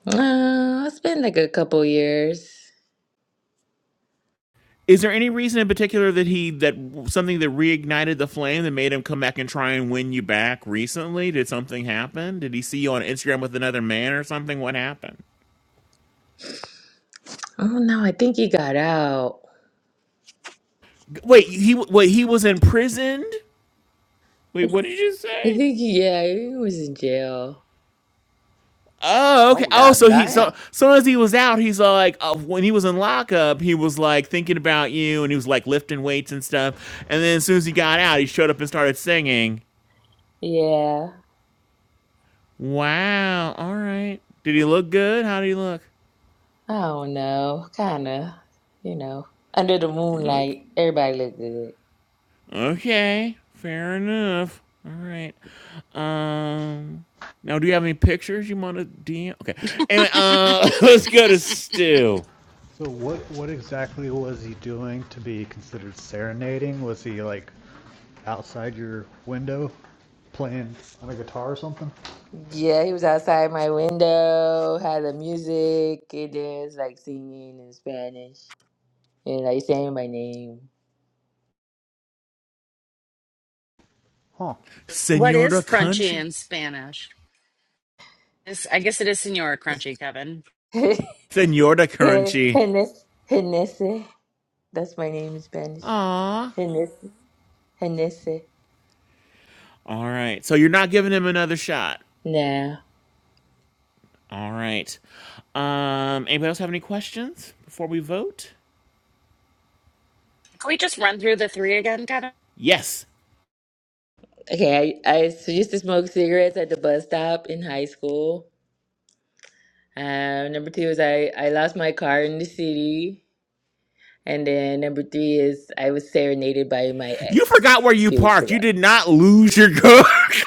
[SPEAKER 12] uh, it's been like a couple years
[SPEAKER 5] Is there any reason in particular that he that something that reignited the flame that made him come back and try and win you back recently? Did something happen? Did he see you on Instagram with another man or something? What happened?
[SPEAKER 12] oh no i think he got out
[SPEAKER 5] Wait, he wait he was imprisoned. Wait, what did you
[SPEAKER 12] i
[SPEAKER 5] say?
[SPEAKER 12] think he, yeah he was in jail
[SPEAKER 5] Oh, okay.
[SPEAKER 16] Oh
[SPEAKER 5] Oh,
[SPEAKER 16] god
[SPEAKER 5] so he so
[SPEAKER 16] damn!
[SPEAKER 5] so as he was out, he's uh, like uh, when he was in lockup, he was like thinking about you, and he was like lifting weights and stuff. And then as soon as he got out, he showed up and started singing.
[SPEAKER 12] yeah
[SPEAKER 5] Wow. All right. Did he look good? How did he look?
[SPEAKER 12] i don't know kind of you know under the
[SPEAKER 5] Ok-
[SPEAKER 12] moonlight everybody looked good
[SPEAKER 5] Okay. Fair enough. All right. Um. Now, do you have any pictures you want to DM? Okay. Anyway, uh, <laughs> let's go to Stu.
[SPEAKER 15] So what what exactly was he doing to be considered serenading? Was he like outside your window playing on a guitar or something?
[SPEAKER 12] Yeah, he was outside my window, had the music, and then was like singing in Spanish and like saying my name.
[SPEAKER 15] Huh.
[SPEAKER 1] What is
[SPEAKER 5] Senora
[SPEAKER 1] crunchy
[SPEAKER 5] Crunchy.
[SPEAKER 1] in Spanish? Is I guess it is Senora Crunchy, Kevin.
[SPEAKER 12] <laughs>
[SPEAKER 5] Senora Crunchy.
[SPEAKER 12] Hennessy. Hennessy. That's my name in Spanish.
[SPEAKER 5] Aw.
[SPEAKER 12] Hennessy. Hennessy.
[SPEAKER 5] All right. So you're not giving him another shot.
[SPEAKER 12] Nah.
[SPEAKER 5] All right. Um, anybody else have any questions before we vote?
[SPEAKER 1] Can we just run through the three again, Kevin?
[SPEAKER 5] Yes.
[SPEAKER 12] Okay, I I, I s- used to smoke cigarettes at the bus stop in high school. Um, number two is I, I lost my car in the city. And then number three is I was serenaded by my
[SPEAKER 5] You forgot
[SPEAKER 12] ex
[SPEAKER 5] where
[SPEAKER 12] a
[SPEAKER 5] you
[SPEAKER 12] few weeks
[SPEAKER 5] parked.
[SPEAKER 12] ago.
[SPEAKER 5] You did not lose your car. <laughs>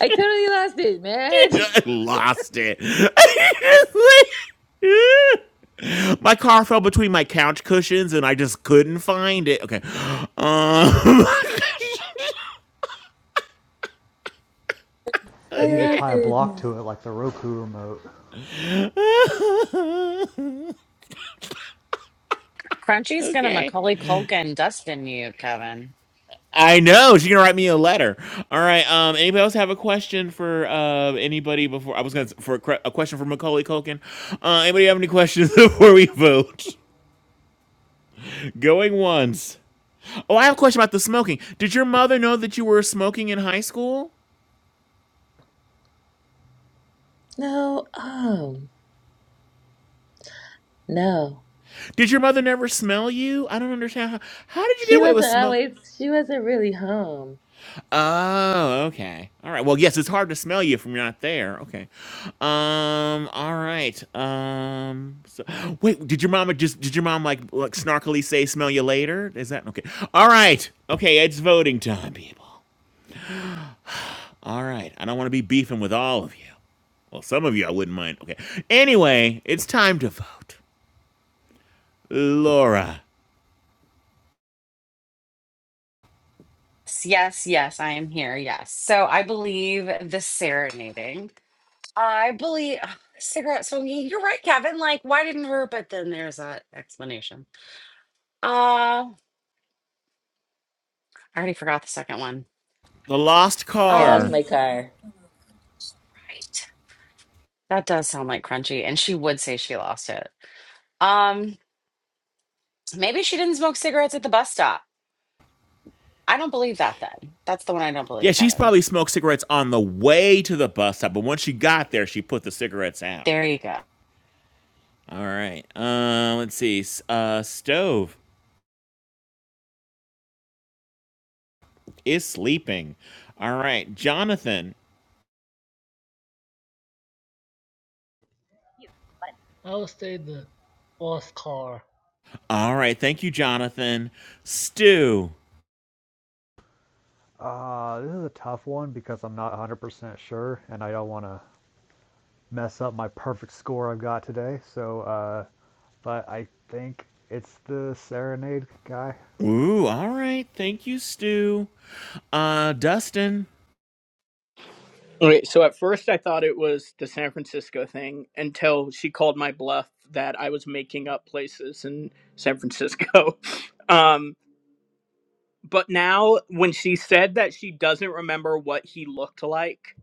[SPEAKER 12] I totally lost it, man. <laughs>
[SPEAKER 5] You lost it. <laughs> my car fell between my couch cushions and I just couldn't find it. Okay. Um,
[SPEAKER 15] You
[SPEAKER 12] I
[SPEAKER 15] need to tie a
[SPEAKER 5] <laughs>
[SPEAKER 15] block to it like the Roku remote.
[SPEAKER 5] okay. <laughs>
[SPEAKER 1] Crunchy's gonna
[SPEAKER 5] okay.
[SPEAKER 1] Macaulay Culkin Dustin you, Kevin.
[SPEAKER 5] I know she's gonna write me a letter. All right. Um. Anybody else have a question for uh anybody before I was gonna for a, cre- a question for Macaulay Culkin? Uh. Anybody have any questions <laughs> before we vote? <laughs> Going once. Oh, I have a question about the smoking. Did your mother know that you were smoking in high school?
[SPEAKER 12] No, um, no.
[SPEAKER 5] Did your mother never smell you? I don't understand. How, how did you get
[SPEAKER 12] She
[SPEAKER 5] away with
[SPEAKER 12] wasn't
[SPEAKER 5] smoke?
[SPEAKER 12] always, she wasn't really home.
[SPEAKER 5] Oh, okay. All right. Well, yes, it's hard to smell you from not there. Okay. Um. All right. Um. So, wait. Did your mama just? Did your mom like like snarkily say "smell you later"? Is that okay? All right. Okay. It's voting time, people. All right. I don't want to be beefing with all of you. Well, some of you I wouldn't mind. Okay. Anyway, it's time to vote. Laura,
[SPEAKER 1] Yes, yes, yes, I am here. Yes. So I believe the serenading. I believe ugh, cigarette smoking. You're right, Kevin. Like, why didn't her? But then there's that explanation. Uh, I already forgot the second one.
[SPEAKER 5] the lost
[SPEAKER 12] I lost
[SPEAKER 5] car.
[SPEAKER 12] my
[SPEAKER 1] Um,
[SPEAKER 12] car.
[SPEAKER 1] right. That does sound like crunchy, and she would say she lost it. Um, Maybe she didn't smoke cigarettes at the bus stop. I don't believe that then. That's the one I don't
[SPEAKER 5] Yeah,
[SPEAKER 1] believe,
[SPEAKER 5] she's
[SPEAKER 1] Kevin.
[SPEAKER 5] probably smoked cigarettes on the way to the bus stop, but once she got there, she put the cigarettes out.
[SPEAKER 1] There you go.
[SPEAKER 5] All right. Uh, let's see. Uh, Stove is sleeping. All right. Jonathan.
[SPEAKER 10] I would say the Oscar.
[SPEAKER 5] All right. Thank you, Jonathan. Stu.
[SPEAKER 15] Uh, this is a tough one because I'm not 100% sure and I don't want to mess up my perfect score I've got today. So, uh, but I think it's the Serenade guy.
[SPEAKER 5] Ooh. All right. Thank you, Stu. Uh, Dustin.
[SPEAKER 8] Right, so at first I thought it was the San Francisco thing until she called my bluff that I was making up places in San Francisco. <laughs> Um, but now when she said that she doesn't remember what he looked like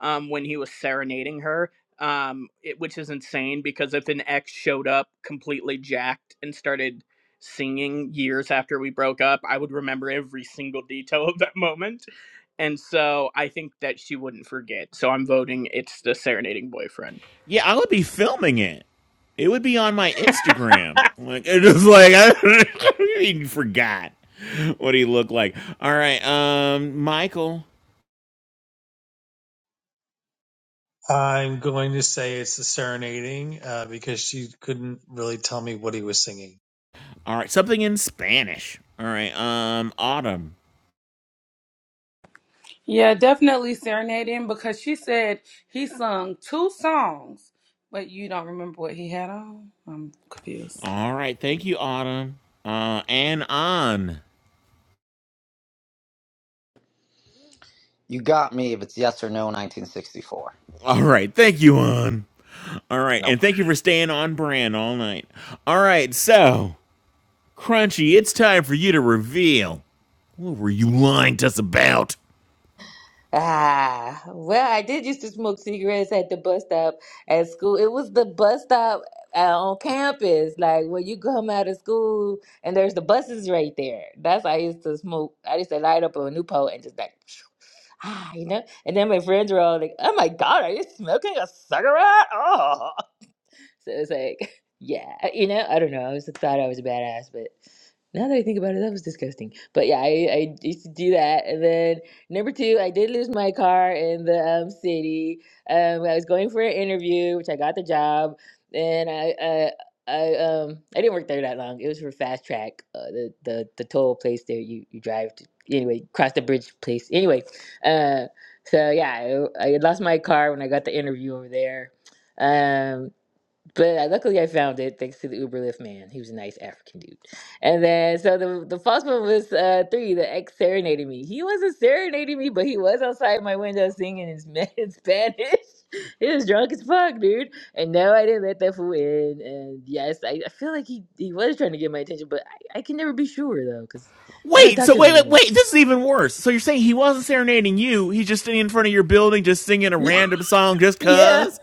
[SPEAKER 8] um, when he was serenading her um, it, which is insane because if an ex showed up completely jacked and started singing years after we broke up i would remember every single detail of that moment and so i think that she wouldn't forget so i'm voting it's the serenading boyfriend
[SPEAKER 5] Yeah, I would be filming it. It would be on my Instagram. Like it was like I <laughs> he forgot what he looked like. All right, um, Michael.
[SPEAKER 11] I'm going to say it's the serenading uh, because she couldn't really tell me what he was singing.
[SPEAKER 5] All right, something in Spanish. All right, um, Autumn.
[SPEAKER 14] Yeah, definitely serenading because she said he sung two songs, but you don't remember what he had on. I'm confused.
[SPEAKER 5] All right. Thank you, Autumn. Uh, and on.
[SPEAKER 16] You got me if it's yes or no 1964.
[SPEAKER 5] All right. Thank you, on. All right.
[SPEAKER 16] No.
[SPEAKER 5] And thank you for staying on brand all night. All right. So, Crunchy, it's time for you to reveal. What were you lying to us about?
[SPEAKER 12] Ah, well, I did used to smoke cigarettes at the bus stop at school. It was the bus stop uh, on campus, like when you come out of school and there's the buses right there. That's how I used to smoke. I used to light up a new Newport and just like, <sighs> <sniffs> ah, you know? And then my friends were all like, oh my God, are you smoking a cigarette? Oh. So it's like, <laughs> yeah, you know, I don't know. I was thought I was a badass, but now that I think about it, that was disgusting. But yeah, I, I used to do that. And then number two, I did lose my car in the um, city. Um, I was going for an interview, which I got the job, and I. I I um I didn't work there that long. It was for Fast Track, uh, the the the toll place there you you drive to anyway cross the bridge place anyway. Uh, so yeah, I, I had lost my car when I got the interview over there. Um, but I, luckily, I found it thanks to the Uber Lyft man. He was a nice African dude. And then, so the the false one was uh, three. The ex serenaded me. He wasn't serenading me, but he was outside my window singing his <laughs> Sp- in Spanish. he was drunk as fuck, dude. And no, I didn't let that fool in. And yes, I, I feel like he he was trying to get my attention, but I, I can never be sure though, because I don't
[SPEAKER 5] Wait,
[SPEAKER 12] talk
[SPEAKER 5] so
[SPEAKER 12] to him
[SPEAKER 5] wait, wait,
[SPEAKER 12] anymore. <laughs>
[SPEAKER 5] wait, this is even worse. So you're saying he wasn't serenading you, he's just standing in front of your building just singing a random song just
[SPEAKER 12] Yeah,
[SPEAKER 5] cuz?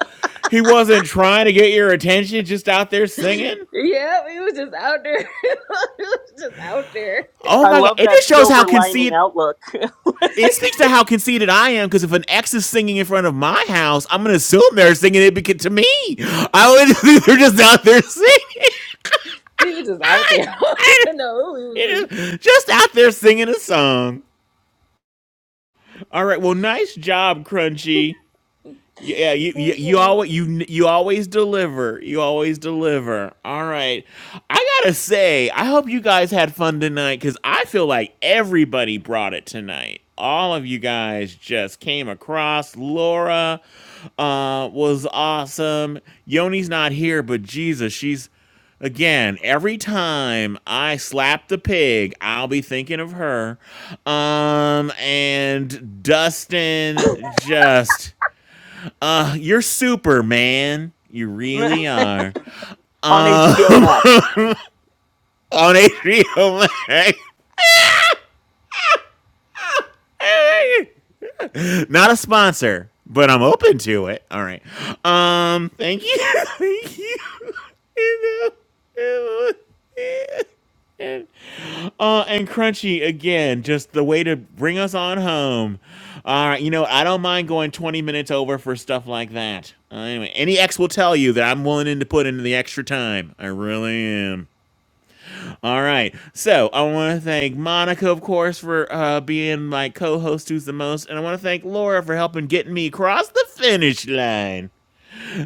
[SPEAKER 5] He wasn't trying to get your attention, just out there singing?
[SPEAKER 12] yeah, he was just out there. <laughs> he was just out there.
[SPEAKER 5] Oh
[SPEAKER 8] i
[SPEAKER 5] my god,
[SPEAKER 8] love
[SPEAKER 5] it
[SPEAKER 8] that
[SPEAKER 5] just shows how
[SPEAKER 8] silver lining
[SPEAKER 5] conceited
[SPEAKER 8] outlook
[SPEAKER 12] <laughs>
[SPEAKER 5] it speaks to how conceited I am because if an ex is singing in front of my house, I'm gonna assume they're singing it because to me, I would <laughs> they're just out there singing. <laughs>
[SPEAKER 12] He was just out
[SPEAKER 5] I,
[SPEAKER 12] there. <laughs> I don't
[SPEAKER 5] I,
[SPEAKER 12] even know who he
[SPEAKER 5] you
[SPEAKER 12] was.
[SPEAKER 5] know, just out there singing a song. All right, well, nice job, Crunchy. Yeah, you, you you
[SPEAKER 12] Mhm.
[SPEAKER 5] always you you always deliver. You always deliver. All right. I got to say, I hope you guys had fun tonight cuz I feel like everybody brought it tonight. All of you guys just came across. Laura uh was awesome. Yoni's not here, but Jesus, she's Again, every time I slap the pig, I'll be thinking of her. Um, and Dustin just uh, you're Superman. You really
[SPEAKER 8] <laughs>
[SPEAKER 5] are.
[SPEAKER 8] on
[SPEAKER 5] Um,
[SPEAKER 8] hbo max
[SPEAKER 5] <laughs> on HBO Max. <laughs> Not a sponsor, but I'm open to it. All right. Um, thank you. <laughs> thank you. <laughs> You know, it was- Uh, and Crunchy again, just the way to bring us on home. All right, you know I don't mind going twenty minutes over for stuff like that. Uh, anyway, any ex will tell you that I'm willing to put in the extra time. I really am. All right, so I want to thank Monica, of course, for uh, being my co-host who's the most, and I want to thank Laura for helping getting me across the finish line.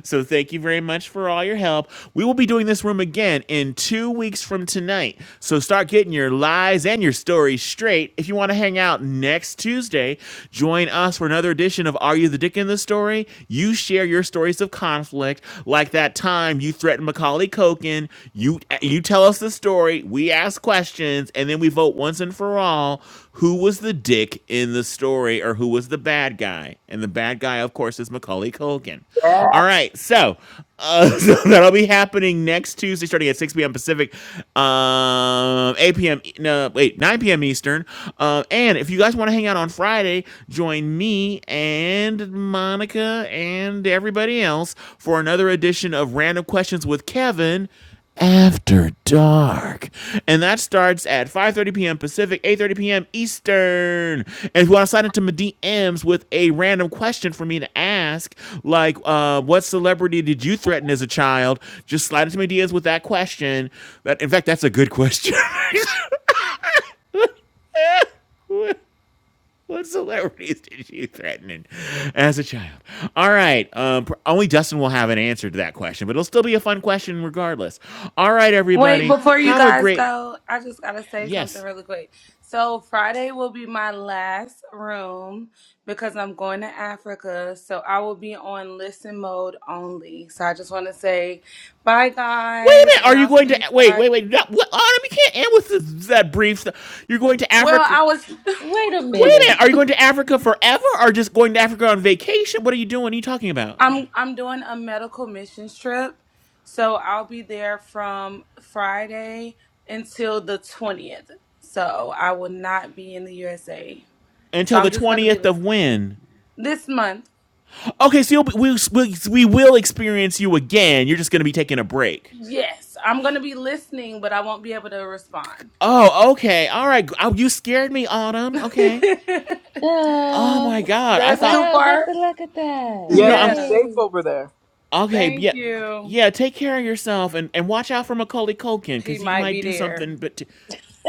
[SPEAKER 5] So thank you very much for all your help. We will be doing this room again in two weeks from tonight. So start getting your lies and your stories straight. If you want to hang out next Tuesday, join us for another edition of Are You the Dick in the Story? You share your stories of conflict, like that time you threatened Macaulay Culkin. You you tell us the story. We ask questions, and then we vote once and for all who was the dick in the story or who was the bad guy. And the bad guy, of course, is Macaulay Culkin. All
[SPEAKER 8] yes
[SPEAKER 5] right, so, uh, <laughs> so that'll be happening next Tuesday, starting at 6 p.m. Pacific, um, 8 p.m. E- No, wait, 9 p.m. Eastern. Uh, and if you guys want to hang out on Friday, join me and Monica and everybody else for another edition of Random Questions with Kevin after Dark. And that starts at 5.30 p.m. Pacific, 8.30 p.m. Eastern. And if you want to sign into my DMs with a random question for me to ask, like uh, what celebrity did you threaten as a child, just slide into my DMs with that question. That, in fact, that's a good question. <laughs> what celebrities did you threaten as a child? All right. Um, only Dustin will have an answer to that question, but it'll still be a fun question regardless. All right,
[SPEAKER 14] Wait,
[SPEAKER 5] everybody.
[SPEAKER 14] before you
[SPEAKER 5] Have a
[SPEAKER 14] guys
[SPEAKER 5] great...
[SPEAKER 14] go, I just gotta say
[SPEAKER 5] Yes.
[SPEAKER 14] something really quick. So Friday will be my last room because I'm going to Africa. So I will be on listen mode only. So I just wanna say bye
[SPEAKER 5] Wait a
[SPEAKER 14] guys
[SPEAKER 5] minute.
[SPEAKER 14] and
[SPEAKER 5] Are you
[SPEAKER 14] I'll
[SPEAKER 5] going
[SPEAKER 14] see
[SPEAKER 5] to
[SPEAKER 14] you
[SPEAKER 5] wait?
[SPEAKER 14] guys.
[SPEAKER 5] Wait, wait. No, what? Oh, we can't end with this, that brief. stuff. You're going to
[SPEAKER 14] Well,
[SPEAKER 5] Africa.
[SPEAKER 14] I was
[SPEAKER 12] Wait a
[SPEAKER 5] Wait a
[SPEAKER 12] minute.
[SPEAKER 5] minute. Are you going to Africa forever, or just going to Africa on vacation? What are you doing? What are you talking
[SPEAKER 14] <laughs>
[SPEAKER 5] about
[SPEAKER 14] I'm I'm doing a medical missions trip. So I'll be there from Friday until the twentieth. So I will not be in the USA. So
[SPEAKER 5] until
[SPEAKER 14] I'm
[SPEAKER 5] the
[SPEAKER 14] just gonna be
[SPEAKER 5] twentieth of
[SPEAKER 14] listening
[SPEAKER 5] when?
[SPEAKER 14] this month.
[SPEAKER 5] Okay, so you'll, be- we'll, we'll, we will experience you again. You're just going to be taking a break.
[SPEAKER 14] Yes, I'm going to be listening, but I won't be able to respond.
[SPEAKER 5] Oh, okay. All right. Oh, you scared me,
[SPEAKER 14] <laughs>
[SPEAKER 5] Autumn. Okay.
[SPEAKER 14] That's
[SPEAKER 5] Oh my
[SPEAKER 12] Oh,
[SPEAKER 5] God. I
[SPEAKER 14] too
[SPEAKER 5] thought
[SPEAKER 12] wow, Beth,
[SPEAKER 14] far.
[SPEAKER 12] look at that.
[SPEAKER 8] yeah
[SPEAKER 5] no. I'm
[SPEAKER 8] be
[SPEAKER 14] Yeah.
[SPEAKER 8] safe
[SPEAKER 12] Yay.
[SPEAKER 8] over there
[SPEAKER 5] okay.
[SPEAKER 14] Thank
[SPEAKER 5] Yeah.
[SPEAKER 14] you.
[SPEAKER 5] Yeah, take care of yourself and, and watch out for Macaulay Culkin
[SPEAKER 14] He
[SPEAKER 5] because he
[SPEAKER 14] might
[SPEAKER 5] might
[SPEAKER 14] be
[SPEAKER 5] do
[SPEAKER 14] there.
[SPEAKER 5] something. But t-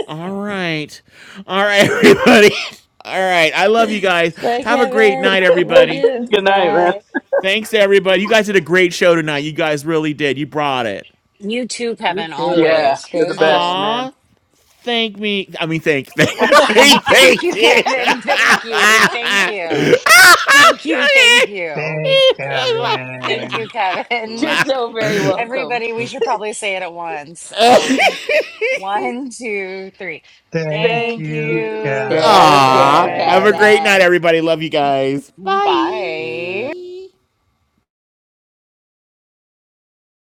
[SPEAKER 5] All right. All right, everybody. <laughs> All right. I love you guys.
[SPEAKER 12] Bye,
[SPEAKER 5] Have a great
[SPEAKER 12] Kevin.
[SPEAKER 5] night,
[SPEAKER 12] Love
[SPEAKER 5] everybody.
[SPEAKER 12] you.
[SPEAKER 8] Good night, man.
[SPEAKER 12] Bye.
[SPEAKER 5] Thanks, everybody. You guys did a great show tonight. You guys really did. You brought it.
[SPEAKER 1] You too,
[SPEAKER 12] You
[SPEAKER 1] Kevin,
[SPEAKER 12] too.
[SPEAKER 8] Yeah,
[SPEAKER 1] always.
[SPEAKER 8] you're the
[SPEAKER 12] Thank
[SPEAKER 8] best,
[SPEAKER 12] you.
[SPEAKER 8] man.
[SPEAKER 5] Aw. Thank me. I mean, thank.
[SPEAKER 1] What's <laughs> you
[SPEAKER 5] Thank, <laughs>
[SPEAKER 12] <laughs>
[SPEAKER 1] thank
[SPEAKER 5] thank
[SPEAKER 1] you,
[SPEAKER 5] you.
[SPEAKER 1] Kevin. <laughs> Thank you. Thank you. Thank you. Thank you.
[SPEAKER 11] Thanks,
[SPEAKER 5] <laughs>
[SPEAKER 1] Thank
[SPEAKER 11] Kevin.
[SPEAKER 1] you,
[SPEAKER 12] You're
[SPEAKER 1] Kevin.
[SPEAKER 12] so very welcome.
[SPEAKER 1] Everybody, we should probably say it at once. Um, one, two, three.
[SPEAKER 11] Thank
[SPEAKER 1] Thank
[SPEAKER 8] Thank
[SPEAKER 11] you,
[SPEAKER 8] you,
[SPEAKER 1] you,
[SPEAKER 12] Thank you,
[SPEAKER 5] Aw.
[SPEAKER 8] Kevin.
[SPEAKER 5] Have a
[SPEAKER 11] Kevin.
[SPEAKER 1] Kevin.
[SPEAKER 5] great
[SPEAKER 12] Kevin.
[SPEAKER 5] night, everybody. Love you guys.
[SPEAKER 15] Eh,
[SPEAKER 1] Bye.
[SPEAKER 5] Bye.